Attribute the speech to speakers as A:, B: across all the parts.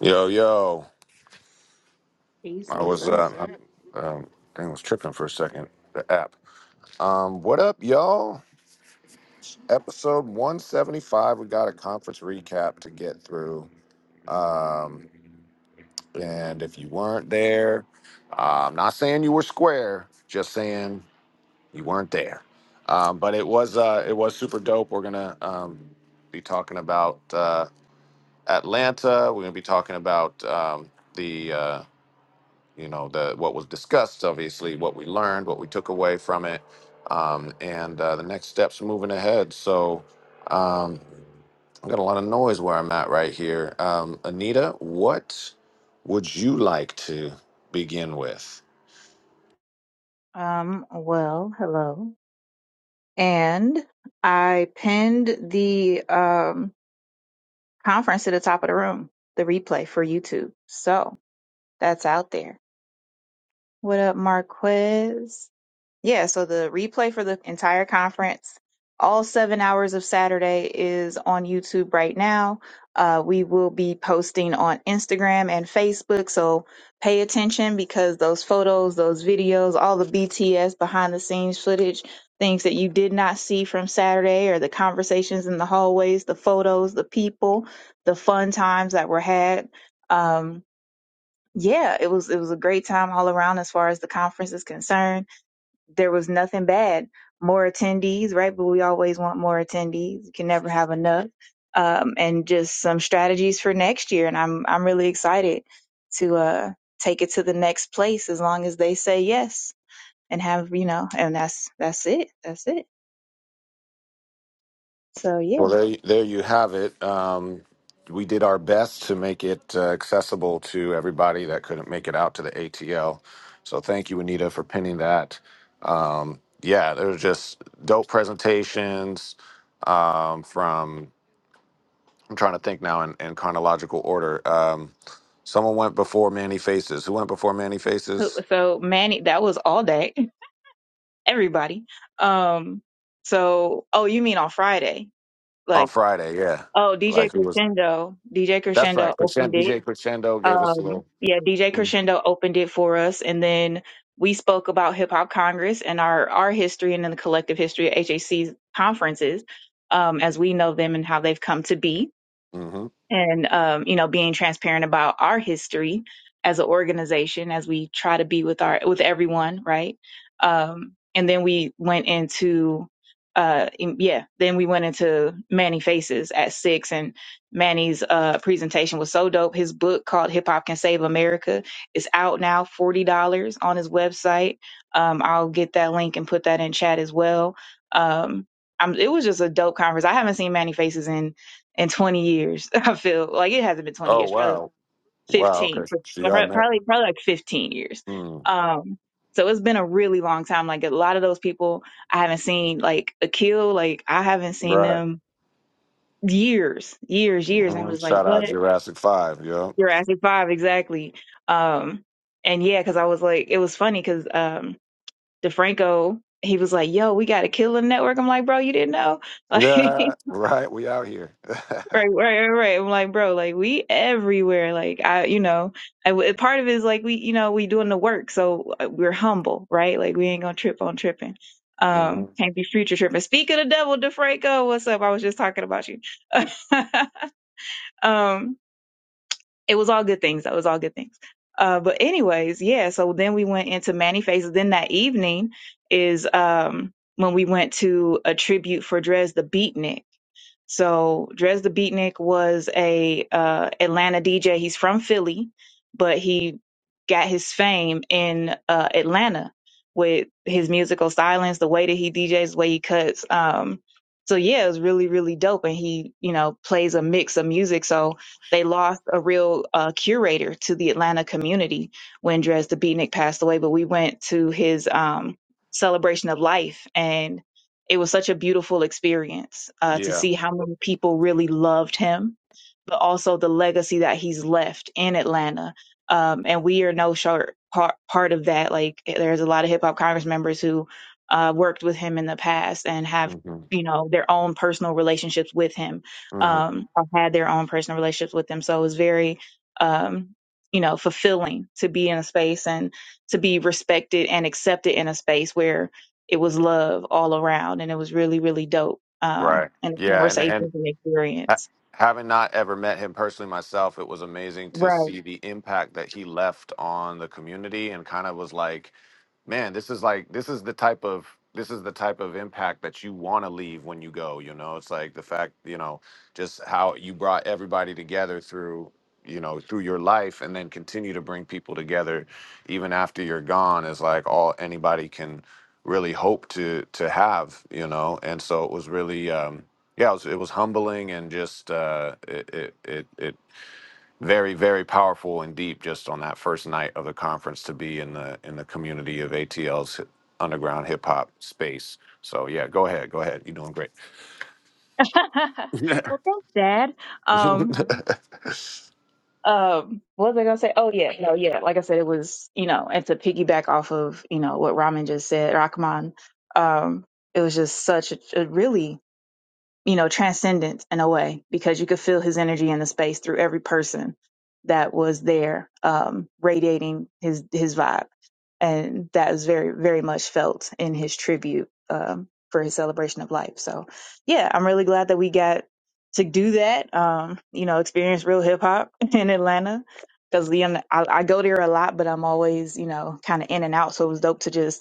A: Yo, yo.
B: Peace,
A: I
B: what's
A: was,
B: up?
A: uh, I, um, thing was tripping for a second. The app. Um, what up, y'all? Episode 175. We got a conference recap to get through. Um, and if you weren't there, uh, I'm not saying you were square, just saying you weren't there. Um, but it was, uh, it was super dope. We're gonna, um, be talking about, uh, Atlanta. We're gonna be talking about, um, the, uh, you know the what was discussed obviously what we learned what we took away from it um, and uh, the next steps moving ahead so um, i've got a lot of noise where i'm at right here um, anita what would you like to begin with
B: Um, well, hello. And I pinned the um conference to the top of the room, the replay for YouTube. So that's out there. What up, Marquez? Yeah, so the replay for the entire conference, all seven hours of Saturday, is on YouTube right now. Uh, we will be posting on Instagram and Facebook, so pay attention because those photos, those videos, all the BTS behind the scenes footage, things that you did not see from Saturday, or the conversations in the hallways, the photos, the people, the fun times that were had. Um, yeah, it was it was a great time all around as far as the conference is concerned there was nothing bad. More attendees, right? But we always want more attendees. You can never have enough. Um, and just some strategies for next year. And I'm I'm really excited to uh, take it to the next place as long as they say yes and have you know. And that's that's it. That's it. So yeah.
A: well there, there you have it um, we did our best to make it uh, accessible to everybody that couldn't make it out to the atl so thank you anita for pinning that Um, yeah, there was just dope presentations um, from. I'm trying to think now in, in chronological order. Um, someone went before Manny Faces. Who went before Manny
B: So
A: Faces
B: so, Manny, that was all day. Everybody. Um. So oh, you mean on Friday?
A: on
B: Like
A: Friday? Yeah,
B: oh, DJ
A: like who was?
B: Crescendo. DJ
A: That's
B: Crescendo
A: right.
B: opened
A: Crescendo,
B: it
A: DJ Crescendo gave us a
B: Um,
A: little.
B: yeah, DJ Crescendo opened it for us, and then we spoke about Hip Hop Congress and our our history and then the collective history of HAC conferences, um, as we know them and how they've come to be
A: hmm
B: and um, you know being transparent about our history as an organization as we try to be with our with everyone right um, and then we went into uh, in- yeah then we went into manny faces at six and manny's uh, presentation was so dope his book called hip hop can save america is out now $40 on his website um, i'll get that link and put that in chat as well um, I'm, it was just a dope conference i haven't seen manny faces in in 20 years. I feel like it hasn't been 20
A: Oh
B: years, probably
A: wow, wow. Okay,
B: 15,
A: so
B: probably
A: y'all met.
B: probably like 15 years.
A: Mm,
B: Um, so it's been a really long time. Like a lot of those people I haven't seen, like Akil, like I haven't seen
A: right.
B: them years, years, years. And I'm
A: hmm
B: just like,
A: Shout out
B: what?
A: Jurassic Five. Yo.
B: Jurassic Five, exactly. Um, and yeah, because I was like, it was funny because um, DeFranco. He was like, "Yo, we got a killer network." I'm like, "Bro, you didn't know?" like.
A: Yeah. Right. We out here.
B: Right, right, right, right. I'm like, bro, like we everywhere. Like I, you know, I, w- part of it is like we, you know, we doing the work, so uh, we're humble, right? Like we ain't gonna trip on tripping.
A: hmm
B: Um, can't be future tripping. Speak of the devil, DeFranco, what's up? I was just talking about you. um, it was all good things. That was all good things. Uh, but anyways, yeah. So then we went into Manny Faces. Then that evening is um when we went to a tribute for Dres the Beatnik so Drez the Beatnik was a uh, Atlanta DJ. He's from Philly, but he got his fame in uh, Atlanta with his musical silence, the way that he DJs, the way he cuts. Um, so yeah, it was really really dope, and he you know plays a mix of music. So they lost a real uh, curator to the Atlanta community when Drez the Beatnik passed away. But we went to his um, celebration of life and it was such a beautiful experience uh, to
A: Yeah.
B: see how many people really loved him, but also the legacy that he's left in Atlanta. Um, and we are no short part, part of that. Like, eh, there's a lot of hip hop Congress members who uh, worked with him in the past and have,
A: hmm
B: you know, their own personal relationships with him
A: hmm
B: um, or had their own personal relationships with him. So it was very, um, you know, fulfilling to be in a space and to be respected and accepted in a space where it was love all around and it was really really dope um
A: Right.
B: and the
A: Yeah, and and
B: conversations and
A: ha-
B: experience
A: having not ever met him personally myself, it was amazing to
B: right
A: see the impact that he left on the community and kind of was like man this is like this is the type of this is the type of impact that you want to leave when you go you know it's like the fact you know just how you brought everybody together through you know through your life and then continue to bring people together even after you're gone is like all anybody can really hope to to have you know and so it was really um yeah it was, it was humbling and just uh it it it, it very very powerful and deep just on that first night of the conference to be in the in the community of ATL's underground hip hop space. So yeah, go ahead, go ahead. You're doing great.
B: well thanks dad um um what was i gonna say oh yeah no yeah like i said it was you know and to piggyback off of you know what Rahman just said rahman um it was just such a, a really you know, transcendent in a way because you could feel his energy in the space through every person that was there, um, radiating his his vibe, and that was very very much felt in his tribute um, for his celebration of life. So, yeah, I'm really glad that we got to do that. Um, you know, experience real hip hop in Atlanta because I, I go there a lot, but I'm always you know kind of in and out. So it was dope to just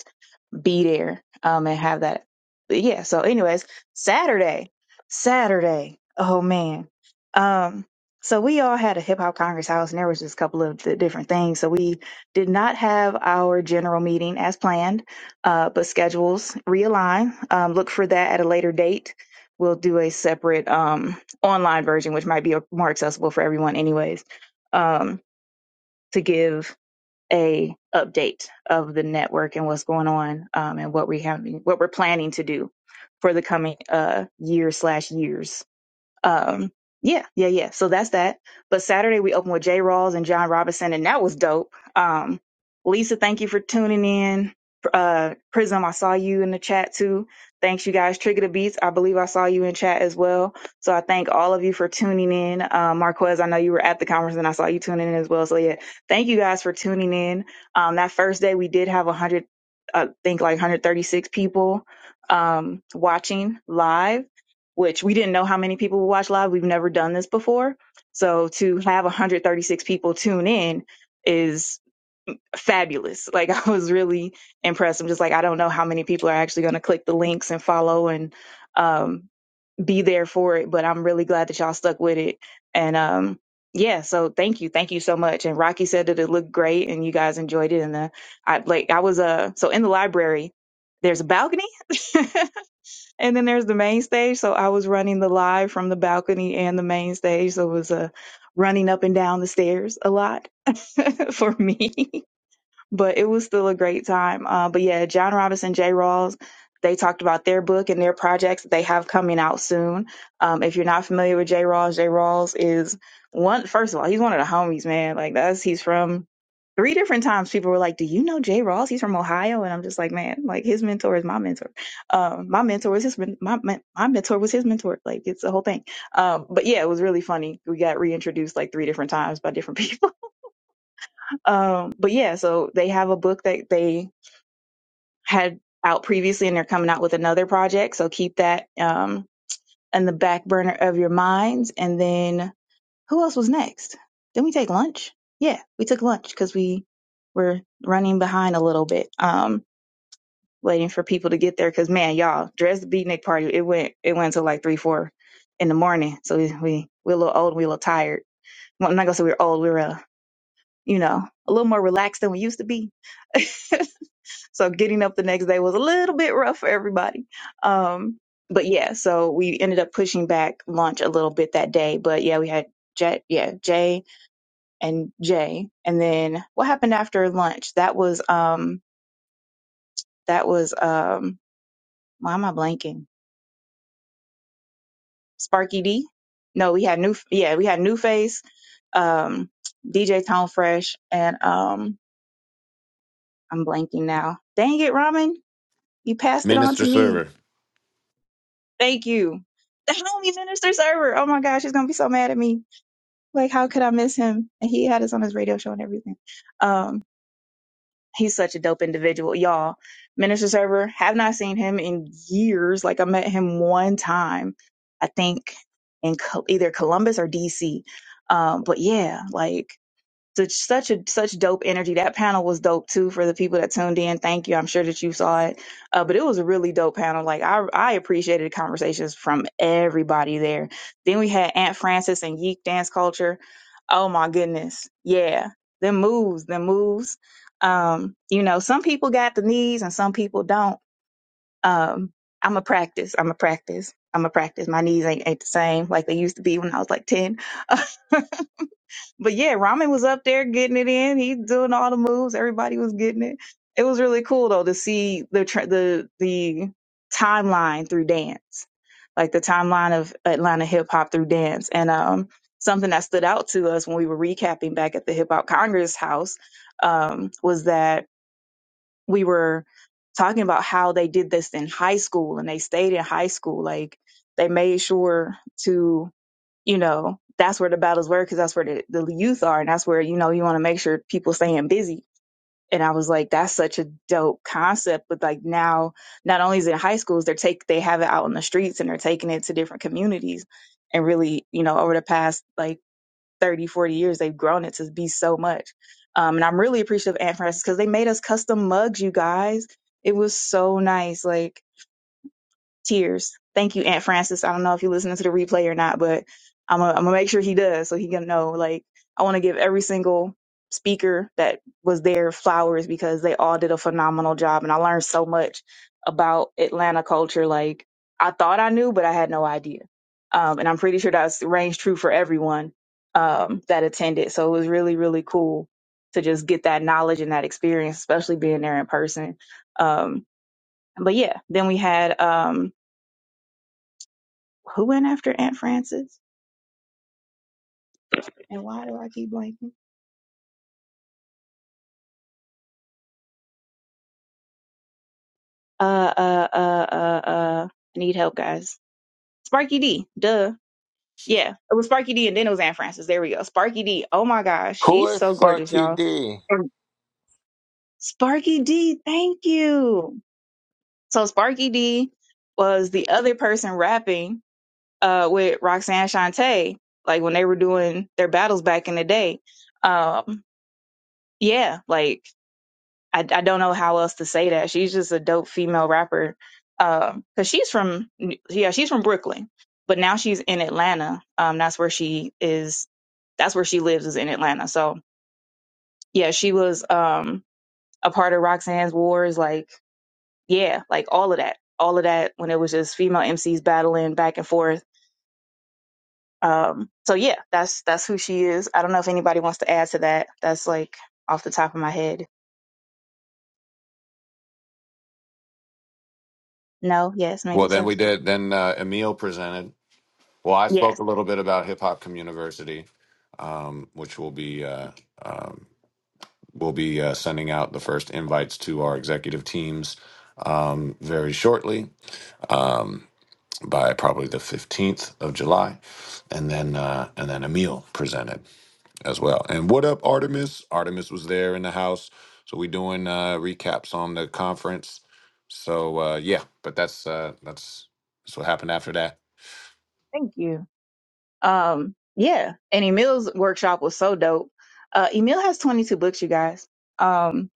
B: be there um and have that but yeah so anyways saturday saturday oh man um so we all had a hip hop congress house and there was just a couple of the different things so we did not have our general meeting as planned uh but schedules realign um look for that at a later date we'll do a separate um online version which might be more accessible for everyone anyways um to give a update of the network and what's going on um, and what we have what we're planning to do for the coming uh, year slash years um, yeah, yeah, yeah. So that's that. But Saturday we opened with Jay Rawls and John Robinson, and that was dope. Um, Lisa, thank you for tuning in. Uh, Prism, I saw you in the chat too. Thanks, you guys. Trigger the Beats, I believe I saw you in chat as well. So I thank all of you for tuning in. Uh, Marquez, I know you were at the conference and I saw you tuning in as well. So yeah, thank you guys for tuning in. Um, that first day we did have 100, I think like 136 people um, watching live which we didn't know how many people would watch live. We've never done this before. So to have 136 people tune in is fabulous. Like I was really impressed. I'm just like, I don't know how many people are actually going to click the links and follow and um, be there for it, but I'm really glad that y'all stuck with it. And um, yeah, so thank you. Thank you so much. And Rocky said that it looked great and you guys enjoyed it. And uh, I like, I was, uh, so in the library, there's a balcony And then there's the main stage. So I was running the live from the balcony and the main stage. So it was uh, running up and down the stairs a lot for me but it was still a great time. Uh, but yeah, John Robinson, Jay Rawls, they talked about their book and their projects that they have coming out soon. Um, if you're not familiar with Jay Rawls, Jay Rawls is one, first of all, he's one of the homies, man. Like that's, he's from three different times people were like, do you know Jay Rawls? He's from Ohio. And I'm just like, man, like his mentor is my mentor. Um, my mentor was his, men- my, men- my mentor was his mentor. Like it's the whole thing. Um, but yeah, it was really funny. We got reintroduced like three different times by different people um, but yeah, so they have a book that they had out previously and they're coming out with another project. So keep that um in the back burner of your minds. And then who else was next? Didn't we take lunch? Yeah, we took lunch because we were running behind a little bit, um, waiting for people to get there. Cause man, y'all, dress the beatnik party, it went it went till like three, four in the morning. So we, we we're a little old we were a little tired. Well, I'm not gonna say we were old, we were uh, you know, a little more relaxed than we used to be. So getting up the next day was a little bit rough for everybody. Um, but yeah, so we ended up pushing back lunch a little bit that day. But yeah, we had J, yeah, Jay and Jay. And then what happened after lunch? That was, um, that was, um, why am I blanking? Sparky D? No, we had new, yeah, we had New Face, um, DJ Tone Fresh, and, um, I'm blanking now. Dang it, Ramen, you passed it on to
A: Minister
B: me.
A: Server.
B: Thank you. The homie minister server. Oh my gosh, he's gonna be so mad at me. Like, how could I miss him? And he had us on his radio show and everything. Um, he's such a dope individual, y'all. Minister server. Have not seen him in years. Like, I met him one time, I think, in Col- either Columbus or DC. Um, but yeah, like such such a such dope energy. That panel was dope too for the people that tuned in. Thank you. I'm sure that you saw it, uh, but it was a really dope panel. Like I I appreciated the conversations from everybody there. Then we had Aunt Frances and Yeek Dance Culture. Oh my goodness, yeah, them moves, them moves. Um, you know, some people got the knees and some people don't. Um, I'm a practice. I'm a practice. I'm a practice. My knees ain't, ain't the same like they used to be when I was like ten. But yeah, Ramen was up there getting it in. He doing all the moves. Everybody was getting it. It was really cool though to see the tra- the the timeline through dance, like the timeline of Atlanta hip hop through dance. And um, something that stood out to us when we were recapping back at the Hip Hop Congress House um, was that we were talking about how they did this in high school and they stayed in high school. Like they made sure to you know, that's where the battles were because that's where the, the youth are. And that's where, you know, you want to make sure people staying busy. And I was like, that's such a dope concept. But like now, not only is it in high schools, they're take, they have it out in the streets and they're taking it to different communities. And really, you know, over the past like 30, 40 years, they've grown it to be so much. Um, and I'm really appreciative of Aunt Frances because they made us custom mugs, you guys. It was so nice. Like, tears. Thank you, Aunt Frances. I don't know if you're listening to the replay or not, but I'm gonna I'm gonna make sure he does so he can know. Like I want to give every single speaker that was there flowers because they all did a phenomenal job, and I learned so much about Atlanta culture. Like I thought I knew, but I had no idea. Um, and I'm pretty sure that's ranged true for everyone um, that attended. So it was really really cool to just get that knowledge and that experience, especially being there in person. Um, but yeah, then we had um, who went after Aunt Frances? And why do I keep blanking? Uh, uh, uh, uh, uh, I need help, guys. Sparky D, duh. Yeah, it was Sparky D and then it was Aunt Frances. There we go. Sparky D. Oh my gosh,
C: Who
B: she's
C: is
B: so gorgeous,
C: Sparky
B: y'all.
C: D?
B: And Sparky D, thank you. So Sparky D was the other person rapping uh with Roxanne Shante, like when they were doing their battles back in the day. Um, yeah, like I, I don't know how else to say that. She's just a dope female rapper. Um, 'cause cause she's from, yeah, she's from Brooklyn, but now she's in Atlanta. Um, that's where she is. That's where she lives is in Atlanta. So yeah, she was, um, a part of Roxanne's Wars. Like, yeah, like all of that, all of that when it was just female MCs battling back and forth. Um, so yeah, that's, that's who she is. I don't know if anybody wants to add to that. That's like off the top of my head. No, yes,
A: Well,
B: maybe
A: then
B: so.
A: we did. Then uh, Emil presented. Well, I spoke
B: Yes.
A: a little bit about Hip Hop Communiversity, um, which will be uh, um, we'll be uh, sending out the first invites to our executive teams um, very shortly. Um, by probably the 15th of July. And then uh, and then Emil presented as well. And what up, Artemis? Artemis was there in the house. So we doing uh, recaps on the conference. So uh, yeah, but that's uh, that's that's what happened after that.
B: Thank you. Um, yeah. And Emil's workshop was so dope. Uh, Emil has 22 books, you guys. Um,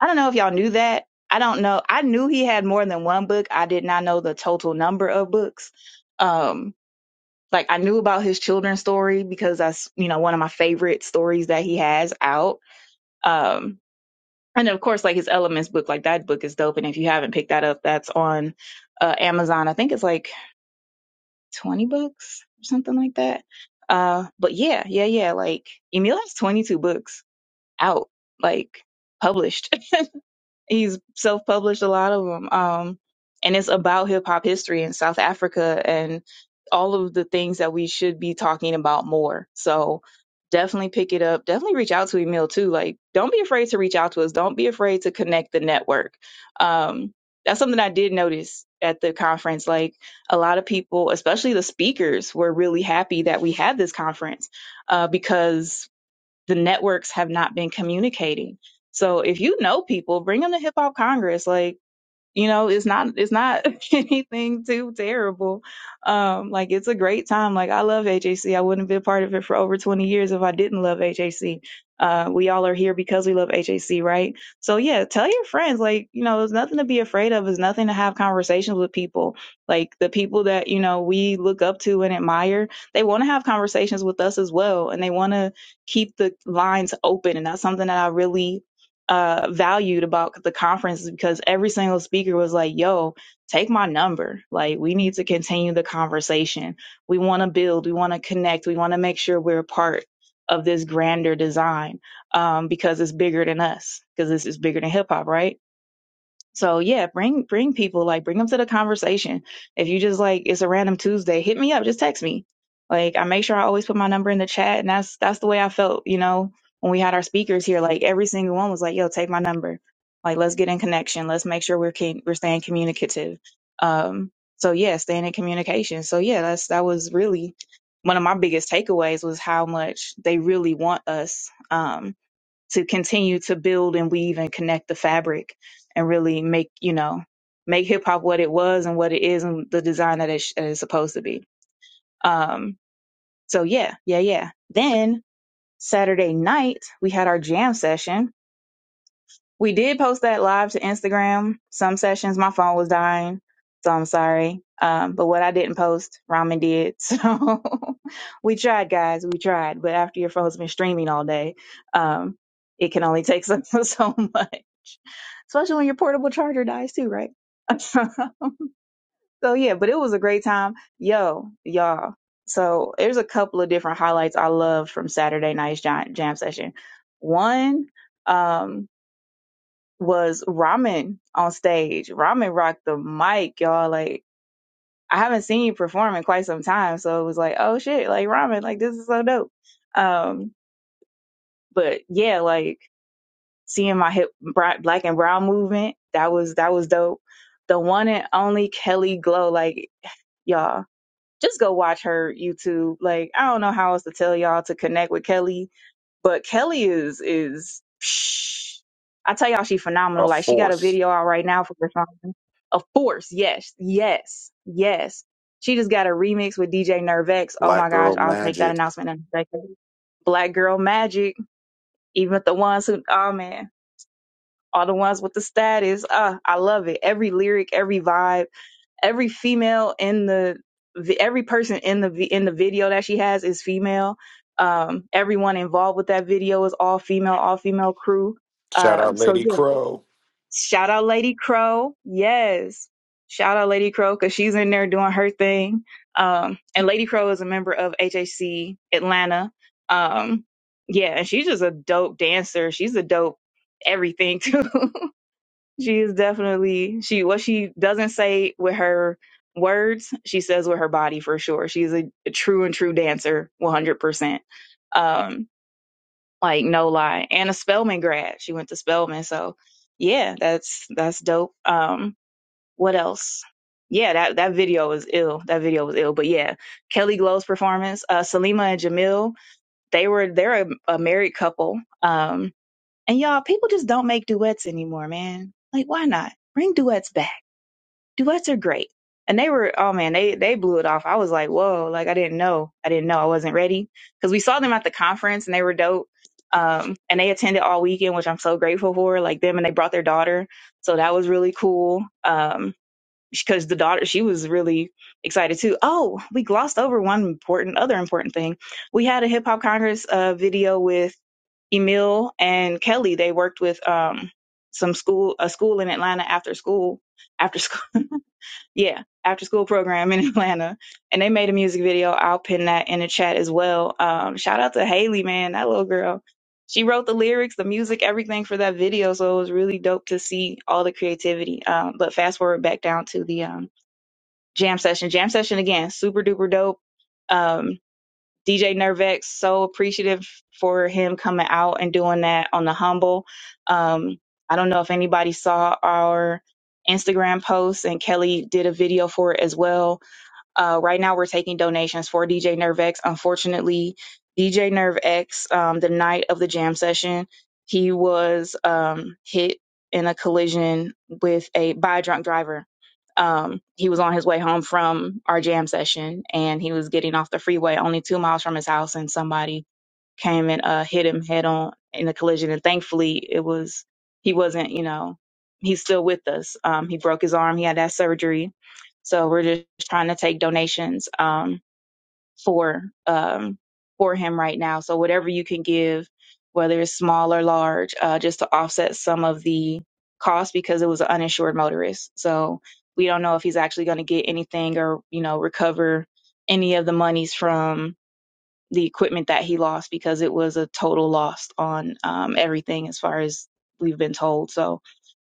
B: I don't know if y'all knew that. I don't know. I knew he had more than one book. I did not know the total number of books. Um, like I knew about his children's story because that's, you know, one of my favorite stories that he has out. Um, and of course, like his elements book, like that book is dope. And if you haven't picked that up, that's on uh, Amazon. I think it's like 20 books or something like that. Uh, but yeah, yeah, yeah. Like Emil has 22 books out, like published. He's self published a lot of them. Um, and it's about hip hop history in South Africa and all of the things that we should be talking about more. So definitely pick it up. Definitely reach out to Emil too. Like, don't be afraid to reach out to us. Don't be afraid to connect the network. Um, that's something I did notice at the conference. Like, a lot of people, especially the speakers, were really happy that we had this conference uh, because the networks have not been communicating. So if you know people, bring them to Hip Hop Congress. Like you know it's not it's not anything too terrible um like it's a great time like i love hjc i wouldn't have been part of it for over 20 years if i didn't love HAC. uh we all are here because we love HAC, right so yeah tell your friends like you know there's nothing to be afraid of there's nothing to have conversations with people like the people that you know we look up to and admire they want to have conversations with us as well and they want to keep the lines open and that's something that i really uh, valued about the conference is because every single speaker was like, yo, take my number. Like, we need to continue the conversation. We want to build, we want to connect, we want to make sure we're a part of this grander design um, because it's bigger than us, because this is bigger than hip hop, right? So yeah, bring bring people like bring them to the conversation. If you just like it's a random Tuesday, hit me up, just text me. Like I make sure I always put my number in the chat, and that's that's the way I felt, you know, when we had our speakers here. Like every single one was like, "Yo, take my number. Like let's get in connection. Let's make sure we're can- we're staying communicative." Um, so yeah, staying in communication. So yeah, that's that was really one of my biggest takeaways was how much they really want us. Um to continue to build and weave and connect the fabric and really make you know make hip hop what it was and what it is and the design that it, that it's supposed to be. Um, so yeah, yeah, yeah. Then Saturday night we had our jam session we did post that live to Instagram. Some sessions, my phone was dying, so I'm sorry. Um, but what I didn't post, Ramen did. So we tried, guys. We tried. But after your phone's been streaming all day, um, it can only take so, so much, especially when your portable charger dies too, right? so yeah, but it was a great time. Yo, y'all. So there's a couple of different highlights I loved from Saturday night's jam, jam session. One, um, was Ramen on stage. Ramen rocked the mic, y'all. Like I haven't seen you perform in quite some time, so it was like, oh shit, like Ramen, like this is so dope. Um, but yeah, like seeing my hip bra- black and brown movement, that was that was dope. The one and only Kelly Glow, like y'all, just go watch her YouTube. Like I don't know how else to tell y'all to connect with Kelly But Kelly is is psh, I tell y'all she
A: A
B: phenomenal. Like she got a
A: force.
B: video out right now for her song. Of course, yes, yes, yes. She just got a remix with DJ Nervex. Oh
A: Black
B: my gosh,
A: Girl
B: I'll make that
A: Magic.
B: announcement in a second. Black Girl Magic, even the ones who oh man, all the ones with the status. Uh, I love it. Every lyric, every vibe every female in the every person in the in the video that she has is female. Um, everyone involved with that video is all female, all female crew.
A: Shout
B: Um,
A: out
B: so
A: Lady
B: yeah,
A: Crow.
B: shout out Lady Crow. Yes, shout out Lady Crow because she's in there doing her thing. Um, and Lady Crow is a member of HHC Atlanta. Um, yeah, and she's just a dope dancer. She's a dope everything too. She is definitely she what she doesn't say with her words, she says with her body for sure. She's a, a true and true dancer, one hundred percent. Um, like no lie. And a Spelman grad. She went to Spelman, so yeah, that's that's dope. Um, what else? Yeah, that that video was ill. That video was ill. But yeah, Kelly Glow's performance, uh, Salima and Jamil, they were they're a, a married couple. Um, and y'all, people just don't make duets anymore, man. Like, why not? Bring duets back. Duets are great. And they were, oh man, they they blew it off. I was like, whoa, like I didn't know, I didn't know, I wasn't ready because we saw them at the conference and they were dope. Um, and they attended all weekend, which I'm so grateful for. Like them, and they brought their daughter, so that was really cool. Um, because the daughter she was really excited too. Oh, we glossed over one important other important thing. We had a hip hop congress uh, video with Emil and Kelly. They worked with um some school a school in Atlanta after school after school yeah after school program in Atlanta, and they made a music video. I'll pin that in the chat as well. Um, shout out to Haley, man, that little girl. She wrote the lyrics, the music, everything for that video, so it was really dope to see all the creativity. Um, but fast forward back down to the um jam session. Jam session again, super duper dope. Um, DJ Nervex, so appreciative for him coming out and doing that on the humble. Um, I don't know if anybody saw our Instagram post, and Kelly did a video for it as well uh, right now, we're taking donations for DJ Nerve X. Unfortunately, DJ Nerve X, um, the night of the jam session, he was um, hit in a collision with a by a drunk driver. Um, he was on his way home from our jam session, and he was getting off the freeway, only two miles from his house, and somebody came and uh, hit him head on in a collision. And thankfully, it was he wasn't, you know, he's still with us. Um, he broke his arm. He had that surgery. So we're just trying to take donations um, for um, for him right now. So whatever you can give, whether it's small or large, uh, just to offset some of the cost because it was an uninsured motorist. So we don't know if he's actually going to get anything or you know recover any of the monies from the equipment that he lost because it was a total loss on um, everything as far as we've been told. So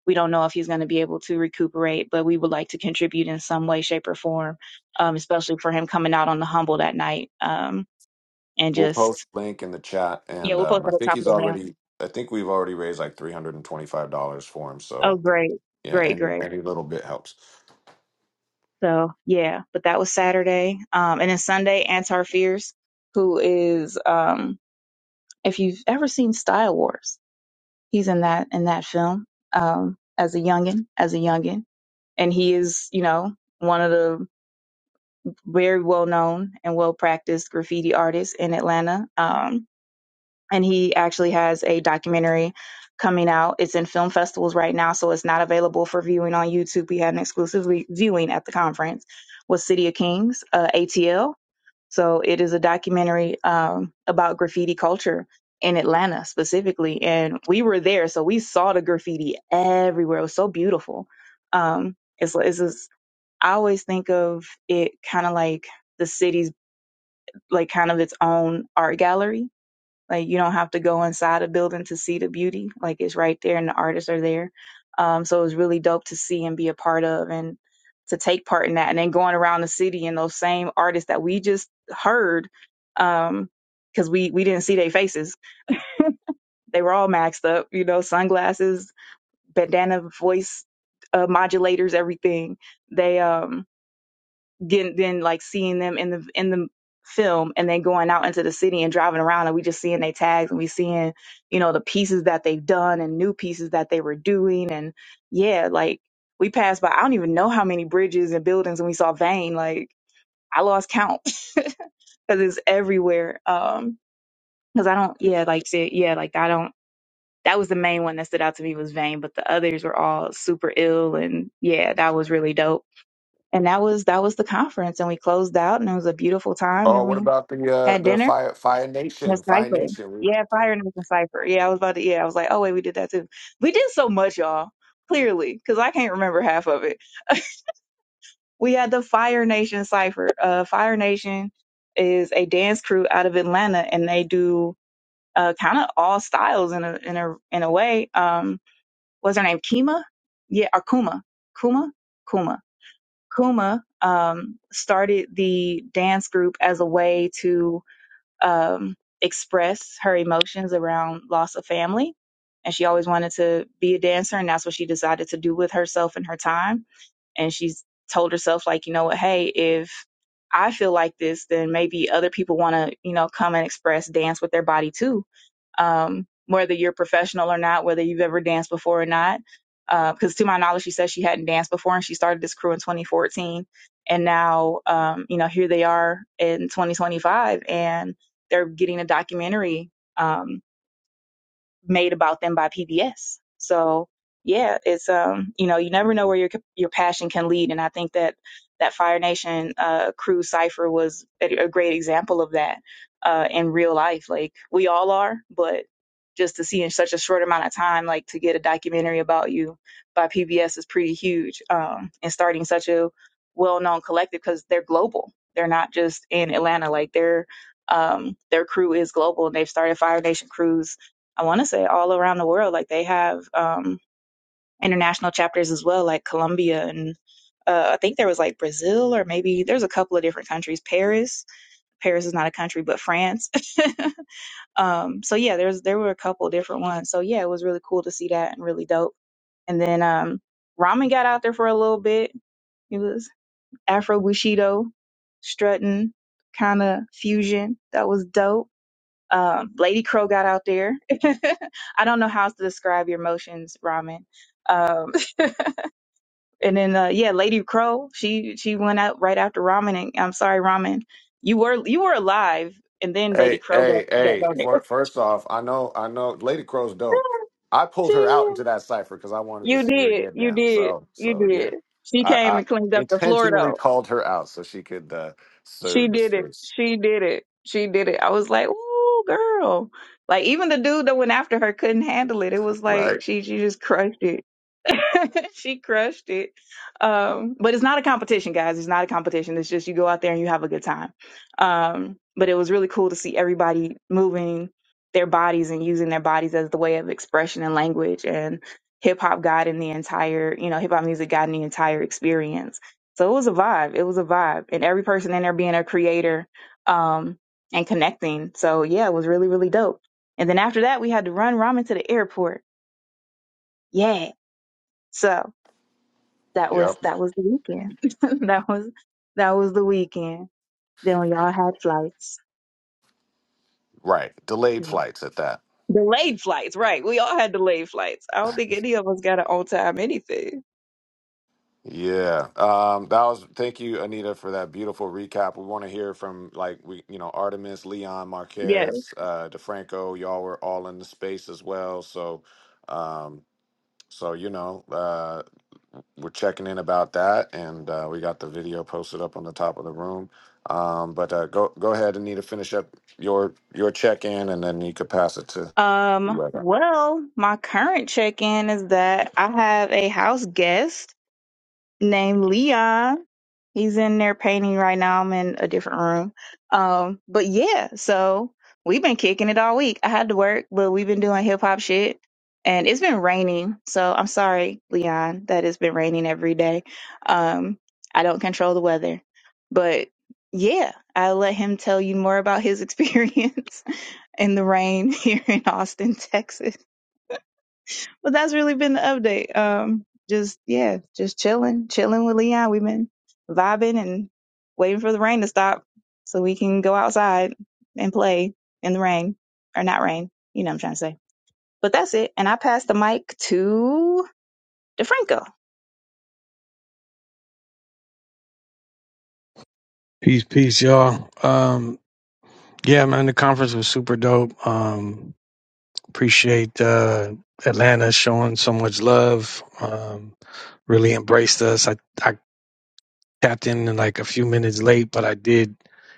B: we don't know if he's going to be able to recuperate, but we would like to contribute in some way, shape, or form, um, especially for him coming out on the humble that night. Um, and
A: We'll
B: just,
A: post link in the chat
B: yeah,
A: and
B: we'll
A: um,
B: post
A: I
B: at the
A: think
B: top of
A: he's
B: the mail.
A: already I think we've already raised like three hundred and twenty five dollars for him.
B: Oh,
A: So
B: great,
A: yeah,
B: great,
A: any
B: great.
A: any little bit helps.
B: So, yeah, but that was Saturday. Um, and then Sunday, Antar Fierce, who is, um, if you've ever seen Style Wars, He's in that in that film um, as a youngin, as a youngin, and he is you know one of the very well known and well practiced graffiti artists in Atlanta. Um, and he actually has a documentary coming out. It's in film festivals right now, so it's not available for viewing on YouTube. We had an exclusive re- viewing at the conference with City of Kings, uh, ATL so it is a documentary um, about graffiti culture in Atlanta specifically, and we were there, so we saw the graffiti everywhere. It was so beautiful. Um, it's it's just, I always think of it kind of like the city's like kind of its own art gallery like you don't have to go inside a building to see the beauty. Like it's right there and the artists are there. Um, so it was really dope to see and be a part of and to take part in that. And then going around the city and those same artists that we just heard, um, because we we didn't see their faces. They were all maxed up, you know, sunglasses, bandana voice uh, modulators, everything. They um getting then like seeing them in the in the film and then going out into the city and driving around and we just seeing their tags and we seeing you know the pieces that they've done and new pieces that they were doing and yeah like we passed by i don't even know how many bridges and buildings and we saw vane like i lost count because it's everywhere um because i don't yeah like said yeah like i don't that was the main one that stood out to me was vane but the others were all super ill and yeah that was really dope and that was that was the conference and we closed out and it was a beautiful time
A: Oh,
B: then
A: what
B: we
A: about the uh
B: had
A: the
B: dinner
A: Fire Fire
B: The
A: Nation? Fire
B: cipher
A: Nation. We,
B: yeah fire and the cipher yeah i was about to yeah i was like oh wait we did that too we did so much y'all clearly because i can't remember half of it we had the fire nation cipher uh fire nation is a dance crew out of atlanta and they do uh kind of all styles in a in a in a way um what's her name kima yeah or kuma kuma kuma Kuma um, started the dance group as a way to um, express her emotions around loss of family. And she always wanted to be a dancer, and that's what she decided to do with herself and her time. And she's told herself, like, you know what, hey, if I feel like this, then maybe other people want to, you know, come and express dance with their body too. Um, whether you're professional or not, whether you've ever danced before or not. Because uh, to my knowledge, she said she hadn't danced before, and she started this crew in 2014. And now, um, you know, here they are in 2025, and they're getting a documentary. Um, made about them by PBS. So yeah, it's um you know you never know where your your passion can lead, and I think that that Fire Nation uh, crew cipher was a, a great example of that uh, in real life. Like we all are, but just to see in such a short amount of time, like to get a documentary about you by PBS is pretty huge. Um, and starting such a well-known collective because they're global. They're not just in Atlanta. Like their um, their crew is global, and they've started Fire Nation crews I want to say all around the world. Like they have um, international chapters as well, like Colombia and uh, I think there was like Brazil or maybe there's a couple of different countries. Paris, Paris is not a country, but France. um, so yeah, there's there were a couple different ones. So yeah, it was really cool to see that and really dope. And then um, Ramen got out there for a little bit. It was Afro Bushido, strutting kind of fusion. That was dope um, Lady Crow got out there. I don't know how else to describe your emotions, Ramen. Um, and then uh, yeah, Lady Crow, she she went out right after Ramen. And I'm sorry, Ramen, you were you were alive, and then Lady
A: hey,
B: Crow got
A: hey,
B: got
A: hey.
B: on there.
A: For, first off, I know I know Lady Crow's dope. I
B: she
A: pulled her out into that cipher because I wanted to
B: you
A: see her
B: did
A: get
B: you
A: down.
B: did
A: So
B: you
A: so yeah.
B: did. She
A: I,
B: came
A: I
B: and cleaned up the floor
A: intentionally
B: though.
A: called her out so she could uh
B: She
A: serve the
B: did it.
A: space.
B: She did it. She did it. I was like, ooh, girl. Like even the dude that went after her couldn't handle it. It was like
A: Right?
B: she she just crushed it she crushed it. Um, but it's not a competition, guys. It's not a competition. It's just you go out there and you have a good time. Um, but it was really cool to see everybody moving their bodies and using their bodies as the way of expression and language. And hip hop got in the entire, you know, hip hop music got in the entire experience. So it was a vibe. It was a vibe. And every person in there being a creator um, and connecting. So yeah, it was really, really dope. And then after that, we had to run ramen to the airport. Yeah. So that
A: Yep.
B: was that was the weekend. that was that was the weekend. Then we all had flights.
A: Right. Delayed
B: You know.
A: flights at that.
B: Delayed flights, right. We all had delayed flights. I don't think any of us got an on time anything.
A: Yeah. Um, that was thank you, Anita, for that beautiful recap. We want to hear from like we you know, Artemis, Leon,
B: Yes.
A: Marquez, uh, DeFranco, y'all were all in the space as well. So um so you know, uh we're checking in about that and uh we got the video posted up on the top of the room. Um but uh go go ahead, Anita, finish up your your check in and then you could pass it to
B: Um,
A: whoever.
B: well, my current check in is that I have a house guest named Leon He's in there painting right now. I'm in a different room. Um, but yeah, so we've been kicking it all week. I had to work, but we've been doing hip hop shit. And it's been raining, so I'm sorry, Leon, that it's been raining every day. Um, I don't control the weather. But yeah, I'll let him tell you more about his experience in the rain here in Austin, Texas. But that's really been the update. Um, just yeah, just chilling, chilling with Leon. We've been vibing and waiting for the rain to stop so we can go outside and play in the rain or not rain. You know what I'm trying to say. But that's it. And I pass the mic to DeFranco.
D: Peace, peace, y'all. Um, yeah, man, the conference was super dope. Um, appreciate uh, Atlanta showing so much love. Um, really embraced us. I, I tapped in like a few minutes late, but I did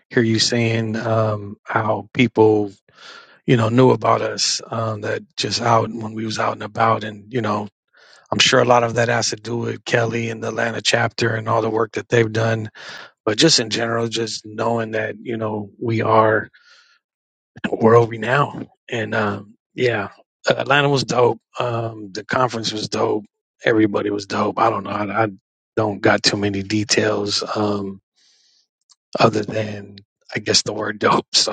D: hear you saying um, how people, you know, knew about us. Um, that just out when we was out and about, and you know, I'm sure a lot of that has to do with Kelly and the Atlanta chapter and all the work that they've done. But just in general, just knowing that you know we are where are we now? And um, yeah, Atlanta was dope. Um, the conference was dope. Everybody was dope. I don't know. I, I don't got too many details um, other than I guess the word dope. So,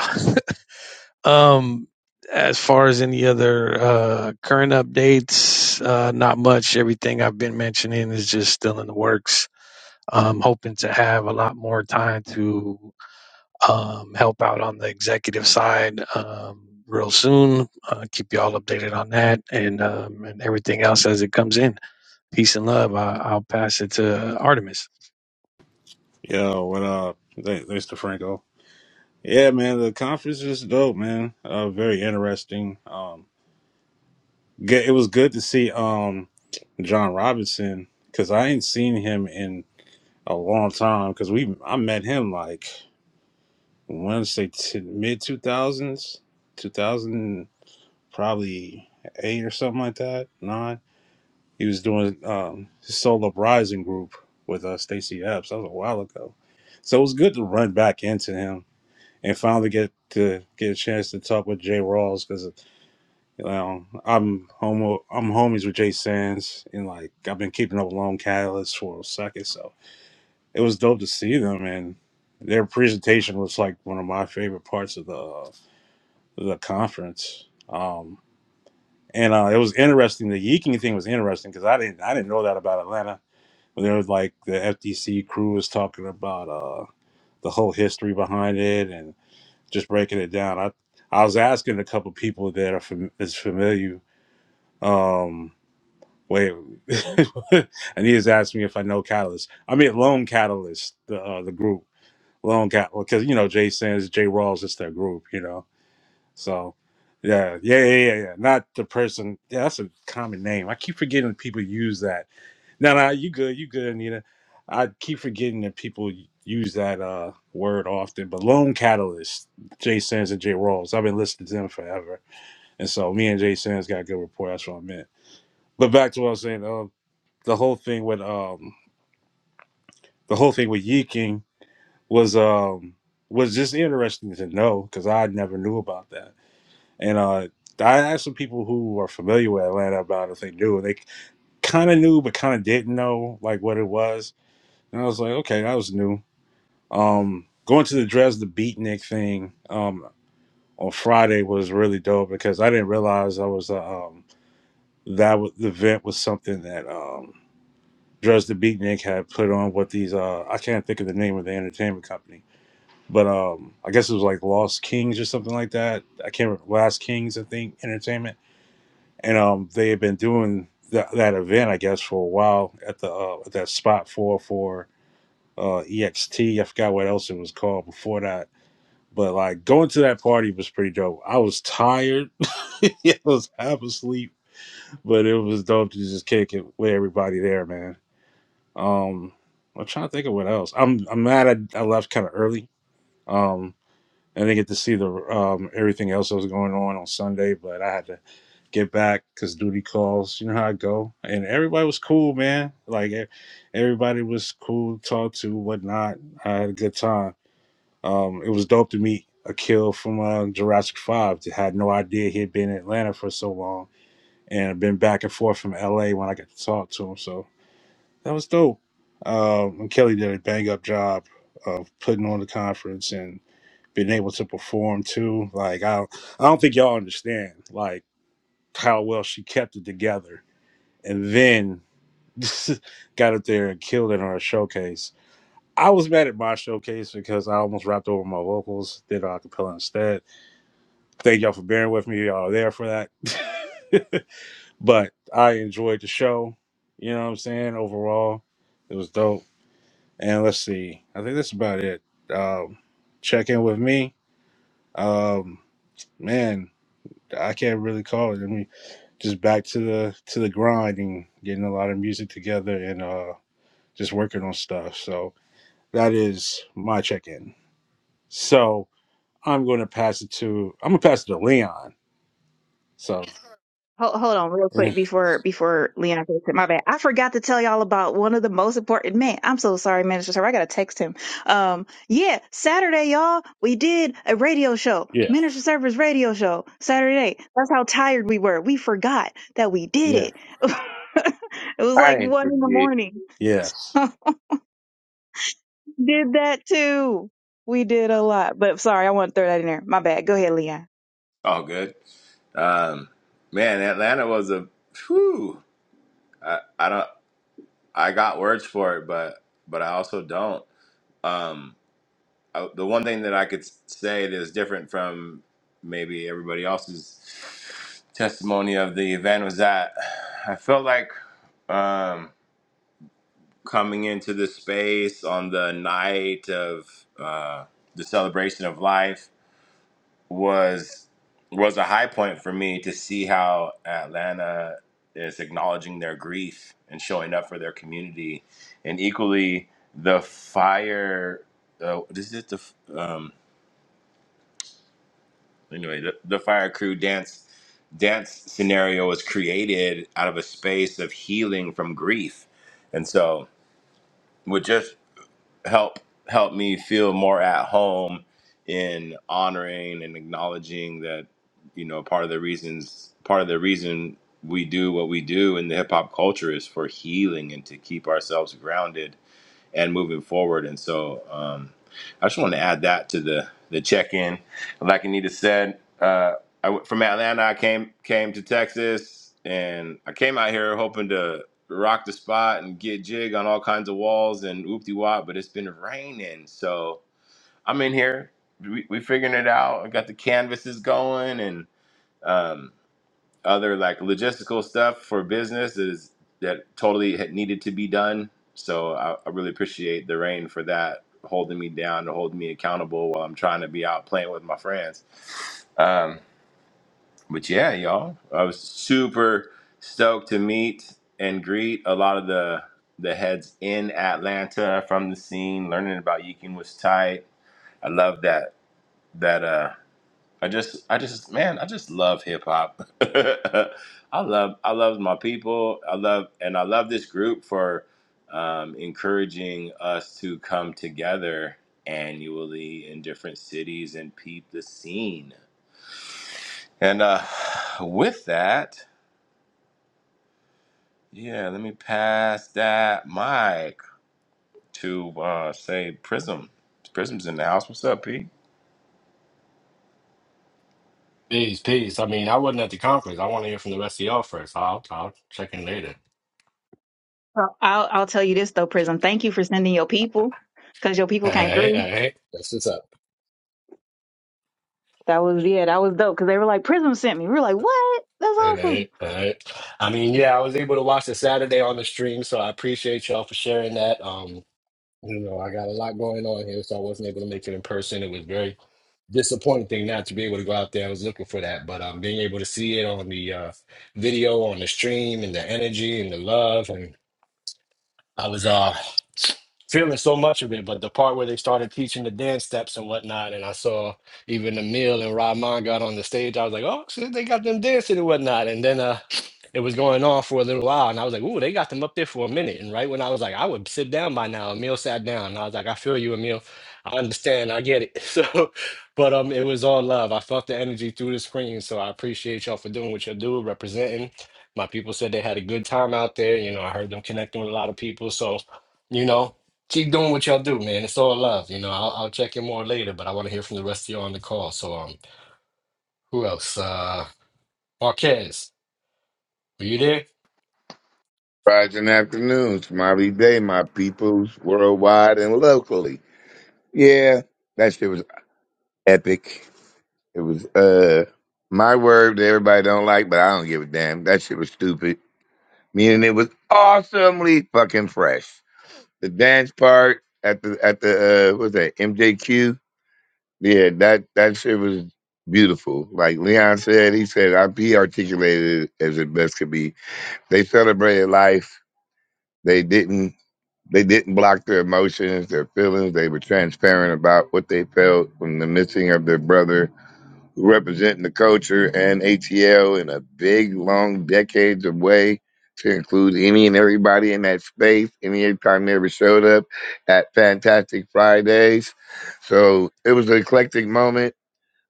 D: um, as far as any other uh, current updates, uh, not much. Everything I've been mentioning is just still in the works. I'm hoping to have a lot more time to um, help out on the executive side um, real soon. Uh, keep you all updated on that and um, and everything else as it comes in. Peace and love. I, I'll pass it to Artemis.
E: Yo, what up? Th- Thanks to Franco. Yeah, man, the conference is dope, man. Uh, very interesting. Um, ge- it was good to see um John Robinson because I ain't seen him in a long time. Because we, I met him like Wednesday, t- mid two thousands, two thousand probably eight or something like that. Nine. He was doing um his solo rising group with uh Stacy Epps. That was a while ago, so it was good to run back into him and finally get to get a chance to talk with Jay Rawls because you know I'm homo I'm homies with Jay Sands and like I've been keeping up with Lone Catalyst for a second, so it was dope to see them and their presentation was like one of my favorite parts of the the conference. Um, and uh, it was interesting. The yeeking thing was interesting because I didn't I didn't know that about Atlanta. There was like the FTC crew was talking about uh, the whole history behind it just breaking it down. I I was asking a couple people that are fam- is familiar. Um, wait, and he has asked me if I know Catalyst. I mean, Lone Catalyst, the uh, the group, Lone Cat, because you know Jay Sins, Jay Rawls, it's their group, you know. So, yeah, yeah, yeah, yeah, yeah. Not the person. Yeah, that's a common name. I keep forgetting that people use that. No, no, you good, you good, Anita. I keep forgetting that people use that uh, word often. But loan catalyst, Jay Sands and Jay Rawls. I've been listening to them forever, and so me and Jay Sands got a good rapport. That's what I meant. But back to what I was saying. Uh, the whole thing with um, the whole thing with yeeking was um was just interesting to know because I never knew about that And uh, I asked some people who are familiar with Atlanta about it if they knew. They kind of knew, but kind of didn't know like what it was. And I was like, okay, that was new. Um, going to the Dresden Beatnik thing um, on Friday was really dope because I didn't realize I was uh, um, that was, the event was something that um, Dresden Beatnik had put on with these. Uh, I can't think of the name of the entertainment company. But um, I guess it was like Lost Kings or something like that. I can't remember. Last Kings, I think, Entertainment and um, they had been doing that that event, I guess, for a while at the uh, at that spot for for uh, EXT. I forgot what else it was called before that, but like going to that party was pretty dope. I was tired, I was half asleep, but it was dope to just kick it with everybody there, man. Um, I'm trying to think of what else. I'm I'm mad I, I left kind of early. Um, I didn't get to see the um, everything else that was going on on Sunday, but I had to get back because duty calls. You know how I go. And everybody was cool, man. Like e- everybody was cool, to talk to, whatnot. I had a good time. Um, it was dope to meet a kill from uh, Jurassic Five. that had no idea he had been in Atlanta for so long, and been back and forth from L.A. when I got to talk to him. So that was dope. Um, and Kelly did a bang up job of putting on the conference, been able to perform too. Like I, I don't think y'all understand like how well she kept it together, and then got up there and killed it on her showcase. I was mad at my showcase because I almost rapped over my vocals, did an acapella instead. Thank y'all for bearing with me. Y'all are there for that. but I enjoyed the show. You know what I'm saying? Overall, it was dope. And let's see. I think that's about it. Um, check in with me. Um, man, I can't really call it. I mean, just back to the to the grind and getting a lot of music together and uh just working on stuff. So that is my check in. So I'm going to pass it to I'm gonna pass it to Leon. So
B: Hold, hold on real quick before before Leon takes it. My bad. I forgot to tell y'all about one of the most important men. I'm so sorry, Minister Sir. I gotta text him. Um, yeah, Saturday, y'all, we did a radio show,
E: yeah,
B: Minister Server's radio show, Saturday. That's how tired we were. We forgot that we did
E: yeah,
B: it. it was
F: I
B: like
F: ain't
B: one in the
F: forget.
B: morning.
E: yes.
B: did that too. We did a lot, but sorry, I want to throw that in there. My bad. Go ahead, Leon.
G: All good. Um, man, Atlanta was a whew. I, I don't. I got words for it, but but I also don't. Um, I, the one thing that I could s- say that is different from maybe everybody else's testimony of the event was that I felt like um, coming into this space on the night of uh, the celebration of life was was a high point for me to see how Atlanta is acknowledging their grief and showing up for their community, and equally the fire. Uh, this is the um, anyway the, the fire crew dance dance scenario was created out of a space of healing from grief, and so with just help help me feel more at home in honoring and acknowledging that you know part of the reasons part of the reason we do what we do in the hip hop culture is for healing and to keep ourselves grounded and moving forward. And so um, I just want to add that to the the check in. Like Anita said, uh, I went from Atlanta. I came came to Texas, and I came out here hoping to rock the spot and get jig on all kinds of walls and whoop de wop. But it's been raining, so I'm in here. We we figuring it out. I got the canvases going and. Um, other like logistical stuff for business is that totally had needed to be done. So I, I really appreciate the rain for that, holding me down to holding me accountable while I'm trying to be out playing with my friends. Um, but yeah, y'all, I was super stoked to meet and greet a lot of the the heads in Atlanta from the scene. Learning about Yeeking was tight. I love that that. uh. I just, I just, man, I just love hip hop. I love, I love my people. I love, and I love this group for um, encouraging us to come together annually in different cities and peep the scene. And uh, with that, yeah, let me pass that mic to uh, say Prism. Prism's in the house. What's up, Pete?
H: Peace, peace. I mean, I wasn't at the conference. I want to hear from the rest of y'all first. I'll, I'll check in later.
B: Well, I'll I'll tell you this though, Prism. Thank you for sending your people, because your people
H: All
B: came
H: right,
B: through.
H: all right. That's what's up.
B: That was yeah, that was dope because they were like, Prism sent me. We were like, what? That's
H: All
B: awesome.
H: right, all right. I mean, yeah, I was able to watch the Saturday on the stream, so I appreciate y'all for sharing that. Um, you know, I got a lot going on here, so I wasn't able to make it in person. It was very disappointing not to be able to go out there. I was looking for that, but um, being able to see it on the uh, video, on the stream, and the energy and the love, and I was uh feeling so much of it, but the part where they started teaching the dance steps and whatnot, and I saw even Emil and Rahman got on the stage, I was like, oh, shit, they got them dancing and whatnot. And then uh, it was going on for a little while, and I was like, ooh, they got them up there for a minute. And right when I was like, I would sit down by now, Emil sat down, and I was like, I feel you, Emil. I understand, I get it. So, but um, it was all love. I felt the energy through the screen, so I appreciate y'all for doing what y'all do, representing. My people said they had a good time out there. You know, I heard them connecting with a lot of people, so you know keep doing what y'all do, man. It's all love. You know, I'll, I'll check in more later, but I want to hear from the rest of y'all on the call. So, um, who else? Uh, Marquez, were you there?
F: Rising afternoons, Mobby Day, my peoples worldwide and locally. Yeah, that shit was epic. It was uh my word that everybody don't like, but I don't give a damn. That shit was stupid. Meaning it was awesomely fucking fresh. The dance part at the at the uh what's that MJQ? Yeah, that that shit was beautiful. Like Leon said, he said I he articulated it as it best could be. They celebrated life. They didn't They didn't block their emotions, their feelings. They were transparent about what they felt from the missing of their brother, representing the culture and ATL in a big, long, decades of way to include any and everybody in that space, any time they ever showed up at Fantastic Fridays. So it was an eclectic moment.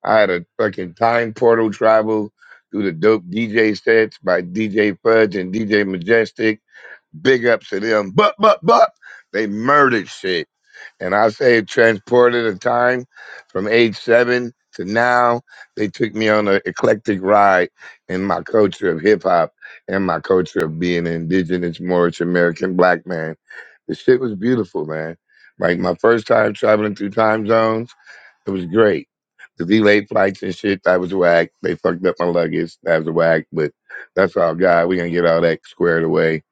F: I had a fucking time portal travel through the dope DJ sets by DJ Fudge and DJ Majestic Big ups to them. But, but, but, they murdered shit. And I say transported in time from age seven to now. They took me on an eclectic ride in my culture of hip hop and my culture of being an indigenous Moorish American black man. The shit was beautiful, man. Like my first time traveling through time zones, it was great. The delayed flights and shit, that was whack. They fucked up my luggage. That was whack, but that's all God. We're gonna get all that squared away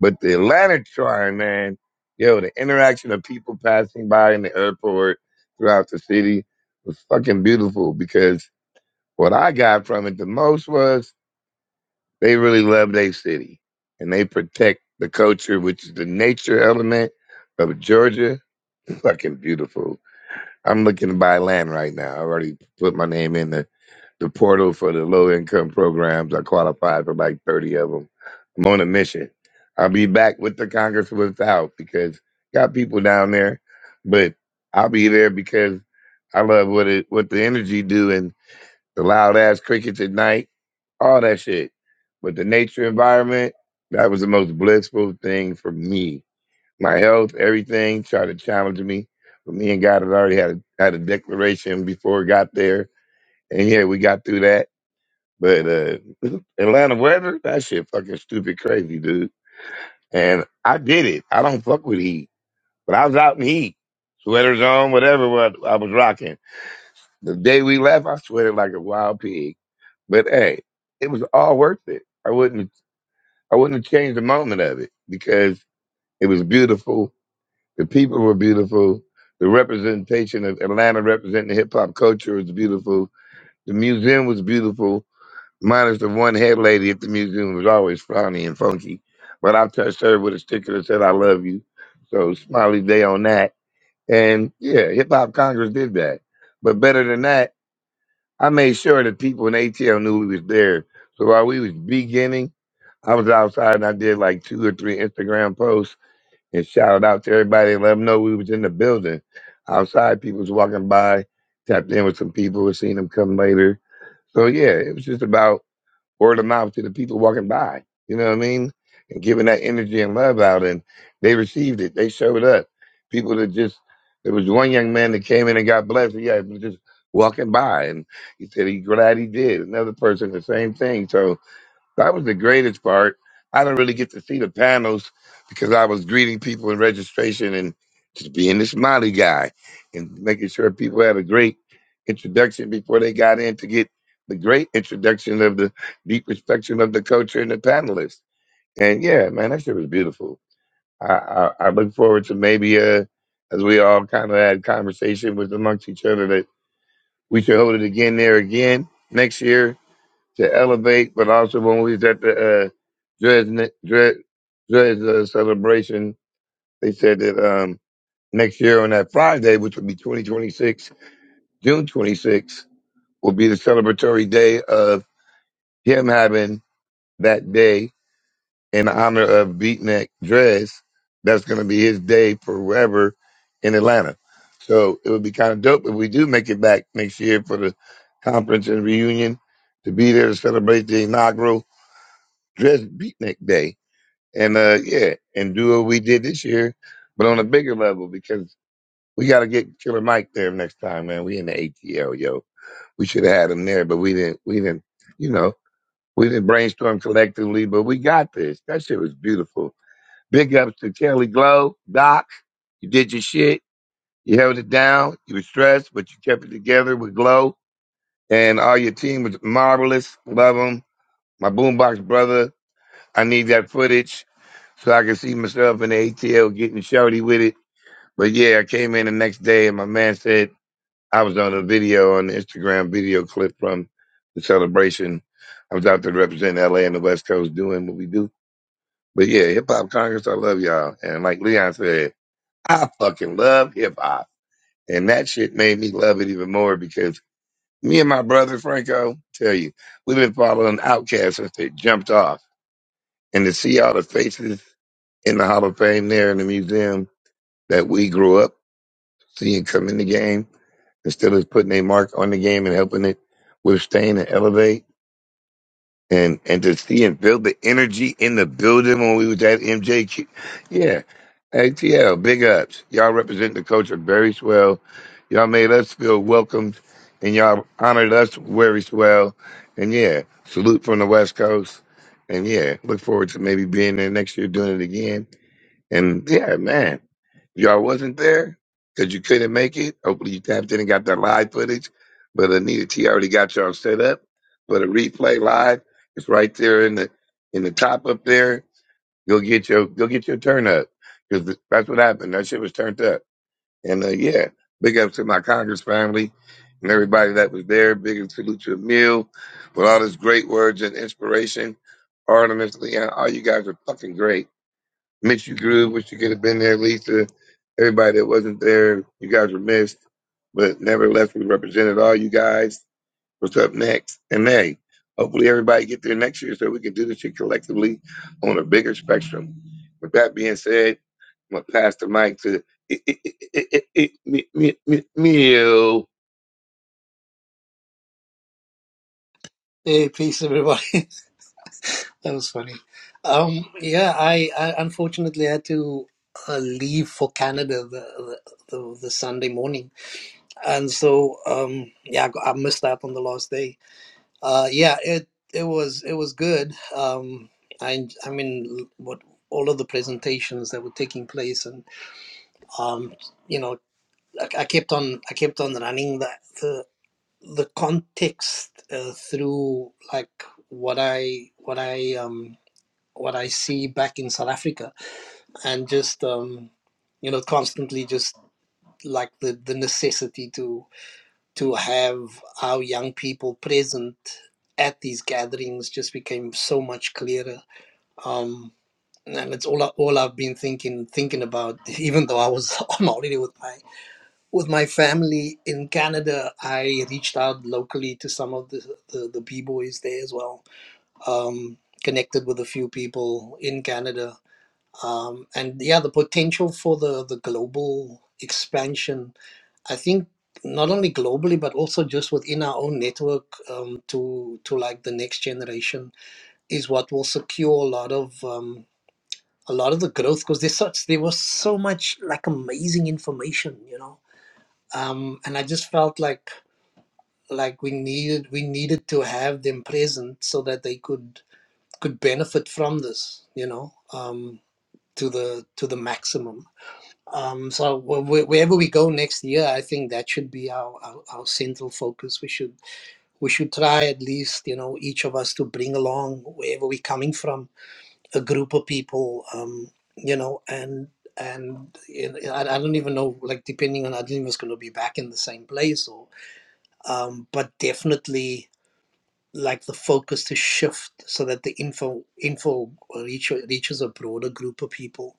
F: but the Atlanta Trine, man, yo, the interaction of people passing by in the airport throughout the city was fucking beautiful because what I got from it the most was they really love their city and they protect the culture, which is the nature element of Georgia. Fucking beautiful. I'm looking to buy land right now. I already put my name in the, the portal for the low income programs. I qualified for like 30 of them. I'm on a mission. I'll be back with the Congress without because got people down there, but I'll be there because I love what it what the energy do and the loud ass crickets at night, all that shit. But the nature environment, that was the most blissful thing for me my health, everything, tried to challenge me. But me and God had already had a, had a declaration before it got there. And yeah, we got through that. But uh, Atlanta weather, that shit fucking stupid crazy, dude. And I did it. I don't fuck with heat. But I was out in heat, sweaters on, whatever what I was rocking. The day we left, I sweated like a wild pig. But hey, it was all worth it. I wouldn't I wouldn't have changed a moment of it because it was beautiful The people were beautiful. The representation of Atlanta representing hip hop culture was beautiful. The museum was beautiful, minus the one head lady at the museum who was always frowny and funky. But I touched her with a sticker that said, I love you. So smiley day on that. And yeah, Hip Hop Congress did that. But better than that, I made sure that people in ATL knew we was there. So while we was beginning, I was outside and I did like two or three Instagram posts and shout out to everybody and let them know we was in the building. Outside, people was walking by, tapped in with some people, and seen them come later. So yeah, it was just about word of mouth to the people walking by. You know what I mean? And giving that energy and love out, and they received it. They showed up. People that just there was one young man that came in and got blessed. Yeah, he was just walking by, and he said he glad he did. Another person, the same thing. So that was the greatest part. I didn't really get to see the panels because I was greeting people in registration and just being the smiley guy and making sure people had a great introduction before they got in to get the great introduction of the deep inspection of the culture and the panelists. And yeah, man, that shit was beautiful. I, I, I look forward to maybe uh, as we all kind of had conversation with amongst each other that we should hold it again there again next year to elevate, but also when we was at the uh, Dres Dres Dres uh, celebration, they said that um, next year on that Friday, which would be 2026, June 26, will be the celebratory day of him having that day in honor of Beatnik Dres. That's going to be his day forever in Atlanta. So it would be kind of dope if we do make it back next year for the conference and reunion to be there to celebrate the inaugural dress beatnik day and uh yeah and do what we did this year but on a bigger level because we got to get killer mike there next time man we in the atl yo we should have had him there but we didn't we didn't you know we didn't brainstorm collectively but we got this that shit was beautiful big ups to kelly glow doc you did your shit you held it down you were stressed but you kept it together with glow and all your team was marvelous love them my boombox brother I need that footage so I can see myself in the ATL getting shorty with it. But yeah, I came in the next day and my man said I was on a video on the Instagram video clip from the celebration. I was out there representing LA and the West Coast doing what we do. But yeah, hip hop Congress, I love y'all. And like Leon said, I fucking love hip hop. And that shit made me love it even more because me and my brother Franco, tell you, we've been following Outkast since they jumped off. And to see all the faces in the Hall of Fame there in the museum that we grew up seeing come in the game instead of putting a mark on the game and helping it withstand and elevate and, and to see and feel the energy in the building when we was at MJQ. Yeah. ATL, big ups. Y'all represent the culture very swell. Y'all made us feel welcomed and y'all honored us very swell. And yeah, salute from the West Coast. And yeah, look forward to maybe being there next year doing it again. And yeah, man. Y'all wasn't there because you couldn't make it. Hopefully, you tapped in and got that live footage. But Anita T already got y'all set up for the replay live. It's right there in the in the top up there. Go get your go get your turn up because that's what happened. That shit was turned up. And uh, yeah, big up to my Congress family and everybody that was there. Big up salute to Emil with all his great words and inspiration. Artemis, Leon, all you guys are fucking great. Miss you, Groove. Wish you could have been there, Lisa. Everybody that wasn't there, you guys were missed. But nevertheless, we represented all you guys. What's up next? And hey, hopefully everybody get there next year so we can do this shit collectively on a bigger spectrum. With that being said, I'm gonna pass the mic to i- i- i- i- i- me, me, me, Meal.
I: Hey, peace, everybody. that was funny. Um, yeah, I, I unfortunately had to uh, leave for Canada the, the the the Sunday morning, and so um, yeah, I, got- I missed out on the last day. Uh, yeah, it it was it was good. Um, I I mean, what all of the presentations that were taking place, and um, you know, I, I kept on I kept on running the the the context uh, through like what I what I um what I see back in South Africa, and just um, you know constantly just like the the necessity to to have our young people present at these gatherings just became so much clearer. Um, and it's all all I've been thinking thinking about. Even though I was on holiday with my with my family in Canada, I reached out locally to some of the the, the b boys there as well. Um, connected with a few people in Canada um, and yeah, the potential for the the global expansion. I think not only globally but also just within our own network um, to to like the next generation is what will secure a lot of um, a lot of the growth because there's such there was so much like amazing information, you know, um, and I just felt like like we needed we needed to have them present so that they could could benefit from this, you know, um, to the to the maximum Um, so wh- wherever we go next year, I think that should be our, our, our central focus. We should we should try at least you know each of us to bring along wherever we're coming from a group of people, um, you know, and and you know, I, I don't even know like depending on I don't even know if it's going to be back in the same place or um, but definitely like the focus to shift so that the info info reach, reaches a broader group of people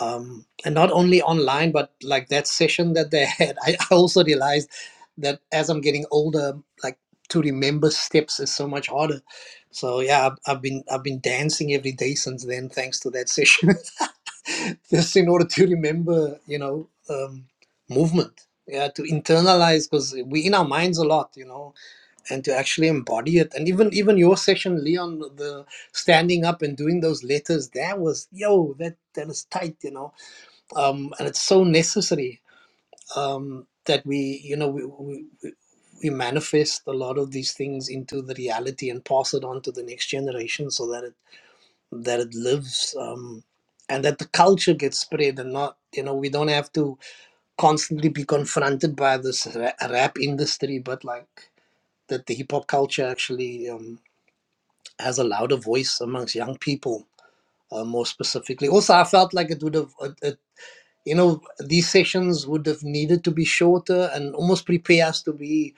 I: um, and not only online but like that session that they had I, I also realized that as i'm getting older like to remember steps is so much harder so yeah i've, I've been i've been dancing every day since then thanks to that session just in order to remember you know um, movement yeah to internalize because we in our minds a lot you know and to actually embody it and even even your session leon the standing up and doing those letters that was yo that that is tight you know um, and it's so necessary um, that we you know we, we we we manifest a lot of these things into the reality and pass it on to the next generation so that it that it lives um, and that the culture gets spread and not you know we don't have to constantly be confronted by this ra- rap industry but like that the hip hop culture actually um, has a louder voice amongst young people uh, more specifically also i felt like it would have it, you know these sessions would have needed to be shorter and almost prepare us to be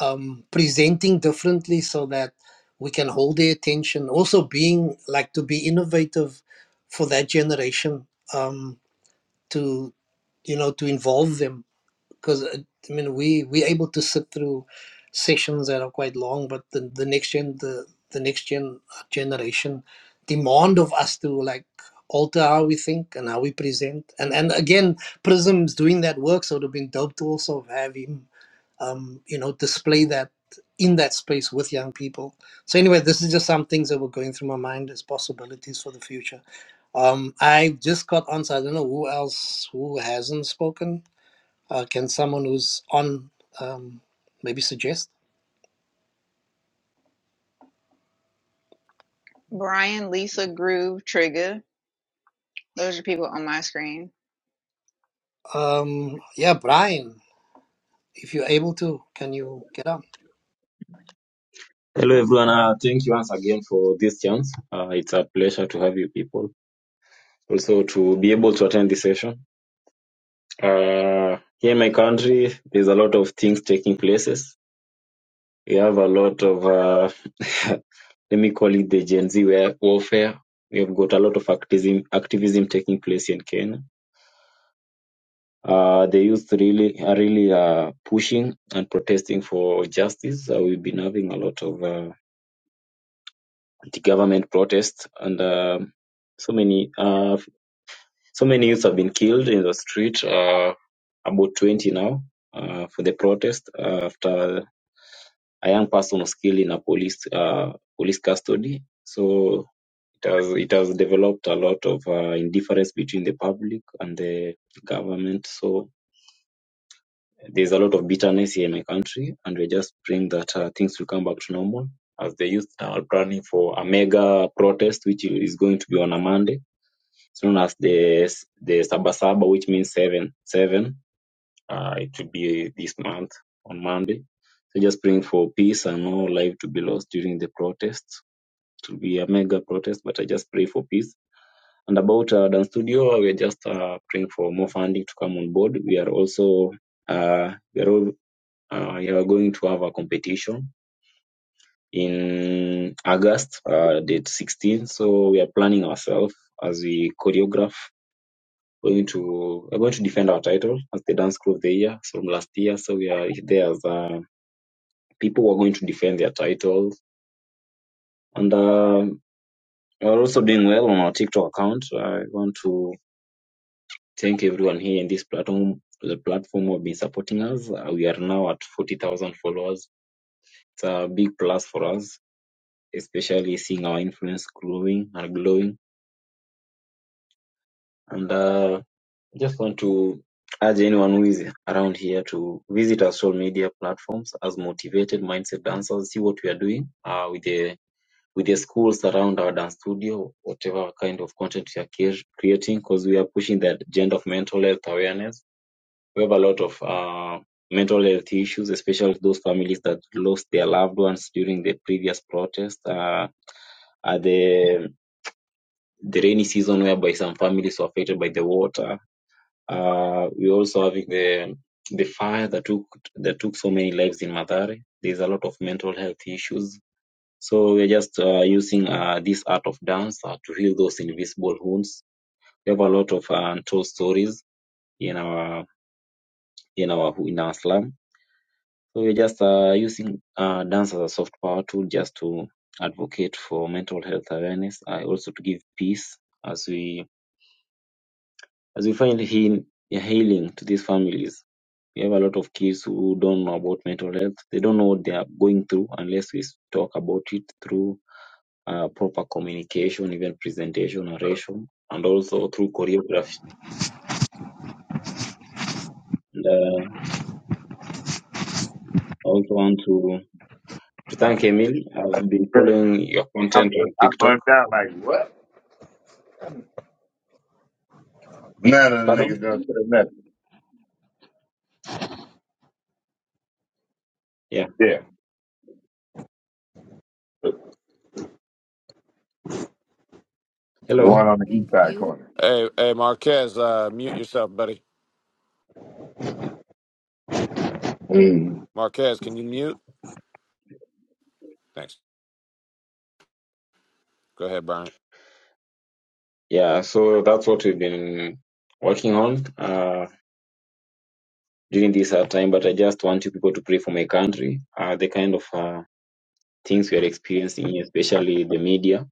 I: um, presenting differently so that we can hold their attention also being like to be innovative for that generation um, to you know to involve them because I mean we we able to sit through sessions that are quite long, but the, the next gen the the next gen uh, generation demand of us to like alter how we think and how we present, and and again Prism's doing that work, so it would have been dope to also have him, um, you know, display that in that space with young people. So anyway, this is just some things that were going through my mind as possibilities for the future. Um, I just got on, so I don't know who else who hasn't spoken uh, can someone who's on um, maybe suggest?
B: Brian, Lisa, Groove, Trigger. Those are people on my screen.
I: Um, yeah, Brian, if you're able to, can you get on?
J: Hello, everyone. Uh, thank you once again for this chance. Uh, it's a pleasure to have you people. Also, to be able to attend this session. Uh, here in my country, there's a lot of things taking places. We have a lot of, uh, let me call it the Gen Z wa- warfare. We have got a lot of activism, activism taking place in Kenya. Uh, the youth really are really uh, pushing and protesting for justice. Uh, we've been having a lot of uh, anti-government protests and um so many. Uh, So many youths have been killed in the street, uh, about 20 now, uh, for the protest uh, after a young person was killed in a police uh, police custody. So it has it has developed a lot of uh, indifference between the public and the government. So there's a lot of bitterness here in my country, and we're just praying that uh, things will come back to normal. As the youth now are planning for a mega protest, which is going to be on a Monday, as soon as the the Sabasaba, which means seven, seven. Uh, it will be this month on Monday. So just praying for peace and no life to be lost during the protests. It will be a mega protest, but I just pray for peace. And about uh, Dance Studio, we are just uh, praying for more funding to come on board. We are also uh, we are all, uh, we are going to have a competition in August, uh, date 16. So we are planning ourselves as we choreograph going to we're going to defend our title as the dance crew of the year from last year. So we are there as a people were going to defend their title. And um, we're also doing well on our TikTok account. I want to thank everyone here in this platform, the platform who have been supporting us. Uh, we are now at 40,000 followers. It's a big plus for us, especially seeing our influence growing and glowing. And uh, just want to urge anyone who is around here to visit our social media platforms as motivated mindset dancers, see what we are doing uh, with the with the schools around our dance studio, whatever kind of content we are creating, because we are pushing the agenda of mental health awareness. We have a lot of uh, mental health issues, especially those families that lost their loved ones during the previous protest, uh, at the the rainy season, whereby some families were affected by the water. Uh, we also having the the fire that took that took so many lives in Madare. There's a lot of mental health issues so we're just uh, using uh, this art of dance uh, to heal those invisible wounds. We have a lot of uh, untold stories in our in our in our slum. So we're just uh, using uh, dance as a soft power tool just to advocate for mental health awareness, uh, also to give peace as we as we find heal, healing to these families. We have a lot of kids who don't know about mental health. They don't know what they are going through unless we talk about it through uh, proper communication, even presentation, oration, and also through choreography. And uh, I also want to, to thank Emil. I've been
F: I'm
J: following your content on
F: I
J: TikTok.
F: burnt out like what? None of the niggas
J: Pardon?
F: gonna say nothing.
J: Yeah.
F: Yeah.
J: Hello.
A: And you Hey, hey Marquez, uh mute yourself, buddy. Marquez, can you mute? Thanks. Go ahead, Brian.
J: Yeah, so that's what we've been working on uh, during this hard time. But I just want you people to pray for my country. Uh, the kind of uh, things we are experiencing, especially the media,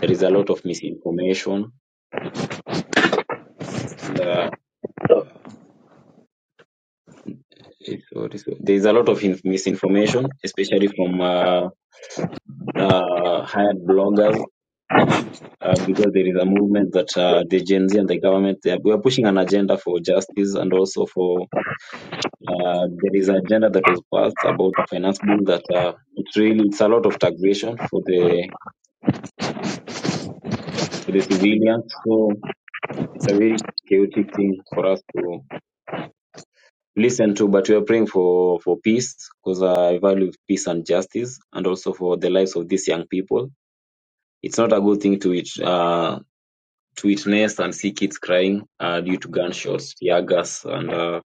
J: there is a lot of misinformation. And, uh, It's what is there's a lot of inf- misinformation, especially from uh, uh, hired bloggers, uh, because there is a movement that uh, the Gen Z and the government they are, we are pushing an agenda for justice and also for uh, there is an agenda that was passed about a finance bill that uh, it really it's a lot of taxation for the for the civilians. So it's a very chaotic thing for us to listen to, but we are praying for for peace because I value peace and justice, and also for the lives of these young people It's not a good thing to it, uh, to witness and see kids crying uh, due to gunshots, tear gas, and uh,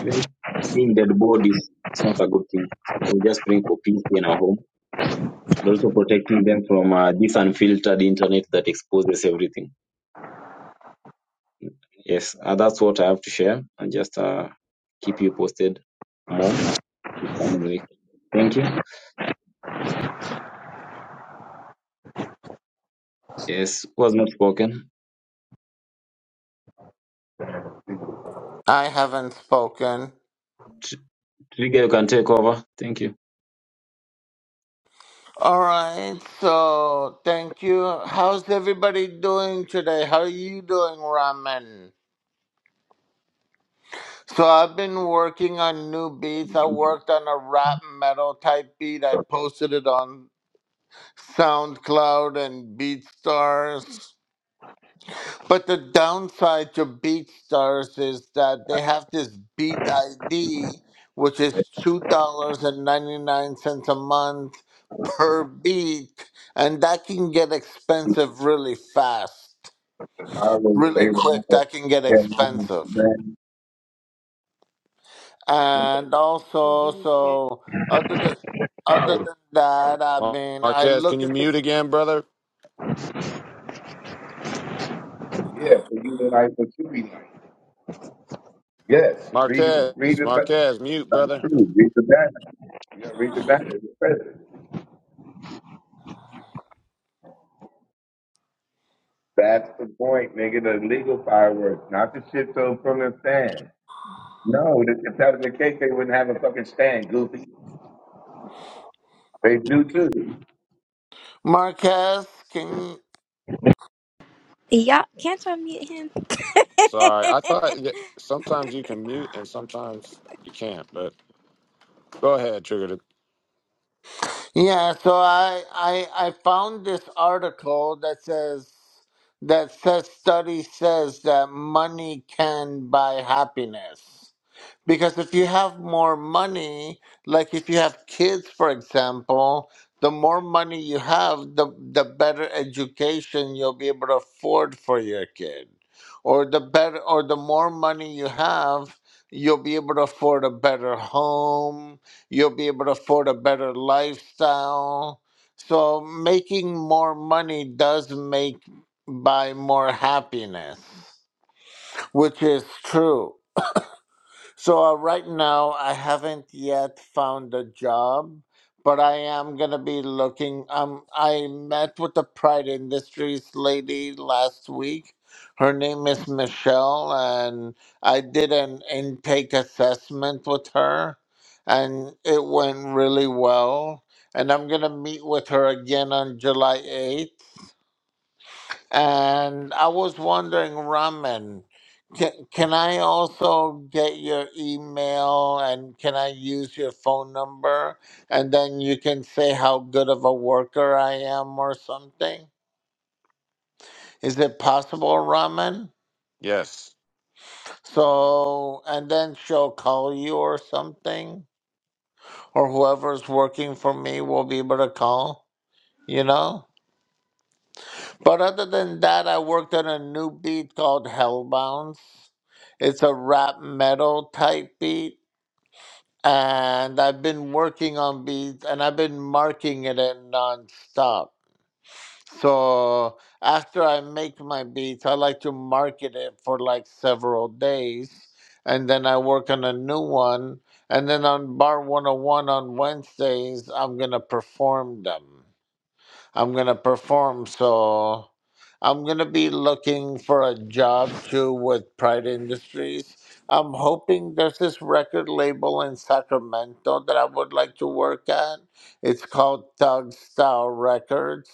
J: even seeing dead bodies. It's not a good thing. So we're just praying for peace in our home. And also protecting them from uh, this unfiltered internet that exposes everything. Yes, uh, that's what I have to share. And just uh, keep you posted more this coming week. Thank you. Yes, was not spoken.
C: I haven't spoken.
J: Tr- Trigger, you can take over. Thank you.
C: All right, so thank you. How's everybody doing today? How are you doing, Ramen? So I've been working on new beats. I worked on a rap metal type beat. I posted it on SoundCloud and BeatStars. But the downside to BeatStars is that they have this Beat ID, which is two dollars and ninety nine cents a month per beat, and that can get expensive really fast, really quick. That can get expensive, and also so other than other than that, I
A: Mar-
C: mean, I
A: Marquez, can
C: looked
A: you
C: at this
A: mute again, brother?
F: Yeah, so you like what you be like. Yes, read
A: Marquez,
F: read the ba-
A: Marquez, mute,
F: not
A: brother.
F: true. Read the banner. You gotta read the banner. It's present. That's the point, nigga. The legal fireworks, not the shit thrown from the stand. No, th- if that was the case, they wouldn't have a fucking stand, goofy. They do too.
C: Marquez. can
K: Y'all, can't y'all mute him?
A: Sorry, I thought y- sometimes you can mute and sometimes you can't. But go ahead, Trigger.
C: Yeah, so I, I I found this article that says that says study says that money can buy happiness. Because if you have more money, like if you have kids for example, the more money you have, the the better education you'll be able to afford for your kid. Or the better or the more money you have, you'll be able to afford a better home You'll be able to afford a better lifestyle. So making more money does make buy more happiness, which is true. So uh, right now, I haven't yet found a job, but I am gonna be looking. Um, I met with the Pride Industries lady last week. Her name is Michelle, and I did an intake assessment with her, and it went really well. And I'm gonna meet with her again on July 8th and I was wondering, Raman, can, can I also get your email and can I use your phone number? And then you can say how good of a worker I am or something. Is it possible, Raman?
A: Yes,
C: So, and then she'll call you or something, or whoever's working for me will be able to call, you know? But other than that, I worked on a new beat called Hellbounds. It's a rap metal type beat, and I've been working on beats and I've been marking it in nonstop. So after I make my beats, I like to market it for like several days, and then I work on a new one. And then on Bar 101 on Wednesdays, I'm gonna perform them. I'm gonna perform, so I'm gonna be looking for a job too with Pride Industries. I'm hoping there's this record label in Sacramento that I would like to work at. It's called Thug Style Records.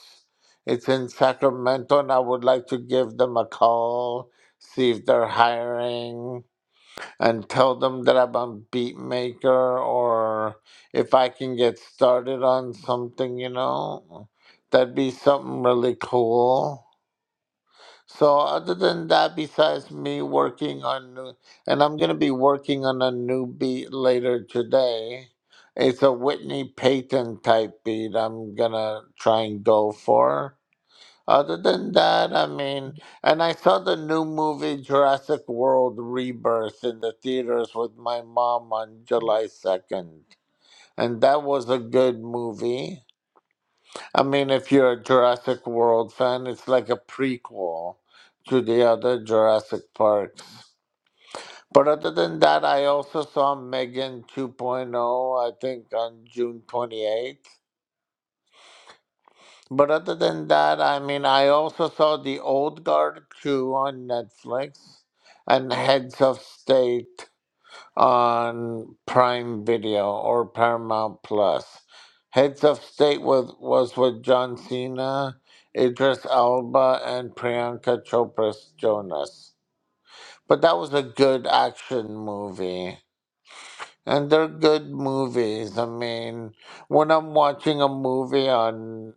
C: It's in Sacramento, and I would like to give them a call, see if they're hiring and tell them that I'm a beat maker or if I can get started on something, you know, that'd be something really cool. So other than that, besides me working on new, and I'm gonna be working on a new beat later today. It's a Whitney Payton type beat I'm gonna try and go for. Other than that, I mean, and I saw the new movie Jurassic World Rebirth in the theaters with my mom on July 2nd. And that was a good movie. I mean, if you're a Jurassic World fan, it's like a prequel to the other Jurassic Parks. But other than that, I also saw Megan 2.0, I think on June 28th. But other than that, I mean, I also saw The Old Guard 2 on Netflix and Heads of State on Prime Video or Paramount Plus. Heads of State was, was with John Cena, Idris Elba, and Priyanka Chopra's Jonas. But that was a good action movie. And they're good movies. I mean, when I'm watching a movie on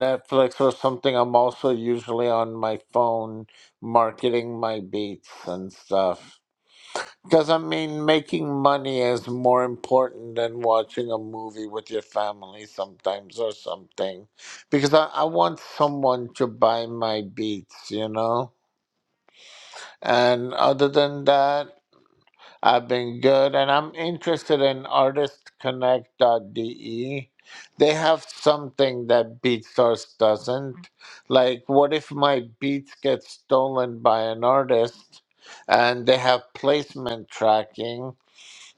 C: Netflix or something, I'm also usually on my phone marketing my beats and stuff. Because, I mean, making money is more important than watching a movie with your family sometimes or something. Because I, I want someone to buy my beats, you know? And other than that, I've been good, and I'm interested in artistconnect.de. They have something that BeatStars doesn't. Like, what if my beats get stolen by an artist and they have placement tracking?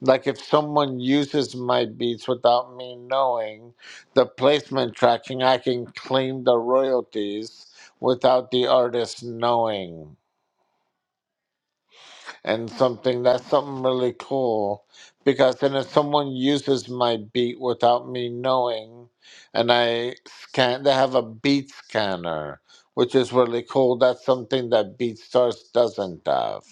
C: Like, if someone uses my beats without me knowing the placement tracking, I can claim the royalties without the artist knowing and something that's something really cool because then if someone uses my beat without me knowing and i scan they have a beat scanner which is really cool that's something that beatstars doesn't have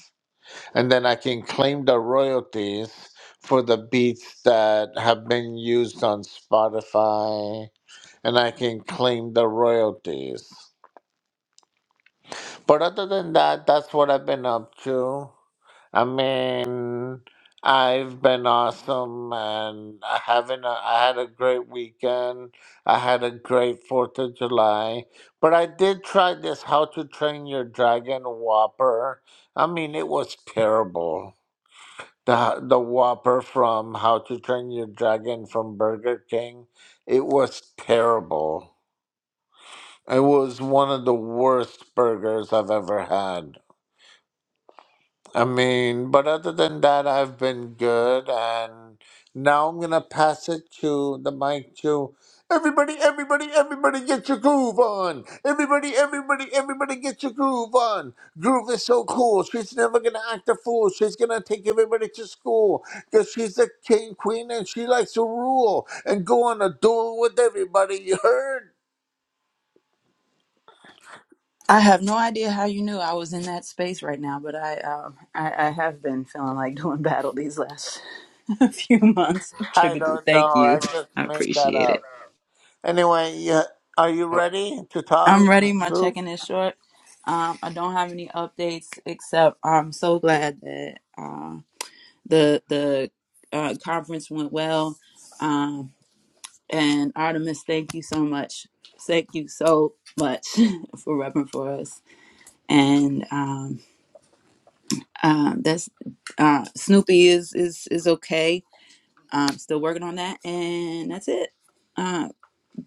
C: and then i can claim the royalties for the beats that have been used on spotify and i can claim the royalties but other than that, that's what I've been up to. I mean, I've been awesome, and I having a, I had a great weekend. I had a great Fourth of July, but I did try this How to Train Your Dragon Whopper. I mean, it was terrible. The the Whopper from How to Train Your Dragon from Burger King, it was terrible. It was one of the worst burgers I've ever had. I mean, but other than that, I've been good. And now I'm going to pass it to the mic to everybody, everybody, everybody get your groove on. Everybody, everybody, everybody get your groove on. Groove is so cool. She's never going to act a fool. She's going to take everybody to school because she's a king, queen, and she likes to rule and go on a duel with everybody. You heard?
L: I have no idea how you knew I was in that space right now, but I um, I, I have been feeling like doing battle these last few months.
C: I
L: Trigadoo,
C: don't
L: thank
C: know.
L: you.
C: I just
L: I
C: made that
L: appreciate it.
C: up. Anyway, yeah, are you ready to talk,
L: I'm ready. My
C: Groove?
L: check-in is short. Um, I don't have any updates except I'm so glad that uh, the the uh, conference went well. Um, and Artemis, thank you so much. Thank you so much for repping for us. And um, Um, that's uh, Snoopy is is is okay. Um, still working on that, and that's it. Uh,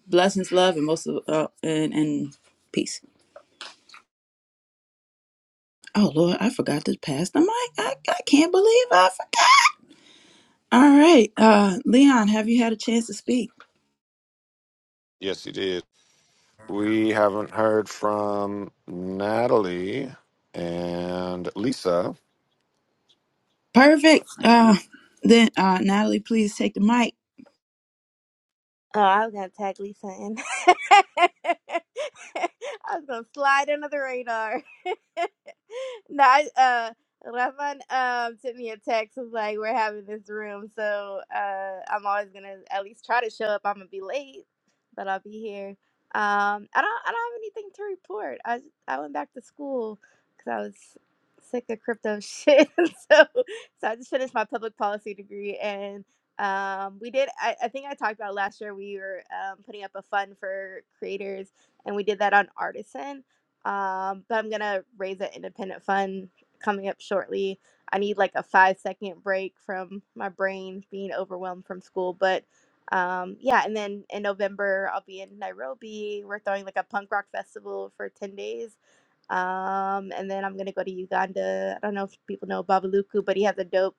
L: blessings, love, and most of uh, and and peace. Oh Lord, I forgot to pass the mic. I, I can't believe I forgot. All right, uh, Leon, have you had a chance to speak?
A: yes, he did. We haven't heard from Natalie and Lisa.
L: Perfect. Uh, then uh, Natalie, please take the mic.
K: Oh, I was gonna tag Lisa in. I was gonna slide under the radar. no, I, uh, Rahman um sent me a text was like, "We're having this room, so uh, I'm always gonna at least try to show up. I'm gonna be late, but I'll be here." Um, I don't, I don't have anything to report. I s- I went back to school because I was sick of crypto shit, so so I just finished my public policy degree and. Um, we did. I, I think I talked about last year. We were um, putting up a fund for creators, and we did that on Artisan um, but I'm gonna raise an independent fund coming up shortly. I need like a five second break from my brain being overwhelmed from school, but um, yeah. And then in November, I'll be in Nairobi. We're throwing like a punk rock festival for ten days, um, and then I'm gonna go to Uganda. I don't know if people know Babaluku, but he has a dope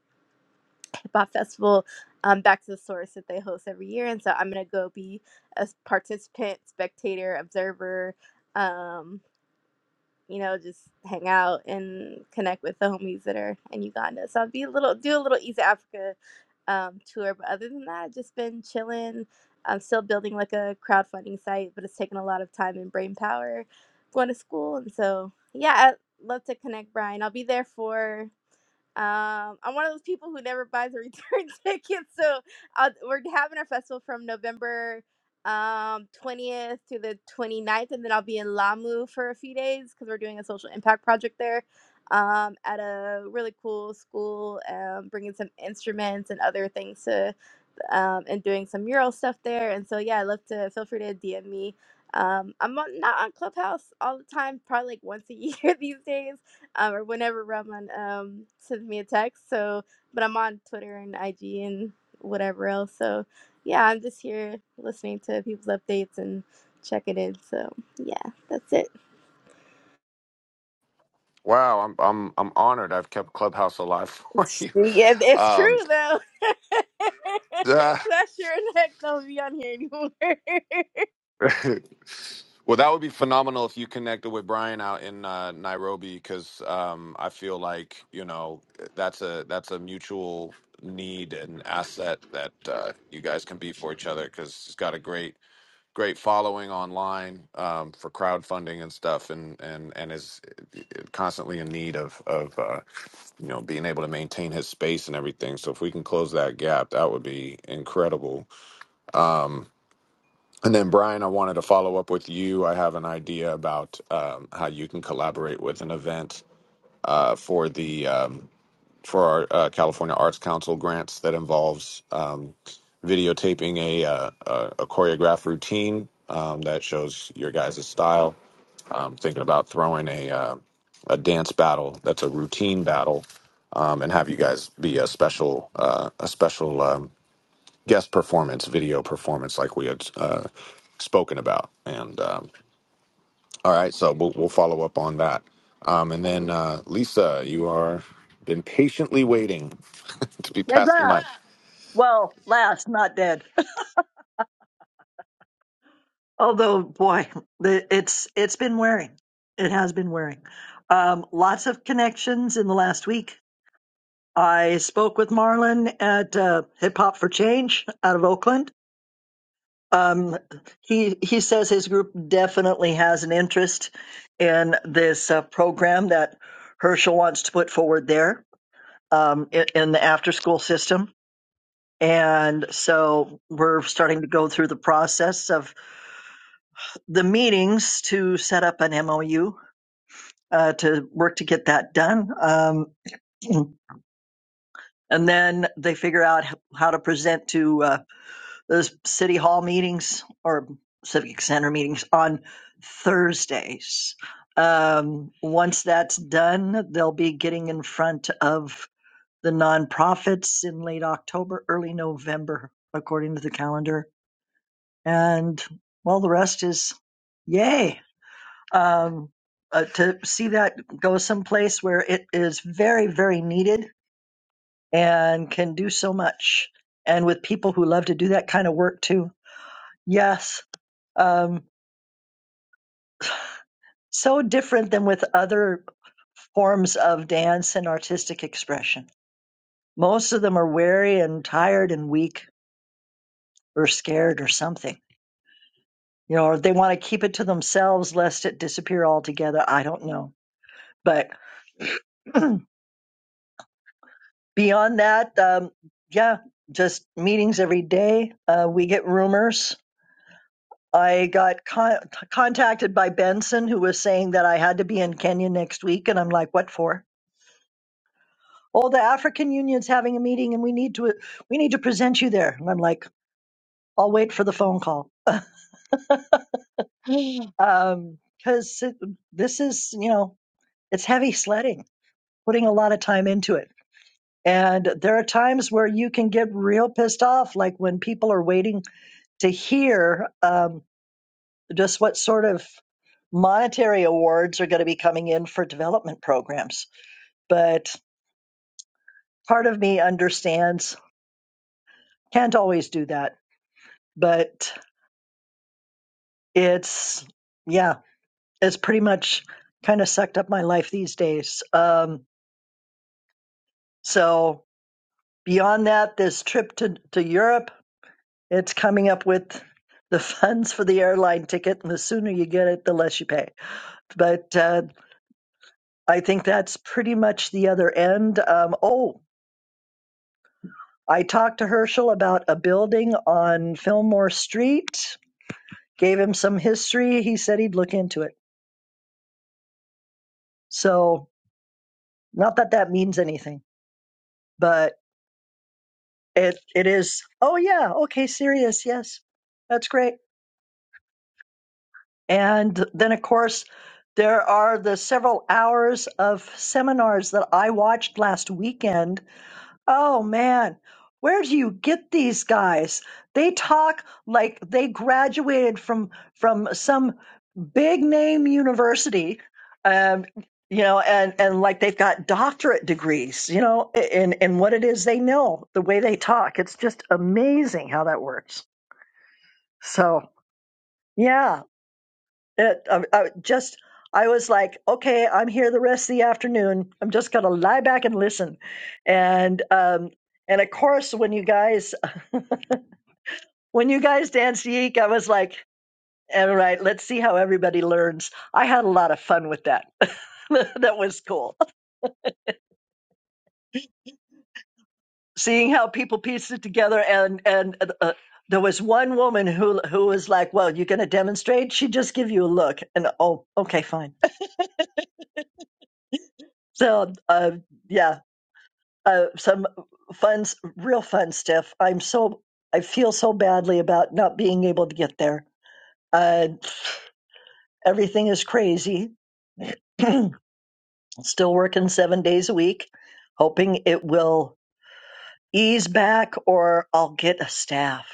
K: hip hop festival, um, Back to the Source that they host every year, and so I'm gonna go be a participant, spectator, observer. Um, you know, just hang out and connect with the homies that are in Uganda. So I'll be a little do a little East Africa um, tour, but other than that, I've just been chilling. I'm still building like a crowdfunding site, but it's taken a lot of time and brain power going to school, and so yeah, I'd love to connect, Brian. I'll be there for um, I'm one of those people who never buys a return ticket, so i we're having our festival from November um 20th to the 29th, and then I'll be in Lamu for a few days because we're doing a social impact project there um, at a really cool school, um, bringing some instruments and other things to um, and doing some mural stuff there. And so yeah, I love to feel free to DM me. Um, I'm on, not on Clubhouse all the time, probably like once a year these days, um, or whenever Rahman um, sends me a text. So, but I'm on Twitter and IG and whatever else. So yeah, I'm just here listening to people's updates and checking in. So yeah, that's it.
A: Wow, I'm I'm I'm honored. I've kept Clubhouse alive for you.
K: Yeah, it's true
A: Um,
K: though. Cause
A: yeah.
K: I sure in heck don't be on here anymore.
A: Well, that would be phenomenal if you connected with Brian out in uh, Nairobi, because um, I feel like you know that's a that's a mutual need and asset that uh, you guys can be for each other. Because he's got a great great following online um, for crowdfunding and stuff, and and and is constantly in need of of uh, you know being able to maintain his space and everything. So if we can close that gap, that would be incredible. Um, and then, Brian, I wanted to follow up with you. I have an idea about um, how you can collaborate with an event uh, for the um, for our uh, California Arts Council grants that involves um, videotaping a, uh, a a choreographed routine um, that shows your guys' style. Um thinking about throwing a uh, a dance battle that's a routine battle, um, and have you guys be a special uh, a special. Um, guest performance, video performance, like we had uh, spoken about. And um, all right, so we'll, we'll follow up on that. Um, and then uh, Lisa, you are been patiently waiting to be
M: Dead
A: passed the
M: last.
A: mic.
M: Well, last, not dead. Although, boy, the- it's it's been wearing. It has been wearing. Um, lots of connections in the last week. I spoke with Marlon at uh, Hip Hop for Change out of Oakland. Um, he he says his group definitely has an interest in this uh, program that Herschel wants to put forward there um, in, in the after school system. And so we're starting to go through the process of the meetings to set up an MOU uh, to work to get that done. Um, and then they figure out h- how to present to uh, those city hall meetings or civic center meetings on Thursdays. Um, once that's done, they'll be getting in front of the nonprofits in late October, early November, according to the calendar. And well, the rest is yay. um, uh, to see that go someplace where it is very, very needed and can do so much. And with people who love to do that kind of work too. Yes. Um, so different than with other forms of dance and artistic expression. Most of them are weary and tired and weak or scared or something. You know, or they want to keep it to themselves lest it disappear altogether. I don't know. But Beyond that, um, yeah, just meetings every day. Uh, we get rumors. I got con- contacted by Benson, who was saying that I had to be in Kenya next week, and I'm like, "What for?" Oh, the African Union's having a meeting, and we need to we need to present you there. And I'm like, "I'll wait for the phone call," because um, this is you know it's heavy sledding, putting a lot of time into it. And there are times where you can get real pissed off, like when people are waiting to hear. um, Just what sort of monetary awards are going to be coming in for development programs? But part of me understands can't always do that. But it's, yeah, it's pretty much kind of sucked up my life these days. Um, so beyond that, this trip to, to Europe, it's coming up with the funds for the airline ticket, and the sooner you get it, the less you pay. But uh, I think that's pretty much the other end. Um, oh, I talked to Herschel about a building on Fillmore Street, gave him some history. He said he'd look into it. So, not that that means anything, but it it is. Oh yeah, okay, serious. Yes. That's great. And then of course, there are the several hours of seminars that I watched last weekend. Oh man, where do you get these guys? They talk like they graduated from from some big name university um you know and and like they've got doctorate degrees you know in in what it is they know the way they talk it's just amazing how that works so yeah it I, I just i was like okay i'm here the rest of the afternoon i'm just going to lie back and listen and um and of course when you guys when you guys danced yeek i was like all right let's see how everybody learns i had a lot of fun with that that was cool seeing how people pieced it together and and uh, uh, there was one woman who who was like well you're going to demonstrate she just give you a look and oh okay fine so uh yeah uh some fun real fun stuff i'm so i feel so badly about not being able to get there uh everything is crazy still working seven days a week hoping it will ease back or i'll get a staff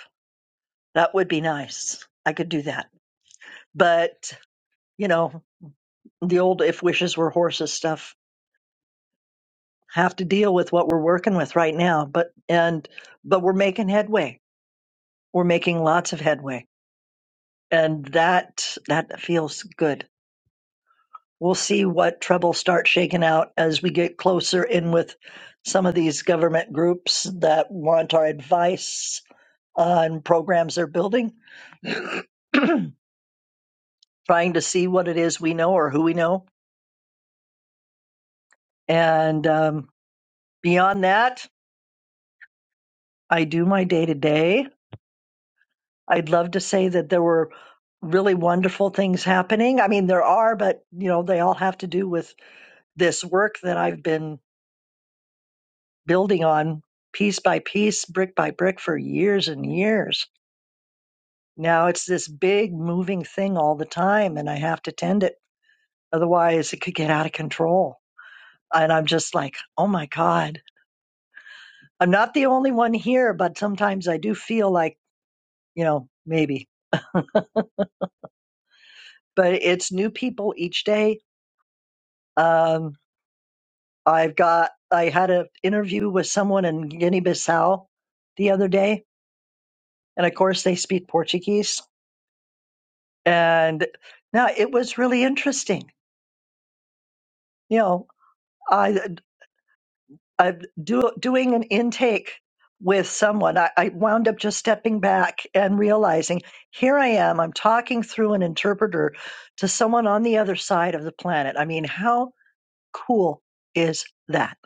M: that would be nice i could do that But, you know, the old if wishes were horses stuff have to deal with what we're working with right now. But, and, but we're making headway. We're making lots of headway. And that, that feels good. We'll see what trouble starts shaking out as we get closer in with some of these government groups that want our advice on programs they're building. trying to see what it is we know or who we know. And um, beyond that, I do my day to day. I'd love to say that there were really wonderful things happening. I mean, there are, but you know, they all have to do with this work that I've been building on piece by piece, brick by brick for years and years. Now it's this big moving thing all the time and I have to tend it. Otherwise it could get out of control. And I'm just like, oh my God, I'm not the only one here, but sometimes I do feel like, you know, maybe, but it's new people each day. Um, I've got I had an interview with someone in Guinea-Bissau the other day, and of course they speak Portuguese. And now it was really interesting. You know, I I do doing an intake with someone. I, I wound up just stepping back and realizing here I am. I'm talking through an interpreter to someone on the other side of the planet. I mean, how cool is that?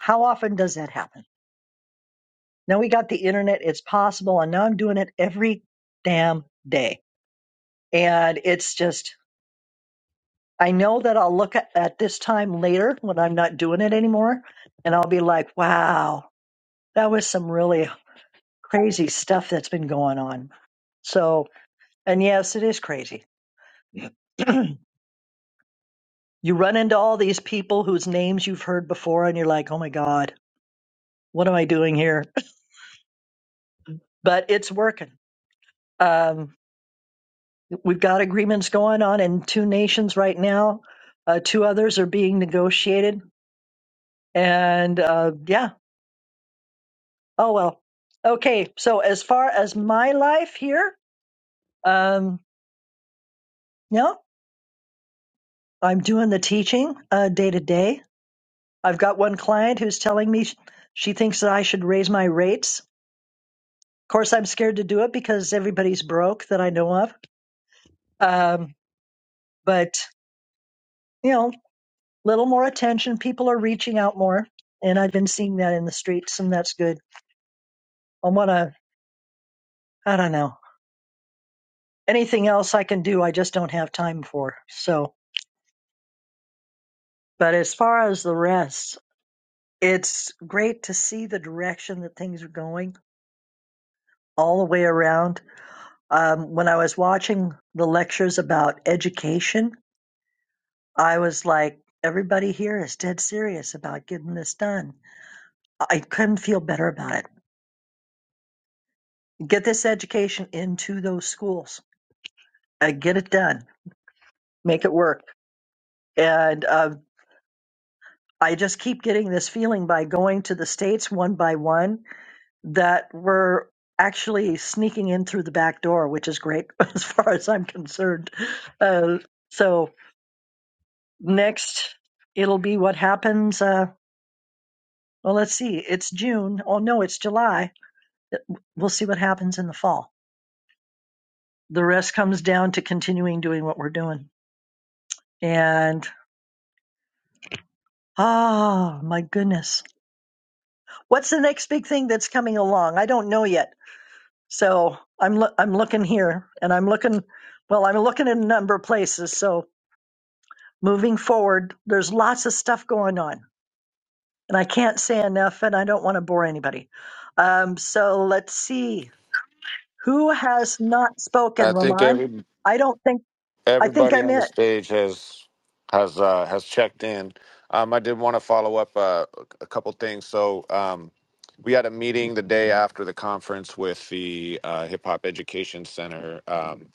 M: How often does that happen? Now we got the internet, it's possible, and now I'm doing it every damn day. And it's just, I know that I'll look at, at this time later when I'm not doing it anymore, and I'll be like, wow, that was some really crazy stuff that's been going on. So, and yes, it is crazy. you run into all these people whose names you've heard before, and you're like, oh my God, what am I doing here? But it's working. Um, We've got agreements going on in two nations right now. Uh, two others are being negotiated. And uh, yeah, oh well. Okay, so as far as my life here, um, yeah, I'm doing the teaching uh, day to day. I've got one client who's telling me sh- she thinks that I should raise my rates. Of course, I'm scared to do it because everybody's broke that I know of. Um, but, you know, little more attention. People are reaching out more. And I've been seeing that in the streets, and that's good. I want to, I don't know, anything else I can do, I just don't have time for. So, but as far as the rest, it's great to see the direction that things are going all the way around. Um, when I was watching the lectures about education, I was like, everybody here is dead serious about getting this done. I couldn't feel better about it. Get this education into those schools, uh, get it done, make it work. And uh, I just keep getting this feeling by going to the states one by one that we're actually sneaking in through the back door, which is great as far as I'm concerned. Uh, so next, it'll be what happens. Uh, well, let's see. It's June. Oh no, it's July. We'll see what happens in the fall. The rest comes down to continuing doing what we're doing. And oh my goodness, what's the next big thing that's coming along? I don't know yet So I'm loo- I'm looking here, and I'm looking. Well, I'm looking in a number of places. So moving forward, there's lots of stuff going on, and I can't say enough, and I don't want to bore anybody. Um, so let's see who has not spoken,
A: I think
M: Ramon.
A: every
M: I don't think I think
A: Everybody
M: I'm
A: on the
M: it.
A: stage has has uh, has checked in. Um, I did want to follow up uh, a couple things. So um, we had a meeting the day after the conference with the uh, Hip Hop Education Center um,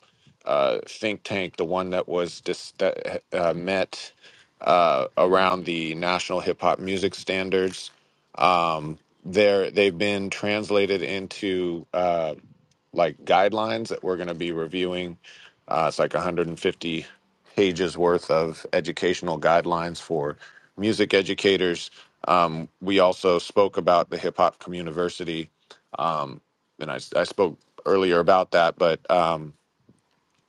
A: uh, think tank, the one that was dis- that uh, met uh, around the national hip hop music standards. Um, they're, they've been translated into uh, like guidelines that we're going to be reviewing. Uh, it's like 150 pages worth of educational guidelines for music educators. Um, we also spoke about the Hip Hop Community, um, and I, I spoke earlier about that. But um,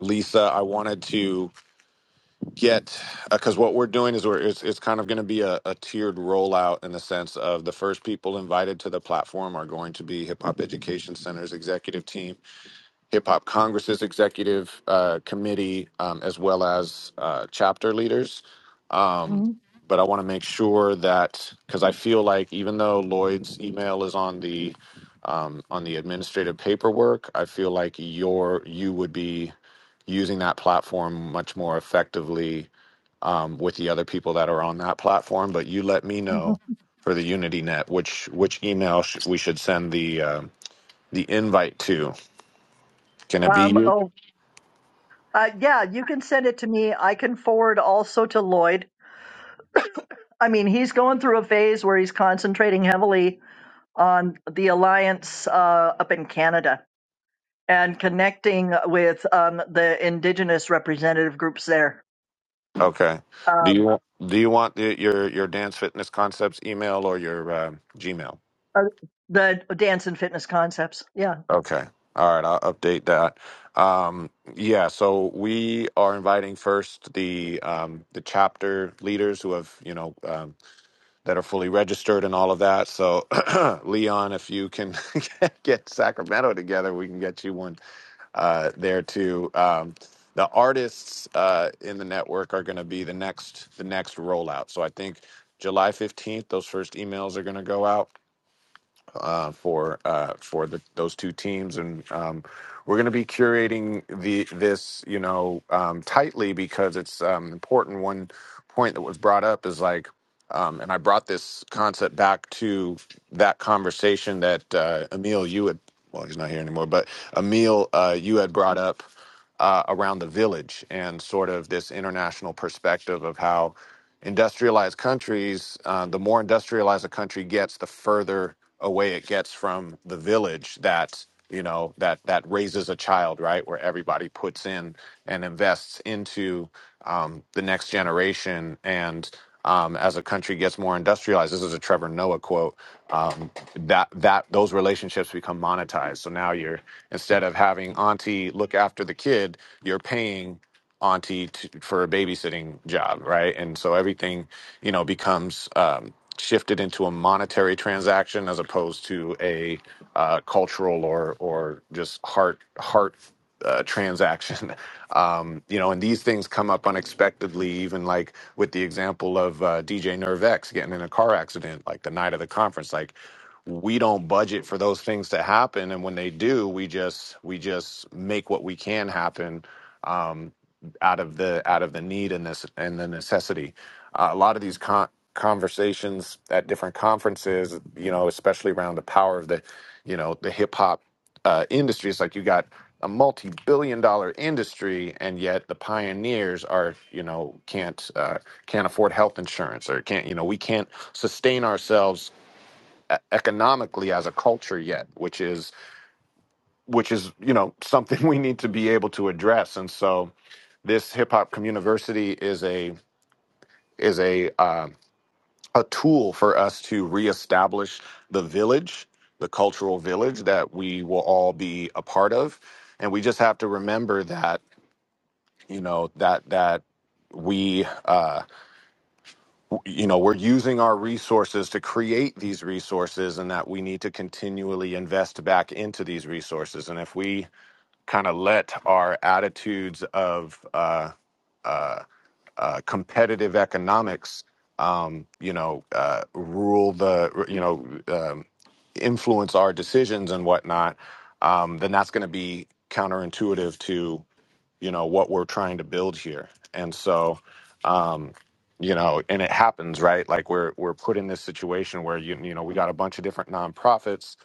A: Lisa, I wanted to get because what we're doing is we're it's, it's kind of going to be a, a tiered rollout in the sense of the first people invited to the platform are going to be Hip Hop Education Center's executive team Hip Hop Congress's executive uh, committee, um, as well as uh, chapter leaders. Um,
M: Mhm,
A: but I want to make sure that because I feel like even though Lloyd's email is on the um, on the administrative paperwork, I feel like your you would be using that platform much more effectively um, with the other people that are on that platform. But you let me know
M: mhm.
A: for the Unity Net which which email sh- we should send the uh, the invite to. Can it be
M: Um,
A: you?
M: oh, uh, yeah, you can send it to me. I can forward also to Lloyd. I mean, he's going through a phase where he's concentrating heavily on the alliance uh, up in Canada and connecting with um, the indigenous representative groups there.
A: Okay. Do
M: Um,
A: you want do you want the, your your dance fitness concepts email or your uh, Gmail?
M: uh, the dance and fitness concepts. Yeah.
A: Okay. All right. I'll update that. Um, yeah. So we are inviting first the um, the chapter leaders who have you know um, that are fully registered and all of that. So Leon, if you can get Sacramento together, we can get you one uh, there too. Um, the artists uh, in the network are going to be the next the next rollout. So I think July fifteenth, those first emails are going to go out uh, for uh, for the, those two teams, and um, we're going to be curating the this you know um, tightly because it's um, important. One point that was brought up is like um, and I brought this concept back to that conversation that uh, Emil, you had, well, he's not here anymore, but Emil, uh, you had brought up uh, around the village and sort of this international perspective of how industrialized countries, uh, the more industrialized a country gets, the further away it gets from the village that you know that that raises a child right where everybody puts in and invests into um, the next generation and um, as a country gets more industrialized. This is a Trevor Noah quote. Um, that that those relationships become monetized. So now you're instead of having auntie look after the kid, you're paying auntie to, for a babysitting job, right? And so everything you know becomes. Um, shifted into a monetary transaction as opposed to a uh, cultural or or just heart heart uh, transaction. Um, you know, and these things come up unexpectedly, even like with the example of uh, DJ Nervex getting in a car accident, like the night of the conference. Like we don't budget for those things to happen, and when they do, we just we just make what we can happen um, out of the out of the need and this and the necessity. Uh, a lot of these con- conversations at different conferences, you know, especially around the power of the, you know, the hip hop uh, industry. It's like you got a multi-billion-dollar industry, and yet the pioneers are, you know, can't uh, can't afford health insurance or can't, you know, we can't sustain ourselves e- economically as a culture yet which is which is you know something we need to be able to address and so this hip hop community is a is a um a tool for us to reestablish the village, the cultural village that we will all be a part of. And we just have to remember that, you know, that, that we, uh, w- you know, we're using our resources to create these resources and that we need to continually invest back into these resources. And if we kind of let our attitudes of, uh, uh, uh, competitive economics, um, you know, uh, rule the, you know, um, influence our decisions and whatnot, um, then that's going to be counterintuitive to you know what we're trying to build here and so um you know and it happens right like we're we're put in this situation where you you know we got a bunch of different nonprofits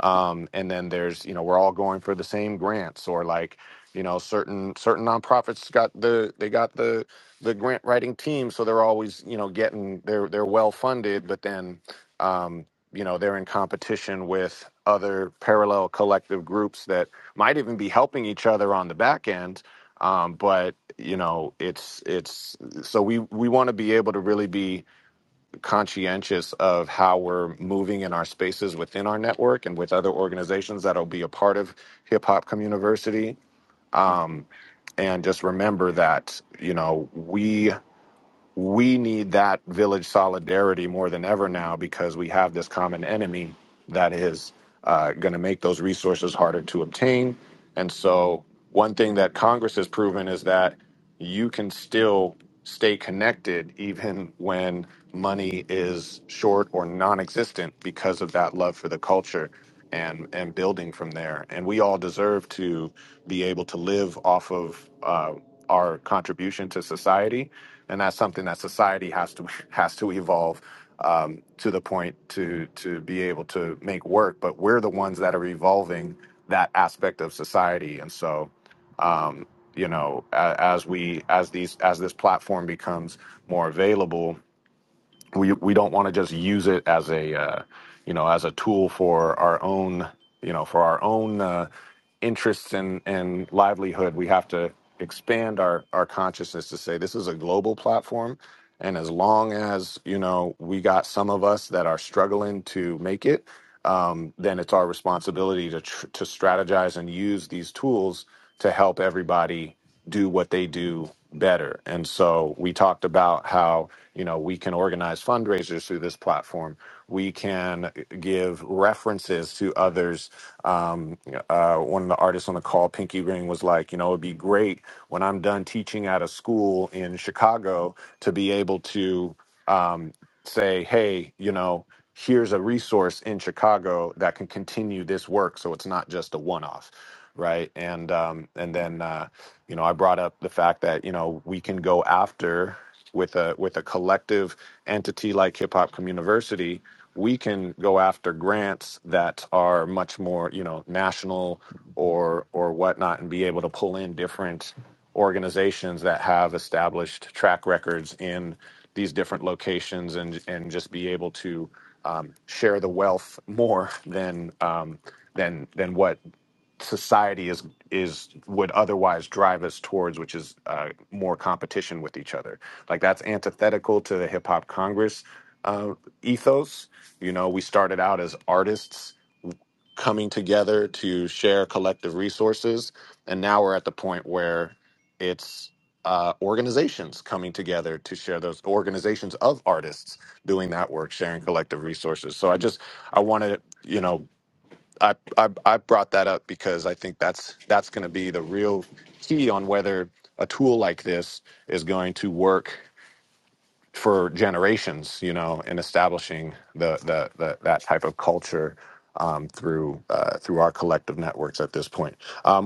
A: um and then there's you know we're all going for the same grants or like you know certain certain nonprofits got the they got the the grant writing team so they're always you know getting they're they're well funded but then um you know they're in competition with other parallel collective groups that might even be helping each other on the back end um, but you know it's it's so we we want to be able to really be conscientious of how we're moving in our spaces within our network and with other organizations that'll be a part of hip hop community um, and just remember that you know we we need that village solidarity more than ever now because we have this common enemy that is uh, going to make those resources harder to obtain. And so, one thing that Congress has proven is that you can still stay connected even when money is short or non-existent because of that love for the culture and and building from there and we all deserve to be able to live off of uh, our contribution to society and that's something that society has to has to evolve um, to the point to to be able to make work. But we're the ones that are evolving that aspect of society, and so um, you know, a- as we as these as this platform becomes more available, we we don't want to just use it as a uh, you know as a tool for our own you know for our own uh, interests and and livelihood we have to expand our our consciousness to say this is a global platform and as long as you know we got some of us that are struggling to make it um, then it's our responsibility to tr- to strategize and use these tools to help everybody do what they do better. And so we talked about how you know we can organize fundraisers through this platform. We can give references to others. Um, uh, one of the artists on the call, Pinky Ring, was like, you know, it'd be great when I'm done teaching at a school in Chicago to be able to. Um, say, hey, you know, here's a resource in Chicago that can continue this work, so it's not just a one-off, right? And um, and then uh, you know i brought up the fact that you know we can go after with a with a collective entity like hip hop community we can go after grants that are much more you know national or or whatnot and be able to pull in different organizations that have established track records in these different locations and and just be able to um, share the wealth more than um, than than what society is is would otherwise drive us towards, which is uh, more competition with each other. Like that's antithetical to the hip hop Congress uh, ethos. You know, we started out as artists coming together to share collective resources, and now we're at the point where it's uh, organizations coming together to share those organizations of artists doing that work, sharing collective resources. So I just I wanted you know I, I I brought that up because I think that's that's going to be the real key on whether a tool like this is going to work for generations, you know, in establishing the the, the that type of culture um, through uh, through our collective networks at this point. Um,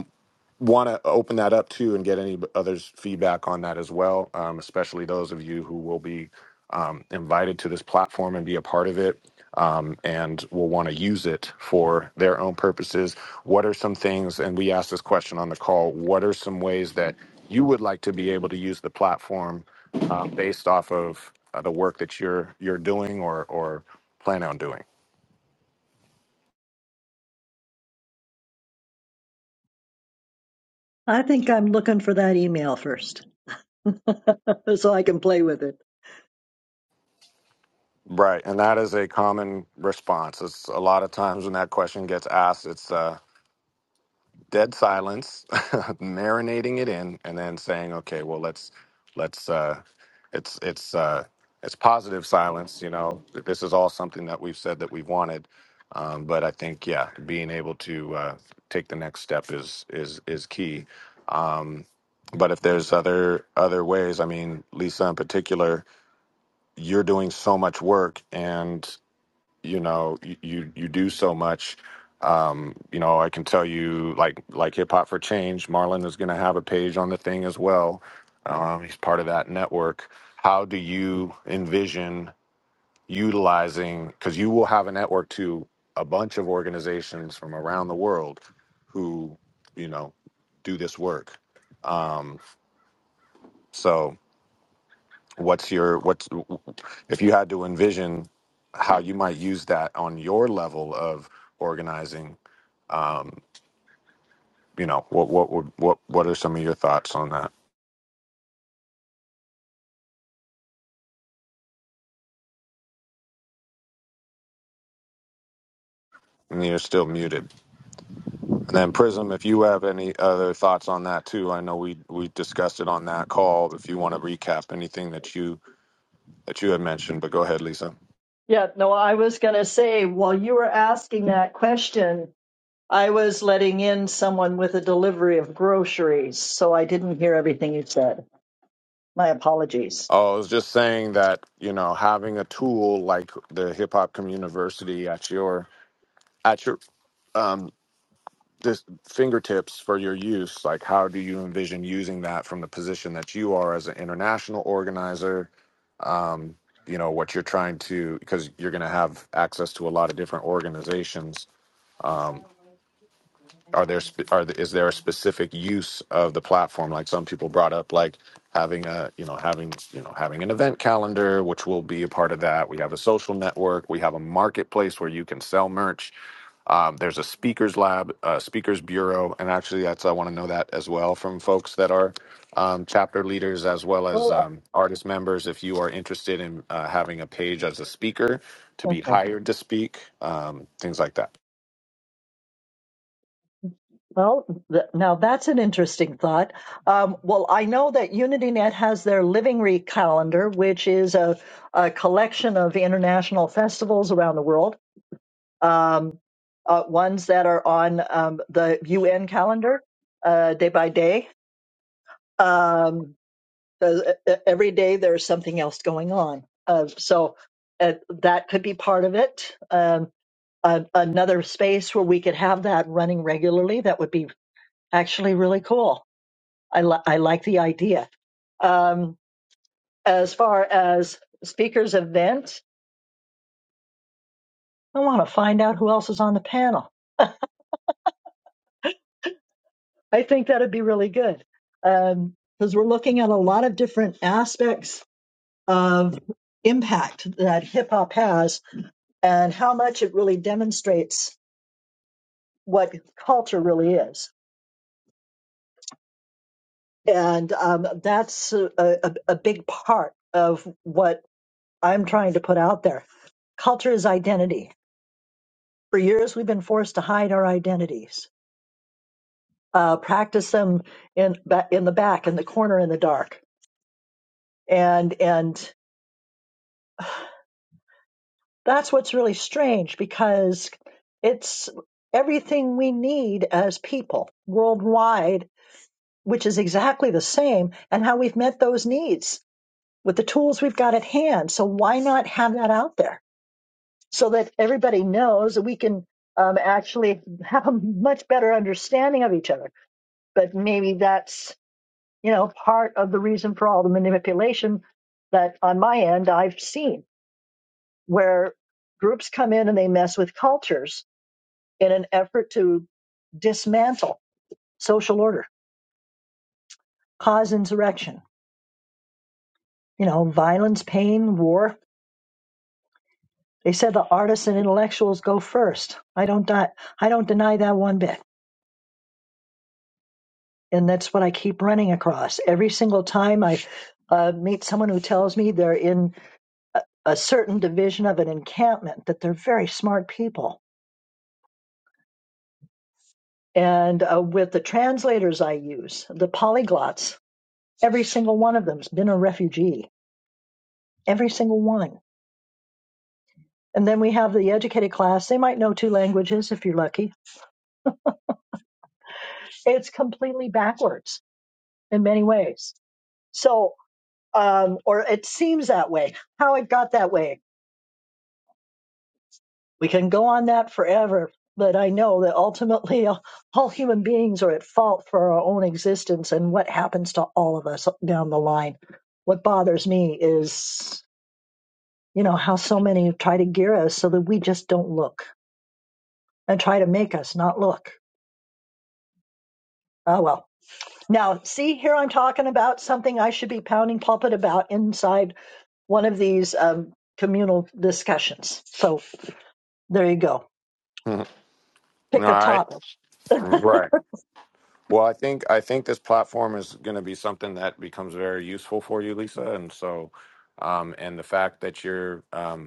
A: want to open that up too and get any others feedback on that as well um, especially those of you who will be um, invited to this platform and be a part of it um, and will want to use it for their own purposes what are some things and we asked this question on the call what are some ways that you would like to be able to use the platform uh, based off of uh, the work that you're you're doing or or plan on doing
M: I think I'm looking for that email first so I can play with it.
A: Right, and that is a common response. It's a lot of times when that question gets asked, it's uh, dead silence, marinating it in, and then saying, "Okay, well, let's let's uh, it's it's uh, it's positive silence." You know, this is all something that we've said that we've wanted, um, but I think yeah, being able to uh, take the next step is is is key. Um, but if there's other other ways, I mean, Lisa in particular, you're doing so much work, and you know you you, you do so much um you know i can tell you like like hip hop for change marlon is going to have a page on the thing as well um he's part of that network how do you envision utilizing because you will have a network to a bunch of organizations from around the world who you know do this work um so what's your what's if you had to envision how you might use that on your level of organizing um you know what what would what what are some of your thoughts on that and you're still muted and then prism if you have any other thoughts on that too i know we we discussed it on that call if you want to recap anything that you that you had mentioned but go ahead lisa
M: Yeah. No, I was going to say while you were asking that question, I was letting in someone with a delivery of groceries. So I didn't hear everything you said. My apologies.
A: Oh, I was just saying that you know having a tool like the Hip Hop Community at your at your um, this fingertips for your use like how do you envision using that from the position that you are as an international organizer um, you know what you're trying to because you're going to have access to a lot of different organizations um, are there spe- are the, is there a specific use of the platform like some people brought up like having a you know having you know having an event calendar which will be a part of that we have a social network we have a marketplace where you can sell merch um, there's a speakers lab, uh, speakers bureau, and actually, that's I want to know that as well from folks that are um, chapter leaders as well as
M: Well,
A: um, artist members. If you are interested in uh, having a page as a speaker to be hired to speak, um, things like that.
M: Well, th- now that's an interesting thought. Um, well, I know that UnityNet has their Living Re calendar, which is a, a collection of international festivals around the world, um, uh, ones that are on um, the UN calendar uh, day by day. Um, the- e- e, every day there's something else going on. Uh, so uh, that could be part of it. Um, a- another space where we could have that running regularly, that would be actually really cool. I, li- I like the idea. Um, as far as speakers event, I want to find out who else is on the panel. I think that'd be really good because we're looking at a lot of different aspects of impact that hip hop has and how much it really demonstrates what culture really is. And um, that's a, a, a big part of what I'm trying to put out there. Culture is identity For years, we've been forced to hide our identities, uh, practice them in ba- in the back, in the corner, in the dark, and and that's what's really strange because it's everything we need as people worldwide, which is exactly the same, and how we've met those needs with the tools we've got at hand. So why not have that out there so that everybody knows that we can um, actually have a much better understanding of each other? But maybe that's you know, part of the reason for all the manipulation that on my end I've seen where groups come in and they mess with cultures in an effort to dismantle social order, cause insurrection, you know, violence, pain, war. They said the artists and intellectuals go first. I don't die, I don't deny that one bit. And that's what I keep running across. Every single time I uh, meet someone who tells me they're in a certain division of an encampment, that they're very smart people And uh, with the translators I use, the polyglots, every single one of them's been a refugee, every single one. And then we have the educated class. They might know two languages if you're lucky. It's completely backwards in many ways. So, um, or it seems that way. How it got that way, we can go on that forever. But I know that ultimately, all all human beings are at fault for our own existence and what happens to all of us down the line. What bothers me is You know, how so many try to gear us so that we just don't look and try to make us not look. Oh, well. Now, see, here I'm talking about something I should be pounding pulpit about inside one of these um, communal discussions. So there you go.
A: Mhm. All
M: Pick a
A: right,
M: topic.
A: right. Well, I think I think this platform is going to be something that becomes very useful for you, Lisa, and so. Um, and the fact that you're um,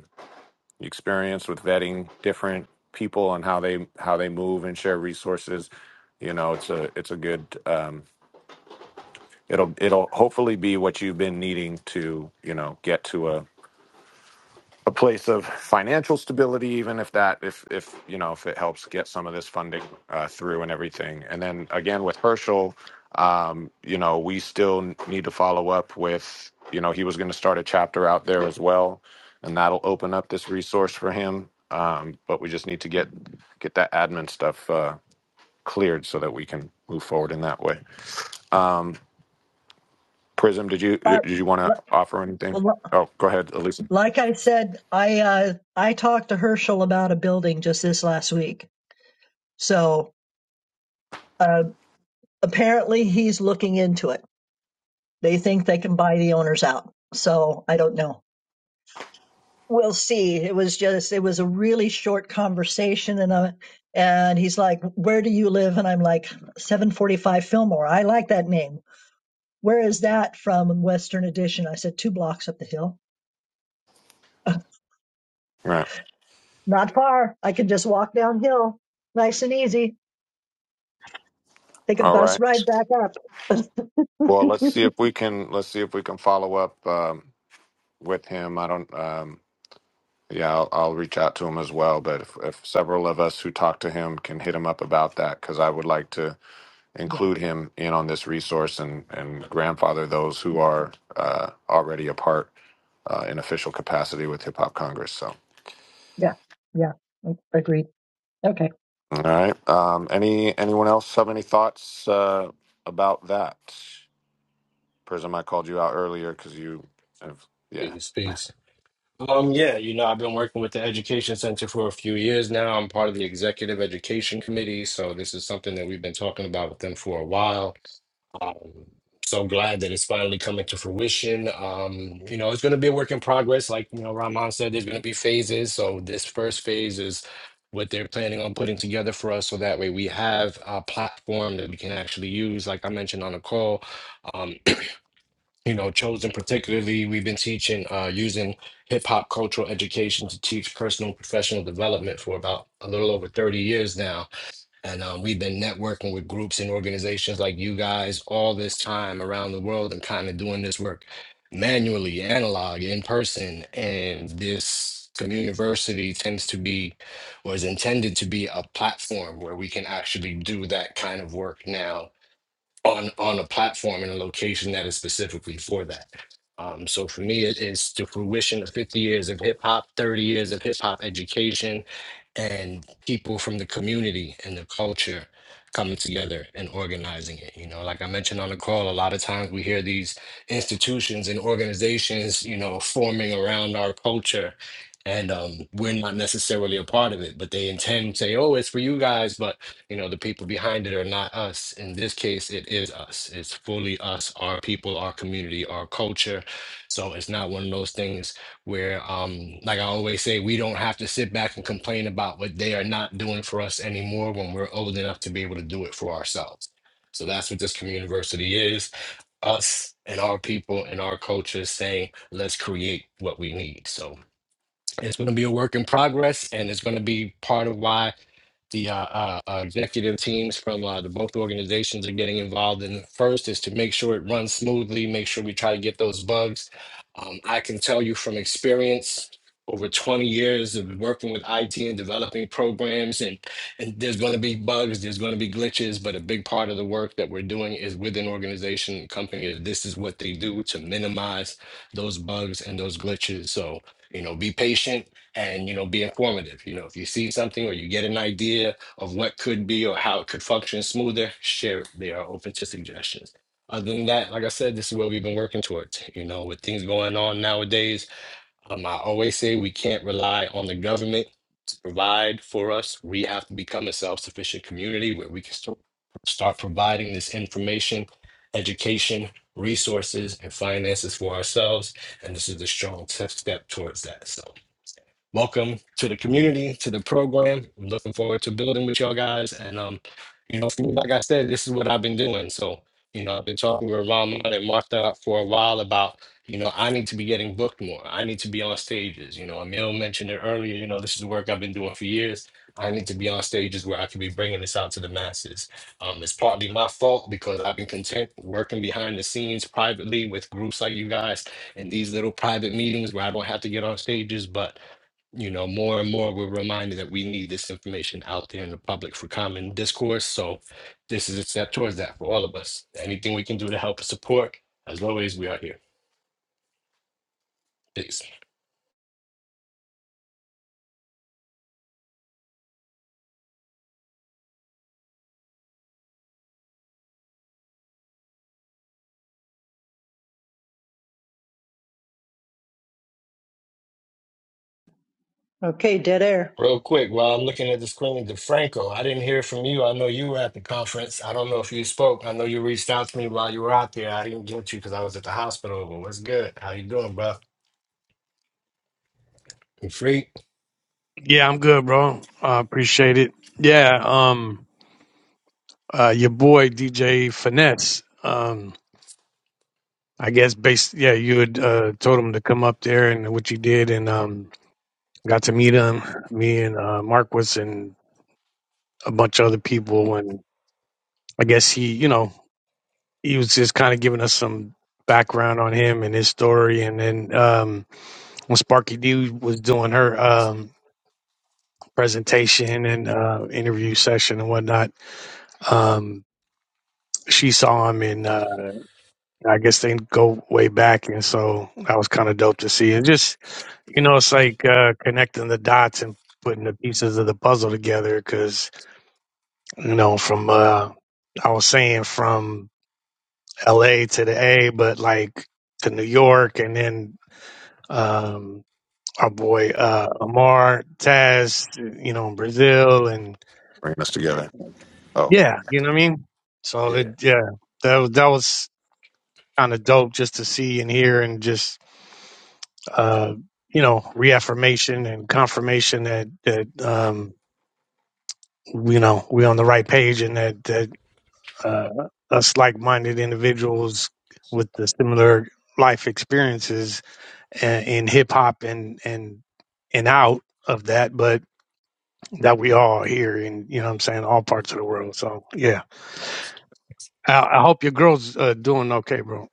A: experience with vetting different people and how they how they move and share resources you know it's a it's a good um it'll it'll hopefully be what you've been needing to you know get to a a place of financial stability, even if that, if if you know, if it helps get some of this funding uh, through and everything. And then again with Herschel, um, you know, we still need to follow up with, you know, he was going to start a chapter out there as well, and that'll open up this resource for him. Um, but we just need to get get that admin stuff uh, cleared so that we can move forward in that way. Um, Prism, did you
M: Uh,
A: did you want to offer
M: li-
A: anything? Oh, go ahead, Elisa.
M: like I said, I uh, I talked to Herschel about a building just this last week. So uh, apparently he's looking into it. They think they can buy the owners out. So I don't know. We'll see. It was just, it was a really short conversation, and uh, and he's like, "Where do you live?" And I'm like, "745 Fillmore. I like that name. Where is that from?" Western Edition. I said, two blocks up the hill.
A: All right.
M: Not far. I can just walk downhill, nice and easy. Take a
A: All
M: bus
A: right.
M: ride back up.
A: Well, let's see if we can let's see if we can follow up um, with him. I don't. Um, yeah, I'll, I'll reach out to him as well. But if, if several of us who talked to him can hit him up about that, because I would like to
M: yeah,
A: include him in on this resource and and grandfather those who are uh, already a part uh, in official capacity with Hip Hop Congress. So,
M: yeah, yeah. Agreed. Okay.
A: all right. Um, any anyone else have any thoughts uh, about that? Prism, I called you out earlier because you have yeah
H: Peace, peace. Um, yeah, you know, I've been working with the Education Center for a few years now. I'm part of the Executive Education Committee, so this is something that we've been talking about with them for a while Um, so glad that it's finally coming to fruition. Um, you know, it's going to be a work in progress. Like, you know, Rahman said, there's going to be phases. So this first phase is what they're planning on putting together for us. So that way we have a platform that we can actually use. Like I mentioned on the call, um, you know, chosen particularly, we've been teaching uh, using hip hop cultural education to teach personal and professional development for about a little over 30 years now and um, we've been networking with groups and organizations like you guys all this time around the world and kind of doing this work manually, analog, in person. And this community tends to be, or is intended to be, a platform where we can actually do that kind of work now on on a platform and a location that is specifically for that. Um, so for me, it is the fruition of 50 years of hip hop, 30 years of hip hop education, and people from the community and the culture coming together and organizing it. You know, like I mentioned on the call, a lot of times we hear these institutions and organizations, you know, forming around our culture, and um, we're not necessarily a part of it, but they intend to say, "Oh, it's for you guys," but you know the people behind it are not us in this case it is us it's fully us our people our community our culture so it's not one of those things where um like i always say we don't have to sit back and complain about what they are not doing for us anymore when we're old enough to be able to do it for ourselves so that's what this community university is us and our people and our culture saying let's create what we need so it's going to be a work in progress, and it's going to be part of why the uh, uh, uh, executive teams from uh, the both organizations are getting involved in first is to make sure it runs smoothly, make sure we try to get those bugs. Um, I can tell you from experience, over 20 years of working with IT and developing programs, and, and there's going to be bugs, there's going to be glitches, but a big part of the work that we're doing is within organization and company. This is what they do to minimize those bugs and those glitches. So you know be patient and you know be informative you know if you see something or you get an idea of what could be or how it could function smoother share it. they are open to suggestions other than that like i said this is what we've been working towards you know with things going on nowadays um, I always say we can't rely on the government to provide for us. We have to become a self sufficient community where we can st- start providing this information, education, resources, and finances for ourselves. And this is a strong t- step towards that. So welcome to the community, to the program. I'm looking forward to building with y'all guys. And um, you know, for me, like I said, this is what I've been doing. So, you know, I've been talking with Ramon and Martha for a while about, you know, I need to be getting booked more. I need to be on stages. You know, Emil mentioned it earlier, you know, this is the work I've been doing for years. I need to be on stages where I can be bringing this out to the masses. Um, it's partly my fault because I've been content working behind the scenes privately with groups like you guys in these little private meetings where I don't have to get on stages. But you know, more and more we're reminded that we need this information out there in the public for common discourse. So this is a step towards that for all of us. Anything we can do to help and support, as always, we are here. Peace.
M: Okay. Dead air.
H: Real quick, while I'm looking at the screen, DeFranco, I didn't hear from you. I know you were at the conference. I don't know if you spoke. I know you reached out to me while you were out there. I didn't get you because I was at the hospital. But what's good? How you doing, bro? You free?
D: Yeah, I'm good, bro. I appreciate it. Yeah, um, uh, your boy DJ Finesse. Um, I guess based, yeah, you had uh, told him to come up there and what you did, and um, got to meet him. Me and uh, Marquis and a bunch of other people, and I guess he, you know, he was just kind of giving us some background on him and his story. And then um, when Sparky D was doing her um, presentation and uh, interview session and whatnot, um, she saw him and uh, I guess they go way back. And so that was kind of dope to see. And just, you know, it's like uh, connecting the dots and putting the pieces of the puzzle together because, you know, from, uh, I was saying from LA to the A, but like to New York and then um, our boy uh, Amar Taz, you know, in Brazil, and
A: bringing us together. Oh.
D: yeah, you know what I mean. So it, yeah, that was- that was kind of dope just to see and hear, and just uh, you know, reaffirmation and confirmation that that um, you know we on the right page, and that that uh, us like minded individuals with the similar life experiences in, in hip hop and and and out of that, but that we all here in you know what I'm saying all parts of the world. So yeah, I, I hope your girl's uh, doing okay, bro.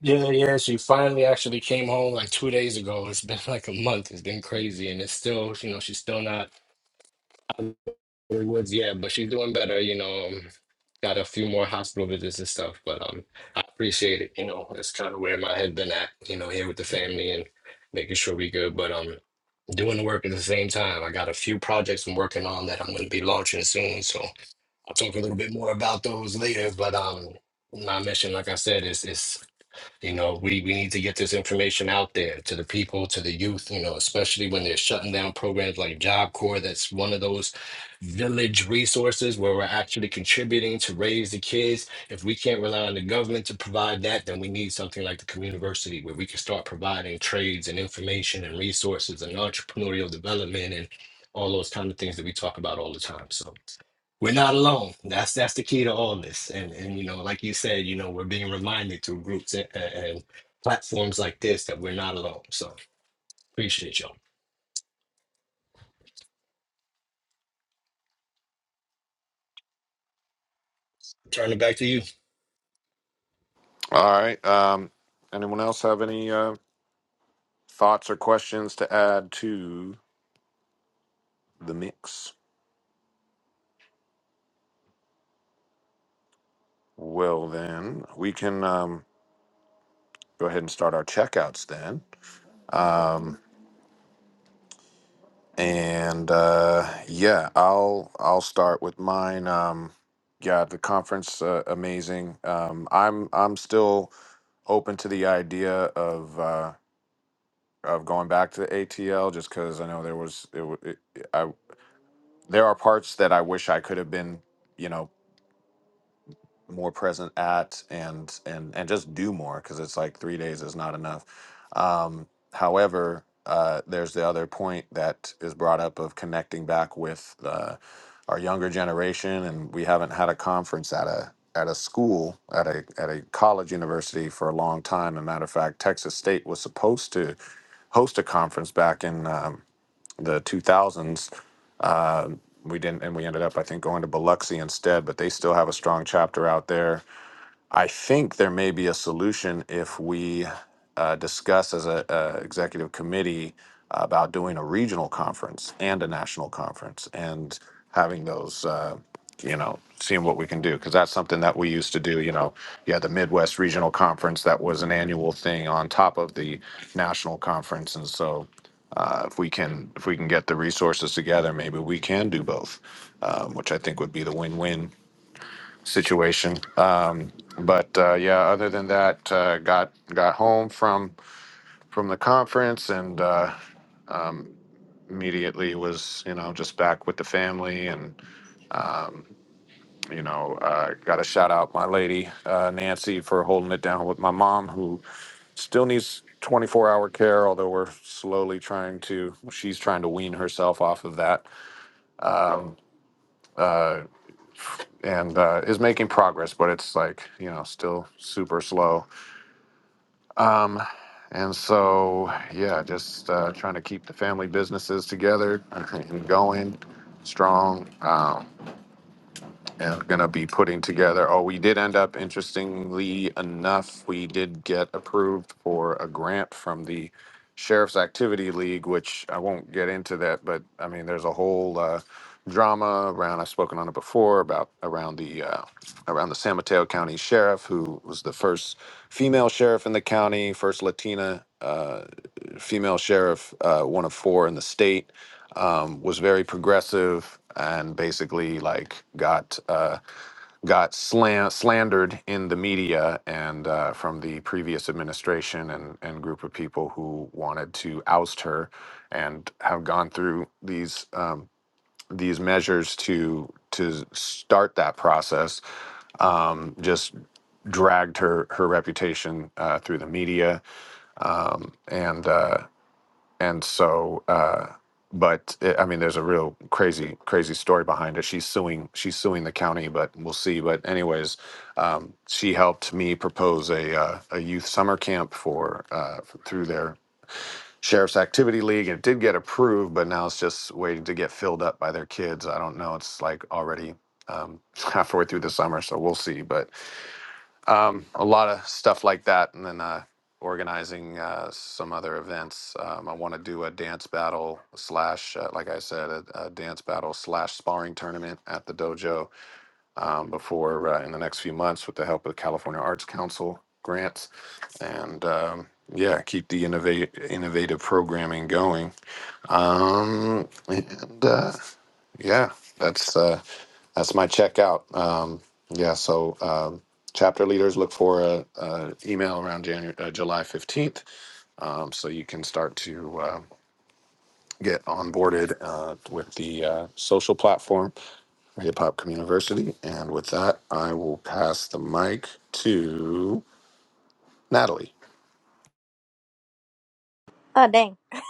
H: Yeah, yeah, she finally actually came home like two days ago. It's been like a month. It's been crazy, and it's still, you know, she's still not out of the woods yet, but she's doing better. You know, um, got a few more hospital visits and stuff, but um, I appreciate it. You know, that's kind of where my head been at. You know, here with the family and making sure we good, but um, doing the work at the same time. I got a few projects I'm working on that I'm going to be launching soon, so I'll talk a little bit more about those later. But um, my mission, like I said, is is. You know, we, we need to get this information out there to the people, to the youth, you know, especially when they're shutting down programs like Job Corps. That's one of those village resources where we're actually contributing to raise the kids. If we can't rely on the government to provide that, then we need something like the community where we can start providing trades and information and resources and entrepreneurial development and all those kind of things that we talk about all the time. So we're not alone. That's that's the key to all this. And and you know, like you said, you know, we're being reminded through groups and, and platforms like this that we're not alone. So appreciate y'all. Turn it back to you.
A: All right. Um, anyone else have any uh, thoughts or questions to add to the mix? Well, then we can um, go ahead and start our checkouts then. Um, and uh, yeah, I'll I'll start with mine. Um, yeah, the conference uh, amazing. Um, I'm I'm still open to the idea of uh, of going back to the ATL just because I know there was it, w- it, I there are parts that I wish I could have been. You know, more present at and and and just do more because it's like three days is not enough um however uh there's the other point that is brought up of connecting back with uh, our younger generation and we haven't had a conference at a at a school at a at a college university for a long time and matter of fact texas state was supposed to host a conference back in um, the 2000s. Uh, we didn't, and we ended up, I think, going to Biloxi instead. But they still have a strong chapter out there. I think there may be a solution if we uh, discuss as a, a executive committee about doing a regional conference and a national conference and having those, uh, you know, seeing what we can do because that's something that we used to do. You know, you had the Midwest Regional Conference that was an annual thing on top of the national conference, and so. Uh, if we can, if we can get the resources together, maybe we can do both, um, which I think would be the win-win situation. Um, but uh, yeah, other than that, uh, got got home from from the conference and uh, immediately was you know just back with the family and you know uh, got to shout out my lady uh, Nancy for holding it down with my mom who still needs 24 hour care although we're slowly trying to she's trying to wean herself off of that um, uh, and uh, is making progress but it's like you know still super slow Um, and so, yeah, just uh, trying to keep the family businesses together and going strong. Um, and gonna be putting together. Oh, we did end up, interestingly enough, we did get approved for a grant from the Sheriff's Activity League, which I won't get into that, but I mean, there's a whole uh, drama around. I've spoken on it before about around the uh, around the San Mateo County Sheriff, who was the first female sheriff in the county, first Latina uh, female sheriff, uh, one of four in the state um, was very progressive and basically like got uh, got slan- slandered in the media and uh, from the previous administration and, and group of people who wanted to oust her and have gone through these um, these measures to to start that process um, just dragged her her reputation uh, through the media um, and uh, and so uh but eh, i mean there's a real crazy crazy story behind it she's suing she's suing the county but we'll see but anyways um she helped me propose a uh, a youth summer camp for uh through their sheriff's activity league it did get approved but now it's just waiting to get filled up by their kids i don't know it's like already um halfway through the summer so we'll see but um, a lot of stuff like that, and then uh, organizing uh, some other events. Um, I want to do a dance battle slash, uh, like I said, a, a dance battle slash sparring tournament at the dojo um, before uh, in the next few months with the help of the California Arts Council grants, and um, yeah, keep the innovate innovative programming going. Um, and uh, yeah, that's uh, that's my checkout. Um, yeah, so um, chapter leaders look for a, a email around January, uh, July fifteenth, um, so you can start to uh, get onboarded uh, with the uh, social platform, Hip Hop Community. And with that, I will pass the mic to Natalie.
K: Oh dang.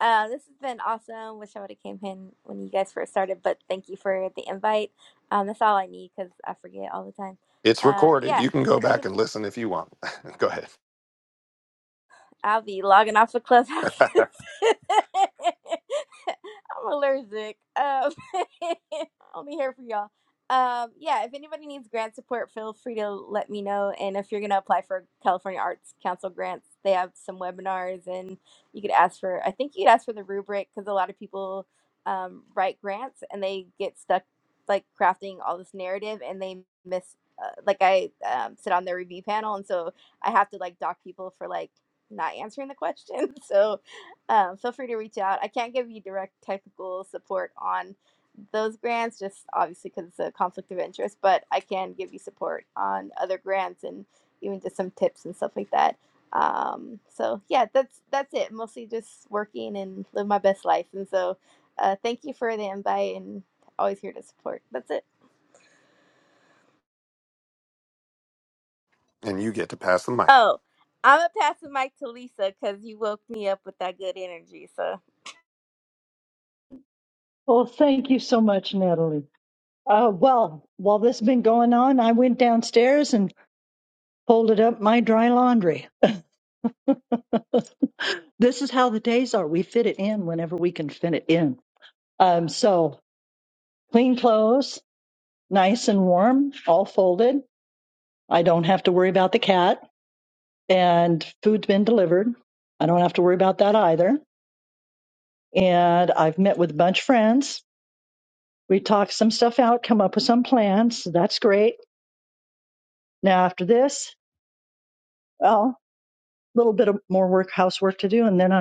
K: Uh, this has been awesome. Wish I would have came in when you guys first started, but thank you for the invite. Um, that's all I need because I forget all the time.
A: It's
K: Uh,
A: recorded.
K: yeah.
A: You can go
K: If any.
A: back and listen if you want. go ahead,
K: I'll be logging off of Clubhouse. I'm allergic. Um, I'll be here for y'all. Um, yeah, if anybody needs grant support, feel free to let me know. And if you're going to apply for California Arts Council grants, they have some webinars and you could ask for, I think you'd ask for the rubric because a lot of people um, write grants and they get stuck like crafting all this narrative and they miss, uh, like I um, sit on their review panel. And so I have to like dock people for like not answering the question. So um, feel free to reach out. I can't give you direct technical support on those grants, just obviously because it's a conflict of interest, but I can give you support on other grants and even just some tips and stuff like that. Um, so yeah, that's that's it. Mostly just working and live my best life. And so uh, thank you for the invite and always here to support. That's it.
A: and you get to pass the mic.
K: Oh, I'm gonna pass the mic to Lisa because you woke me up with that good energy. So.
M: Well, thank you so much, Natalie. Uh, well, while this has been going on, I went downstairs and folded up my dry laundry. This is how the days are. We fit it in whenever we can fit it in. Um, so clean clothes, nice and warm, all folded. I don't have to worry about the cat and food's been delivered. I don't have to worry about that either. And I've met with a bunch of friends. We talked some stuff out, come up with some plans. So that's great. Now after this, well, a little bit of more work, housework to do. And then I'm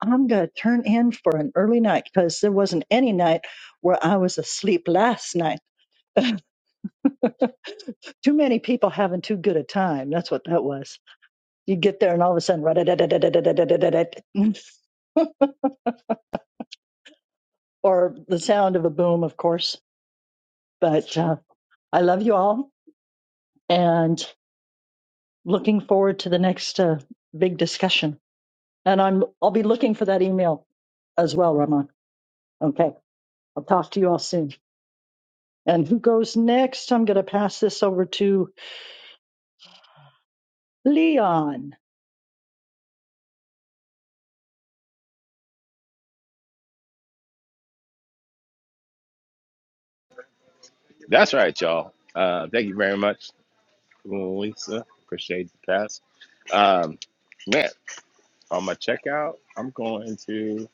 M: I'm going to turn in for an early night because there wasn't any night where I was asleep last night. Too many people having too good a time. That's what that was. You get there and all of a sudden, or the sound of a boom, of course. But uh, I love you all and looking forward to the next uh, big discussion. And I'm I'll be looking for that email as well, Ramon. Okay, I'll talk to you all soon. And who goes next? I'm going to pass this over to Leon.
G: That's right, y'all. Uh, thank you very much. Lisa. Appreciate the pass. Um, man, on my checkout, I'm going to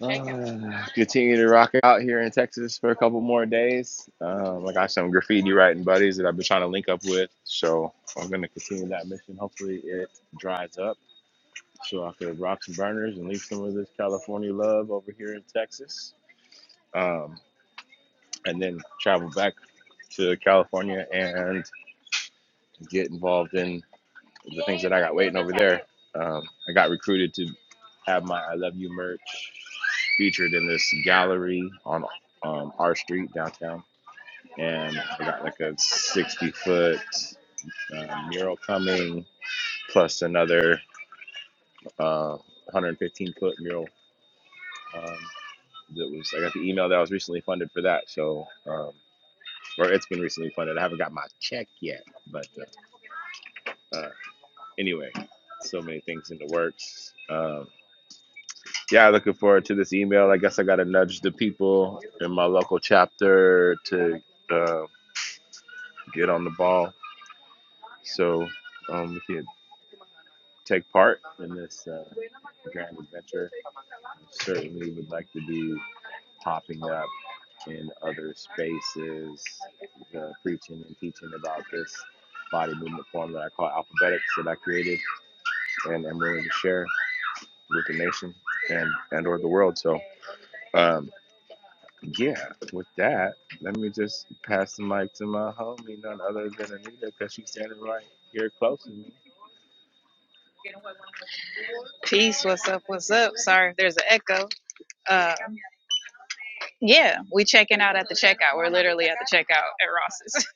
G: uh, continue to rock out here in Texas for a couple more days. Um, I got some graffiti writing buddies that I've been trying to link up with, so I'm going to continue that mission. Hopefully, it dries up so I could rock some burners and leave some of this California love over here in Texas, um, and then travel back to California and get involved in the things that I got waiting over there. Um, I got recruited to have my I Love You merch featured in this gallery on um, our street downtown. And I got like a 60 foot uh, mural coming, plus another uh, 115 foot mural. Um, that was I got the email that I was recently funded for that. So, um, or it's been recently funded. I haven't got my check yet, but uh, uh, anyway, so many things in the works. Um, yeah, looking forward to this email. I guess I got to nudge the people in my local chapter to uh, get on the ball so um, we can take part in this uh, grand adventure. Certainly would like to be popping up in other spaces, uh, preaching and teaching about this body movement form that I call alphabetics that I created and am willing to share with the nation and and or the world. So. Um, yeah, with that, let me just pass the mic to my homie, none other than Anita, because she's standing right here close to me.
B: Peace, what's up, what's up? Sorry if there's an echo. Uh, yeah, we checking out at the checkout. We're literally at the checkout at Ross's.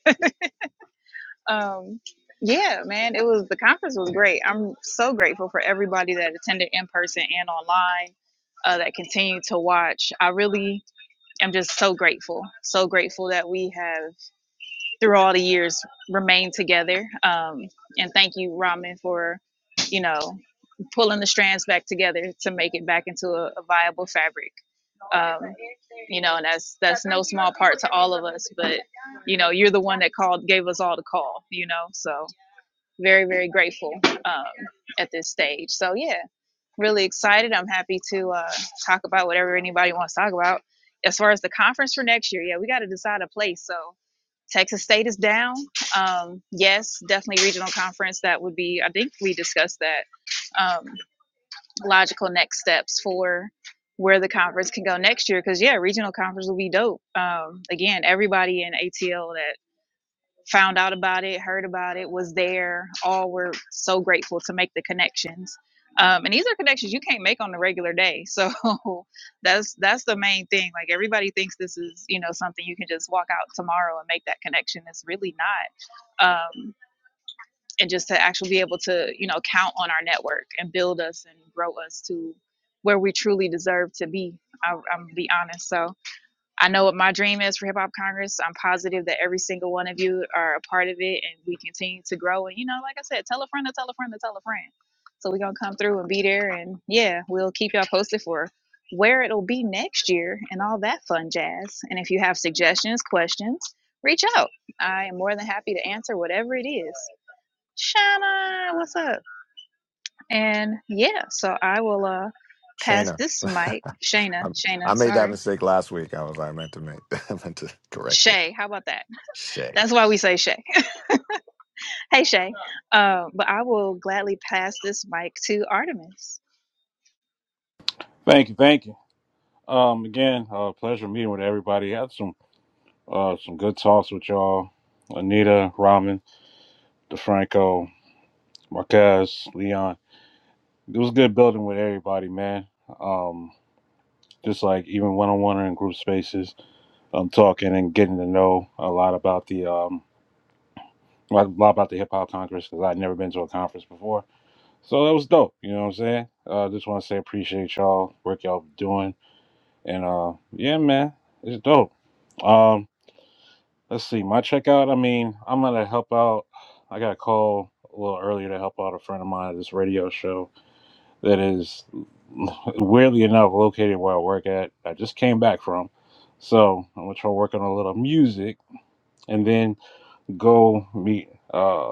B: Um, yeah, man, it was the conference was great. I'm so grateful for everybody that attended in person and online uh, that continued to watch. I really am just so grateful, so grateful that we have. through all the years remained together. Um, and thank you, Ramen, for you know pulling the strands back together to make it back into a, a viable fabric. Um, you know, and that's that's no small part to all of us. But you know, you're the one that called, gave us all the call. You know, so very very grateful um, at this stage. So yeah, really excited. I'm happy to uh, talk about whatever anybody wants to talk about. As far as the conference for next year, yeah, we got to decide a place. So. Texas State is down. Um, yes, definitely regional conference. That would be, I think we discussed that. Um, logical next steps for where the conference can go next year. Because, yeah, regional conference will be dope. Um, again, everybody in ATL that found out about it, heard about it, was there. All were so grateful to make the connections. Um, and these are connections you can't make on a regular day. So that's that's the main thing. Like everybody thinks this is, you know, something you can just walk out tomorrow and make that connection. It's really not. Um, and just to actually be able to, you know, count on our network and build us and grow us to where we truly deserve to be. I, I'm gonna be honest. So I know what my dream is for Hip Hop Congress. I'm positive that every single one of you are a part of it and we continue to grow. And, you know, like I said, tell a friend to tell a friend to tell a friend. So we're going to come through and be there. And yeah, we'll keep y'all posted for where it'll be next year and all that fun jazz. And if you have suggestions, questions, reach out. I am more than happy to answer whatever it is. Shana, what's up? And yeah, so I will uh pass
A: Shayna.
B: this mic. Shayna,
A: I, I
B: Shayna,
A: made that
B: sorry.
A: mistake last week. I was I meant to make I meant to correct it.
B: Shay, how about that?
A: Shay.
B: That's why we say Shay. Hey, Shay. Uh, but I will gladly pass this mic to Artemis.
E: Thank you, thank you. Um, again, uh, pleasure meeting with everybody. Had some uh some good talks with y'all, Anita, Ramen, DeFranco, Marquez, Leon. It was good building with everybody, man. Um, just like even one on one or in group spaces, um, talking and getting to know a lot about the um, a lot about the hip hop congress because I'd never been to a conference before. So that was dope. You know what I'm saying? Uh, just want to say appreciate y'all work y'all doing, and uh, yeah, man, it's dope. Um, let's see my checkout. I mean, I'm gonna help out. I got a call a little earlier to help out a friend of mine at this radio show that is weirdly enough located where I work at. I just came back from, so I'm gonna try working on a little music and then go meet uh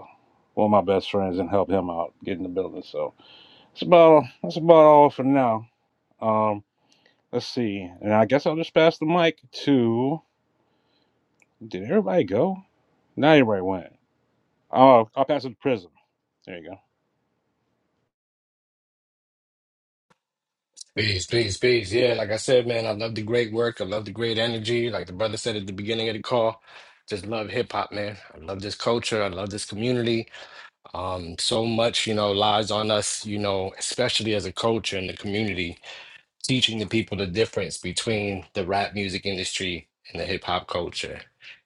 E: one of my best friends and help him out get in the building. So that's about that's about all for now. Um, let's see, and I guess I'll just pass the mic to. Did everybody go? Not everybody went. Oh, I'll pass it to Prism. There you go.
H: Peace, peace, peace. Yeah, like I said, man, I love the great work. I love the great energy. Like the brother said at the beginning of the call, just love hip hop, man. I love this culture. I love this community. Um, so much, you know, lies on us, you know, especially as a culture and the community teaching the people the difference between the rap music industry and the hip hop culture.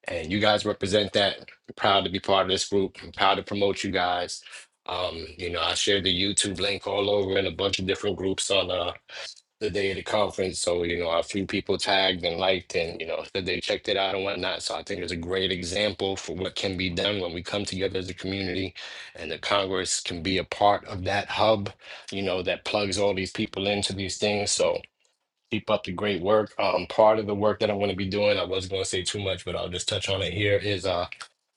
H: And you guys represent that. Proud to be part of this group. I'm proud to promote you guys. Um, you know, I shared the YouTube link all over in a bunch of different groups on uh, the day of the conference. So, you know, a few people tagged and liked and, you know, said they checked it out and whatnot. So I think it's a great example for what can be done when we come together as a community and the Congress can be a part of that hub, you know, that plugs all these people into these things. So, Keep up the great work. Um, part of the work that I'm going to be doing, I was going to say too much, but I'll just touch on it here. Is uh,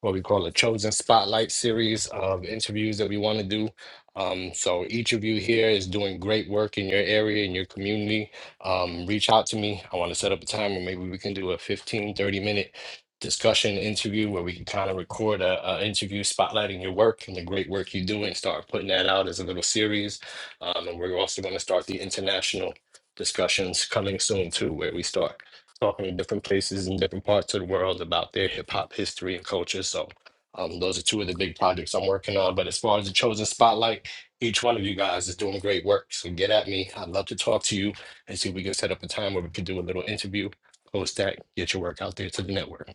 H: what we call a chosen spotlight series of interviews that we want to do. Um, so each of you here is doing great work in your area, in your community. Um, reach out to me. I want to set up a time where maybe we can do a 15 30 minute discussion interview where we can kind of record a, a interview spotlighting your work and the great work you do and start putting that out as a little series. Um, and we're also going to start the international discussions coming soon too, where we start talking to different places in different parts of the world about their hip hop history and culture. So um, those are two of the big projects I'm working on. But as far as the chosen spotlight, each one of you guys is doing great work. So get at me. I'd love to talk to you and see if we can set up a time where we could do a little interview. Post that, get your work out there to the network.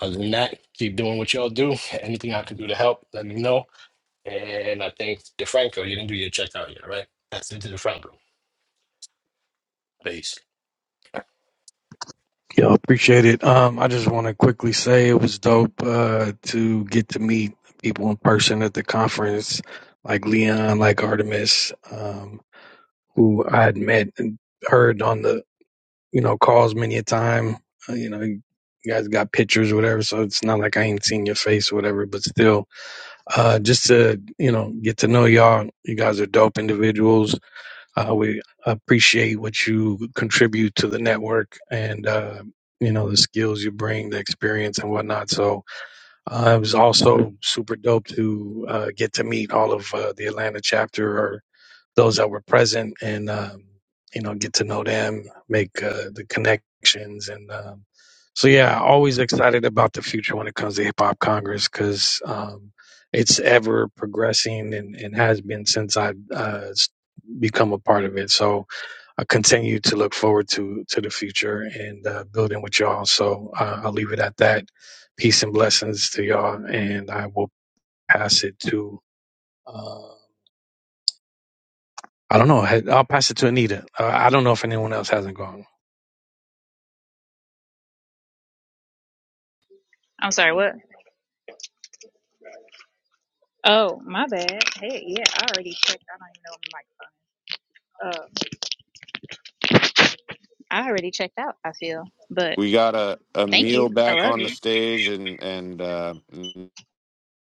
H: Other than that, keep doing what y'all do. Anything I can do to help, let me know. And I think DeFranco, you didn't do your checkout yet, right? That's into DeFranco. Peace.
D: Yeah, appreciate it. Um, I just want to quickly say it was dope uh, to get to meet people in person at the conference, like Leon, like Artemis, um, who I had met and heard on the you know calls many a time. Uh, you know, you guys got pictures, or whatever. So it's not like I ain't seen your face, or whatever. But still, uh, just to you know get to know y'all. You guys are dope individuals Uh, we appreciate what you contribute to the network and, uh, you know, the skills you bring, the experience and whatnot. So uh, it was also super dope to uh, get to meet all of uh, the Atlanta chapter or those that were present and um, you know get to know them, make uh, the connections, and um, so yeah, always excited about the future when it comes to Hip Hop Congress because um, it's ever progressing and, and has been since I've uh, s- become a part of it. So I continue to look forward to to the future and uh, building with y'all. So uh, I'll leave it at that. Peace and blessings to y'all, and I will pass it to. uh, I don't know. I- will pass it to Anita. Uh, I don't know if anyone else hasn't gone.
B: I'm sorry, what? Oh, my bad. Hey, yeah, I already checked. I don't even know my mic. Uh, I already checked out, I feel. But
A: We got a
B: thank
A: Emil
B: you. I
A: back
B: love
A: on the
B: you.
A: stage, and and uh,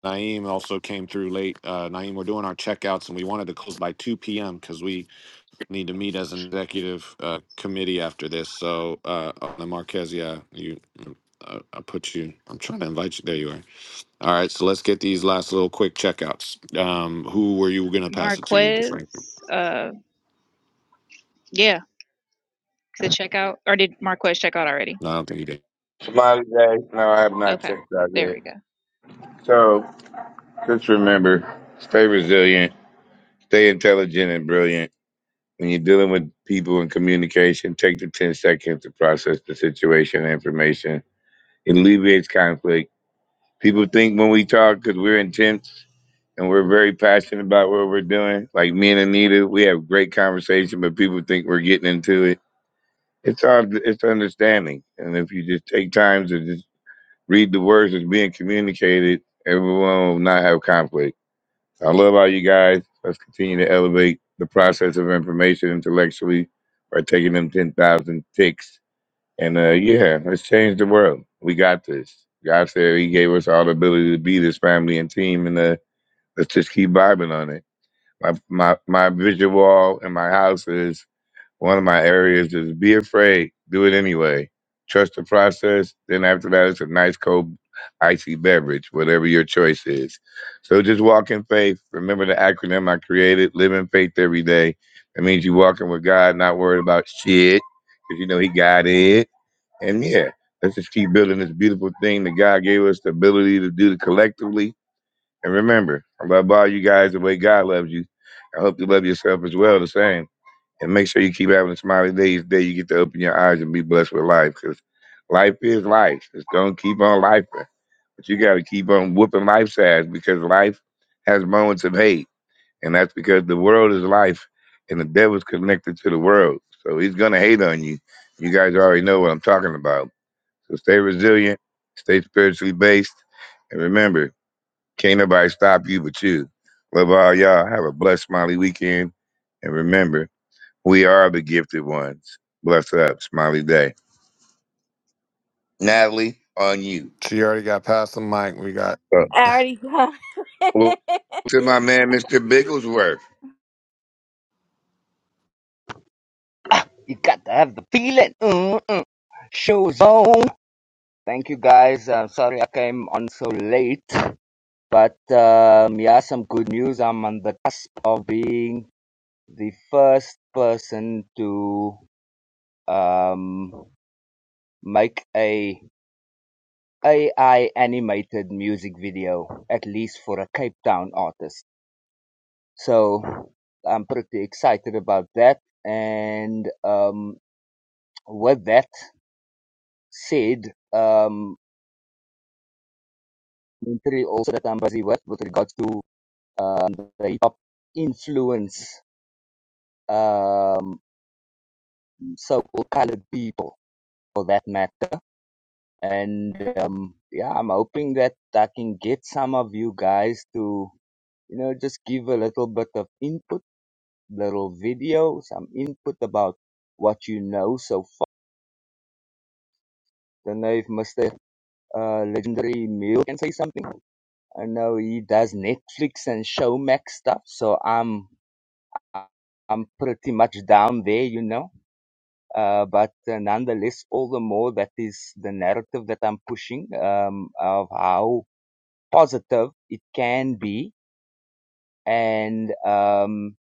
A: Naeem also came through late. Uh, Naeem, we're doing our checkouts, and we wanted to close by two p.m. because we need to meet as an executive uh, committee after this. So, uh, on the Marquez, yeah, you, uh, I put you. I'm trying to invite you. There you are. All right, so let's get these last little quick checkouts. Um, who were you going to pass it to, Frank?
B: Marquez, uh, yeah, to check out. Or did Marquez check out already?
A: No, I don't think he did.
F: Somebody say, no, I have not
B: Okay,
F: checked out
B: there
F: yet.
B: we go.
F: So just remember, stay resilient, stay intelligent and brilliant. When you're dealing with people in communication, take the 10 seconds to process the situation and information. It alleviates conflict People think when we talk because we're intense and we're very passionate about what we're doing. Like me and Anita, we have great conversation, but people think we're getting into it. It's all it's understanding, and if you just take time to just read the words that's being communicated, everyone will not have conflict. I love all you guys. Let's continue to elevate the process of information intellectually by taking them ten thousand ticks and uh, yeah, let's change the world. We got this. God said He gave us all the ability to be this family and team, and uh, let's just keep vibing on it. My my my visual wall in my house is one of my areas is be afraid, do it anyway, trust the process. Then after that, it's a nice cold icy beverage, whatever your choice is. So just walk in faith. Remember the acronym I created: live in faith every day. That means you walking with God, not worried about shit, because you know He got it and yeah, let's just keep building this beautiful thing that God gave us the ability to do collectively. And remember, I love all you guys the way God loves you. I hope you love yourself as well, the same. And make sure you keep having a smiley day each day you get to open your eyes and be blessed with life because life is life. It's going to keep on life. But you got to keep on whooping life's ass because life has moments of hate. And that's because the world is life and the devil's connected to the world. So he's going to hate on you. You guys already know what I'm talking about. So stay resilient, stay spiritually based, and remember, can't nobody stop you but you. Love all y'all. Have a blessed smiley weekend. And remember, we are the gifted ones. Bless up, smiley day. Natalie, on you.
A: She already got past the mic. We got
F: Uh,
K: I already got.
F: well,
K: it.
F: to my man, Mr. Bigglesworth.
N: You got to have the feeling. Mm-mm. Show's on. Thank you guys. Uh, sorry I came on so late, but um, yeah, some good news. I'm on the cusp of being the first person to um, make a AI animated music video, at least for a Cape Town artist. So I'm pretty excited about that. And um, with that said, um, commentary also that Ambasi was with regards to um, the hip hop influence um, so-called colored people for that matter. And um, yeah, I'm hoping that I can get some of you guys to, you know, just give a little bit of input, little video, some input about what you know so far. I Don't know if Mr. Uh, legendary Emil can say something. I know he does Netflix and Showmax stuff, so I'm I'm pretty much down there, you know. Uh, but uh, nonetheless, all the more that is the narrative that I'm pushing um, of how positive it can be, and um,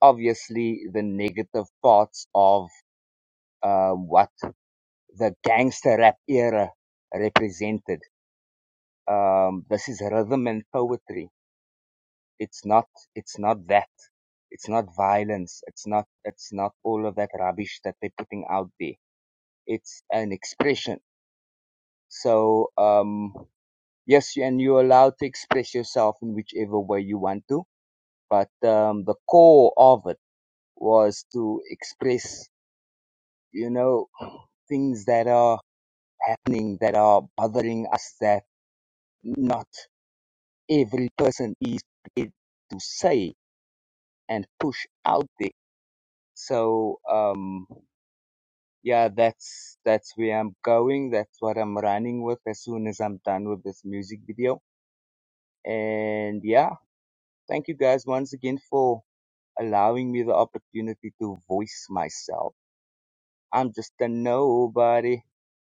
N: obviously the negative parts of uh, what the gangster rap era represented. Um, this is rhythm and poetry. It's not. It's not that. It's not violence. It's not. It's not all of that rubbish that they're putting out there it's an expression. So um, yes, and you're allowed to express yourself in whichever way you want to. But um, the core of it was to express, you know, things that are happening that are bothering us that not every person is prepared to say and push out there. So um, yeah, that's that's where I'm going. That's what I'm running with as soon as I'm done with this music video And yeah, thank you guys once again for allowing me the opportunity to voice myself. I'm just a nobody,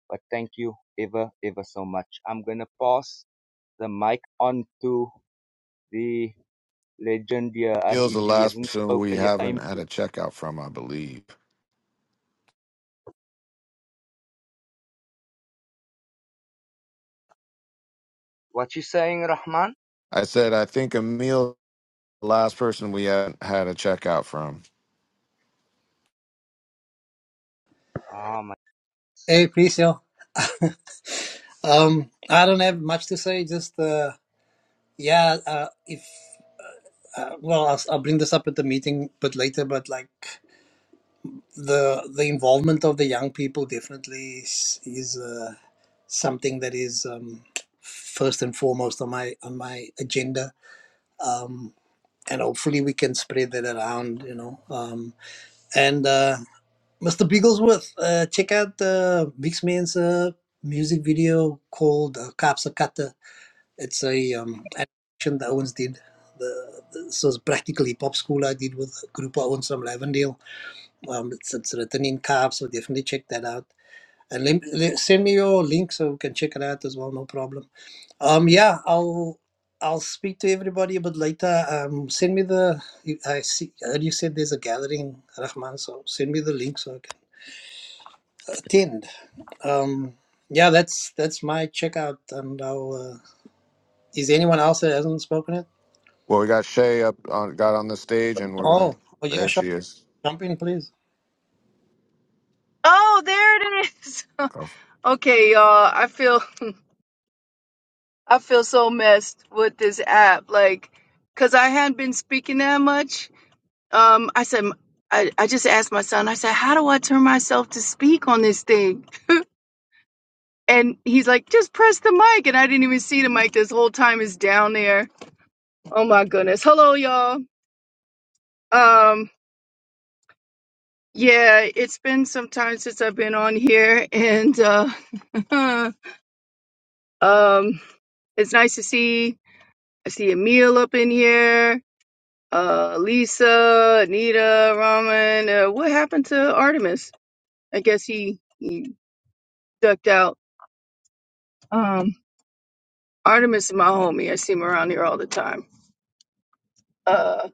N: but thank you ever, ever so much. I'm gonna pass the mic on to the legend here. Uh,
A: Emil's
N: if
A: the
N: he
A: last
N: hasn't
A: person we
N: spoken yet, I'm,
A: haven't had a checkout from, I believe.
N: what you saying, Rahman?
A: I said I think Emil's the last person we haven't had a checkout from.
N: Ah,
I: Hey, Priscilla, Um, I don't have much to say. Just uh, yeah, uh, if uh, well, I'll, I'll bring this up at the meeting, but later. But like the the involvement of the young people definitely is, is uh, something that is um, first and foremost on my on my agenda. Um, and hopefully we can spread that around, you know. Um, And uh, Mr. Bigglesworth, uh, check out uh, Mix Man's uh, music video called uh, Kaapse Katte. It's a um, animation that Owens did. The, the, so practically pop school I did with a group of Owens from Lavendale. Um, it's, it's written in Kaap, so definitely check that out. And lem- le- send me your link so we can check it out as well, no problem. Um, yeah, I'll I'll speak to everybody a bit later. Um, send me the. I see. I heard you said there's a gathering, Rahman. So send me the link so I can Tinned. Um, yeah, that's that's my checkout, and I'll. Uh, is anyone else that hasn't spoken it?
A: Well, we got Shay up on got on the stage and we're gonna
I: Oh, oh yeah,
A: there
I: sure.
A: she is.
I: Jump in, please.
O: Oh, there it is.
A: Go.
O: Okay, y'all. I feel I feel so messed with this app, like, cause I hadn't been speaking that much. Um, I said I, I just asked my son. I said, "How do I turn myself to speak on this thing?" And he's like, "Just press the mic." And I didn't even see the mic this whole time. Is down there. Oh my goodness. Hello, y'all. Um, yeah, it's been some time since I've been on here, and uh, um, it's nice to see. I see Emil up in here, uh, Lisa, Anita, Raman. Uh, what happened to Artemis? I guess he, he ducked out. Um, Artemis is my homie. I see him around here all the time. Uh,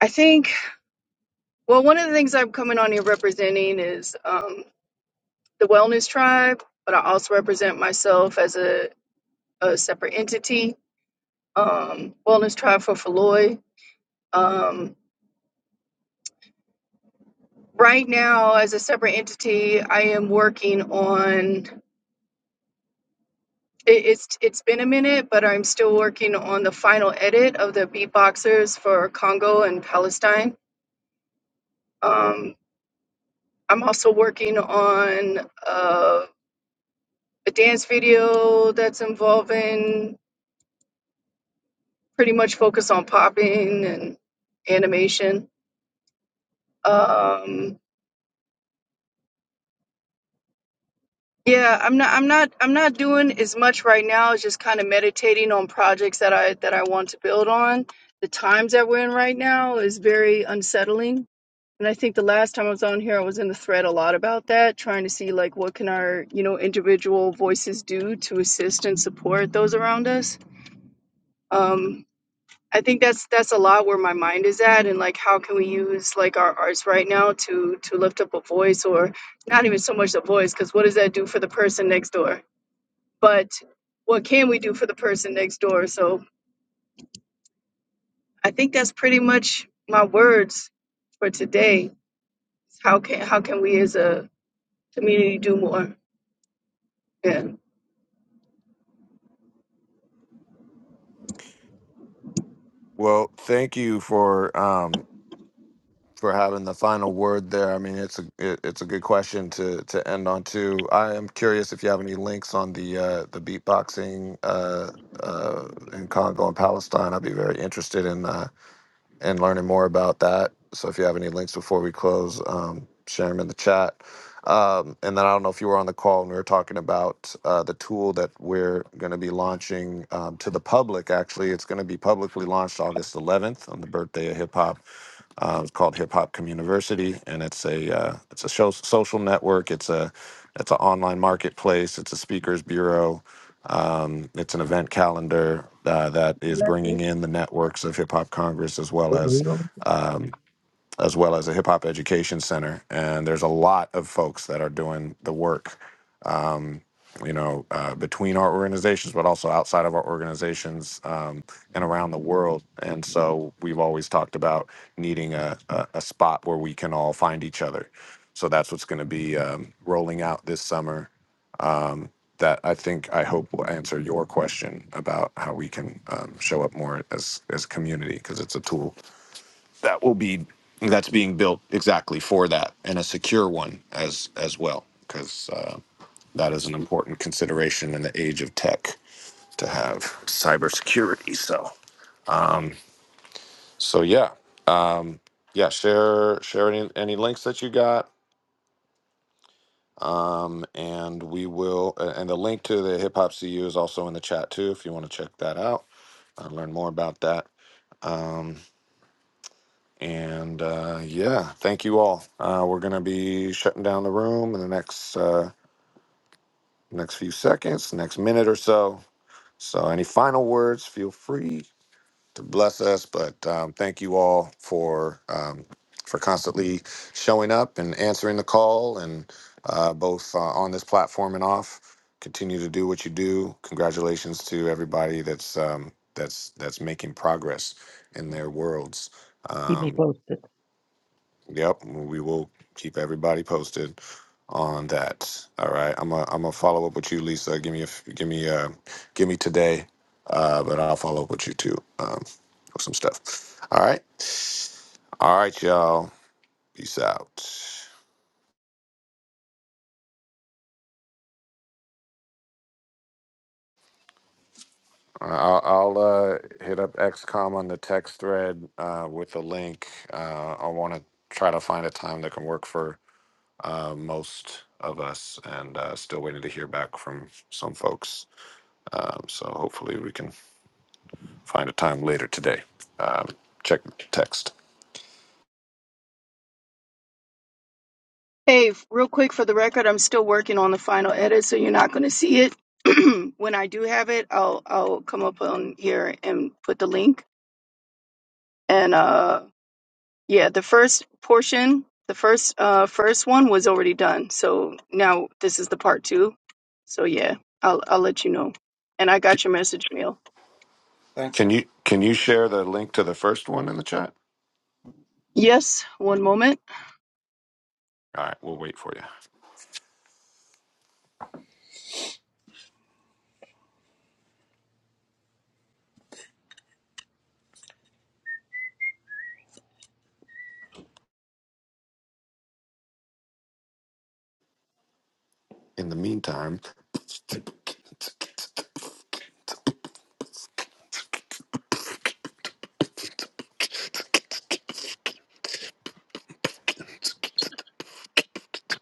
O: I think, well, one of the things I'm coming on here representing is um, the Wellness Tribe, but I also represent myself as a, a separate entity, um, Wellness Tribe for Feloy. Um, right now, as a separate entity, I am working on It, it's it's been a minute, but I'm still working on the final edit of the beatboxers for Congo and Palestine. Um, I'm also working on uh, a dance video that's involving pretty much focus on popping and animation. Um, yeah, I'm not I'm not I'm not doing as much right now. It's just kind of meditating on projects that I that I want to build on. The times that we're in right now is very unsettling And I think the last time I was on here, I was in the thread a lot about that, trying to see like what can our you know individual voices do to assist and support those around us. Um, I think that's that's a lot where my mind is at, and like how can we use like our arts right now to to lift up a voice, or not even so much a voice, because what does that do for the person next door? But what can we do for the person next door? So I think that's pretty much my words for today. How can how can we as a community do more? Yeah.
A: Well, thank you for um for having the final word there. I mean, it's a it, it's a good question to to end on too. I am curious if you have any links on the uh, the beatboxing uh, uh, in Congo and Palestine. I'd be very interested in. Uh, and learning more about that. So if you have any links before we close, um, share them in the chat. Um, and then I don't know if you were on the call and we were talking about uh, the tool that we're going to be launching um, to the public. Actually, it's going to be publicly launched August 11th on the birthday of hip hop. Uh, it's called Hip Hop Community, and it's a uh, it's a show, social network. It's a it's an online marketplace. It's a speakers bureau um, it's an event calendar uh, that is bringing in the networks of Hip Hop Congress as well
O: What, we
A: as
O: don't-
A: um, as well as a hip hop education center. And there's a lot of folks that are doing the work, um, you know, uh, between our organizations, but also outside of our organizations um, and around the world. And so we've always talked about needing a, a, a spot where we can all find each other. So that's what's going to be um, rolling out this summer. Um, that I think I hope will answer your question about how we can um, show up more as as a community because it's a tool be that's being built exactly for that and a secure one as as well because uh, that is an important consideration in the age of tech to have cybersecurity so so yeah um yeah share share any, any links that you got um and we will a- and the link to the hip hop cu is also in the chat too if you want to check that out uh, learn more about that um and uh yeah thank you all uh we're gonna be shutting down the room in the next uh next few seconds, next minute or so. So, any final words? Feel free to bless us. But um, thank you all for um, for constantly showing up and answering the call, and uh, both uh, on this platform and off. Continue to do what you do. Congratulations to everybody that's um, that's that's making progress in their worlds.
M: Keep me
A: Um,
M: posted.
A: Yep, we will keep everybody posted on that. All right, I'm a I'm gonna follow up with you, Lisa. Give me a f- give me uh give me today, uh, but I'll follow up with you too um, with some stuff. All right, all right, y'all. Peace out. Uh, I'll, I'll uh, hit up XCOM on the text thread uh, with the link. Uh, I want to try to find a time that can work for uh, most of us, and uh, still waiting to hear back from some folks. Um, so hopefully we can find a time later today. Um, check the text.
O: Hey, f- real quick for the record, I'm still working on the final edit, so you're not going to see it. when I do have it, I'll I'll come up on here and put the link. And uh, yeah, the first portion, the first uh first one was already done. So now this is the part two. So yeah, I'll I'll let you know. And I
A: C-
O: got your message, Neil.
I: Thanks.
A: Can you can you share the link to the first one in the chat?
O: Yes, one moment.
A: All right, we'll wait for you. In the meantime,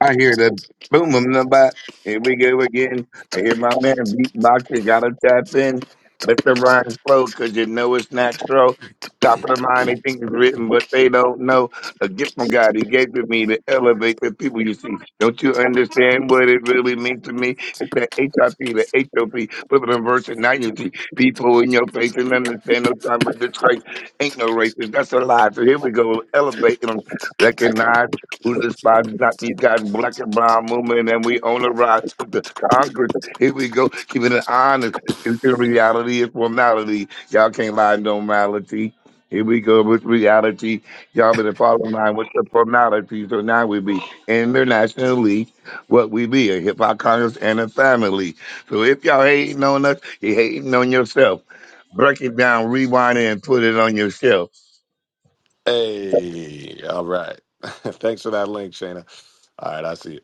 F: I hear the boom boom the bat. Here we go again. I hear my man beatboxing. Gotta tap in. Let the rhymes flow, cause you know it's natural. Top of the mind, they think it's written, but they don't know. A gift from God He gave to me to elevate the people you see. Don't you understand what it really means to me? It's the HIP, the HOP, put it in verse and nine you see. People in your face and understand no time but this Christ ain't no racist. That's a lie. So here we go. elevating them. Recognize who despises not be got black and brown movement, and we own the rise with the Congress. Here we go, keeping it honest. Future reality is formality. Y'all can't lie, no mality. Here we go with reality. Y'all been following line with the formality. So now we be internationally what we be, a hip hop Congress and a family. So if y'all hating on us, you hating on yourself. Break it down, rewind it, and put it on your shelf.
A: hey, all right. Thanks for that link, Shayna. All right, I see you.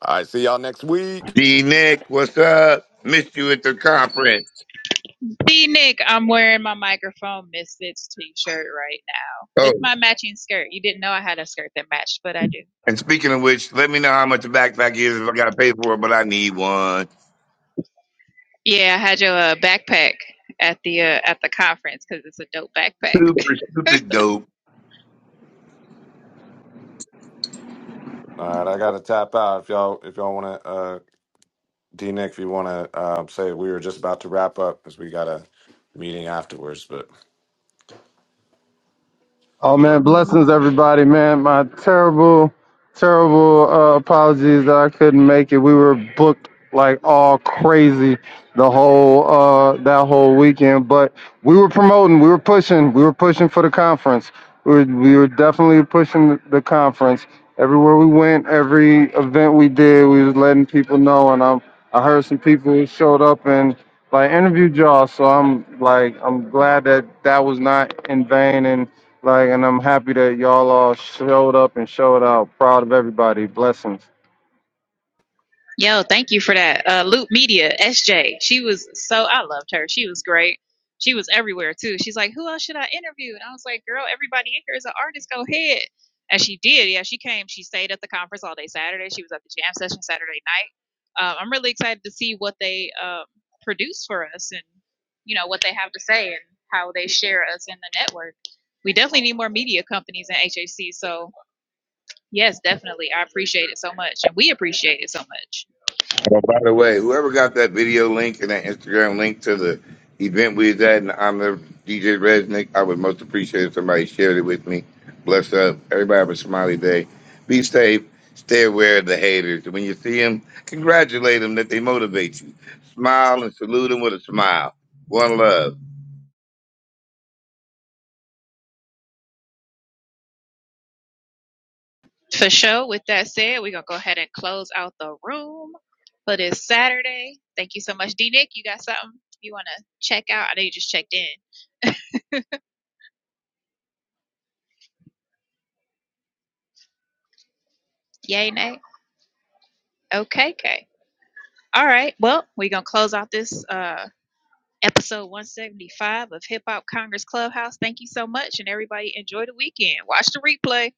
A: All right, see y'all next week.
F: D Nick, what's up? Missed you at the conference.
B: See, Nick, I'm wearing my microphone Misfits t shirt right now
F: Oh,
B: with my matching skirt. You didn't know I had a skirt that matched, but I do.
F: And speaking of which, let me know how much a backpack is if I gotta pay for it, but I need one.
B: Yeah, I had your uh, backpack at the uh, at the conference because it's a dope backpack.
F: Super stupid dope.
A: All right, I gotta tap out. If y'all if y'all wanna uh D Nick, if you wanna uh, say we were just about to wrap up because we got a meeting afterwards, but
P: Oh man, blessings everybody, man. My terrible, terrible uh, apologies that I couldn't make it. We were booked like all crazy the whole uh, that whole weekend, but we were promoting, we were pushing, we were pushing for the conference. We were, we were definitely pushing the conference. Everywhere we went, every event we did, we was letting people know. And I'm, I heard some people who showed up and like interviewed y'all, so I'm like, I'm glad that that was not in vain and like, and I'm happy that y'all all showed up and showed out. Proud of everybody. Blessings.
B: Yo, thank you for that. Uh, Loop Media, SJ. She was so, I loved her. She was great. She was everywhere too. She's like, who else should I interview? And I was like, girl, everybody in here is an artist. Go ahead. And she did. Yeah, she came. She stayed at the conference all day Saturday. She was at the jam session Saturday night. Um, I'm really excited to see what they um, produce for us and, you know, what they have to say and how they share us in the network. We definitely need more media companies in HAC. So, yes, definitely. I appreciate it so much. And we appreciate it so much.
F: Oh, by the way, whoever got that video link and that Instagram link to the event we was at in honor of DJ Resnick, I would most appreciate if somebody shared it with me. Bless up. Everybody have a smiley day. Be safe. Stay aware of the haters. When you see them, congratulate them that they motivate you. Smile and salute them with a smile. One love.
B: For sure. With that said, we're gonna go ahead and close out the room for this Saturday. Thank you so much, D Nick. You got something you wanna check out? I know you just checked in. Yay, Nay. Okay, okay. All right. Well, we're gonna close out this uh episode 175 of Hip Hop Congress Clubhouse. Thank you so much, and everybody enjoy the weekend. Watch the replay.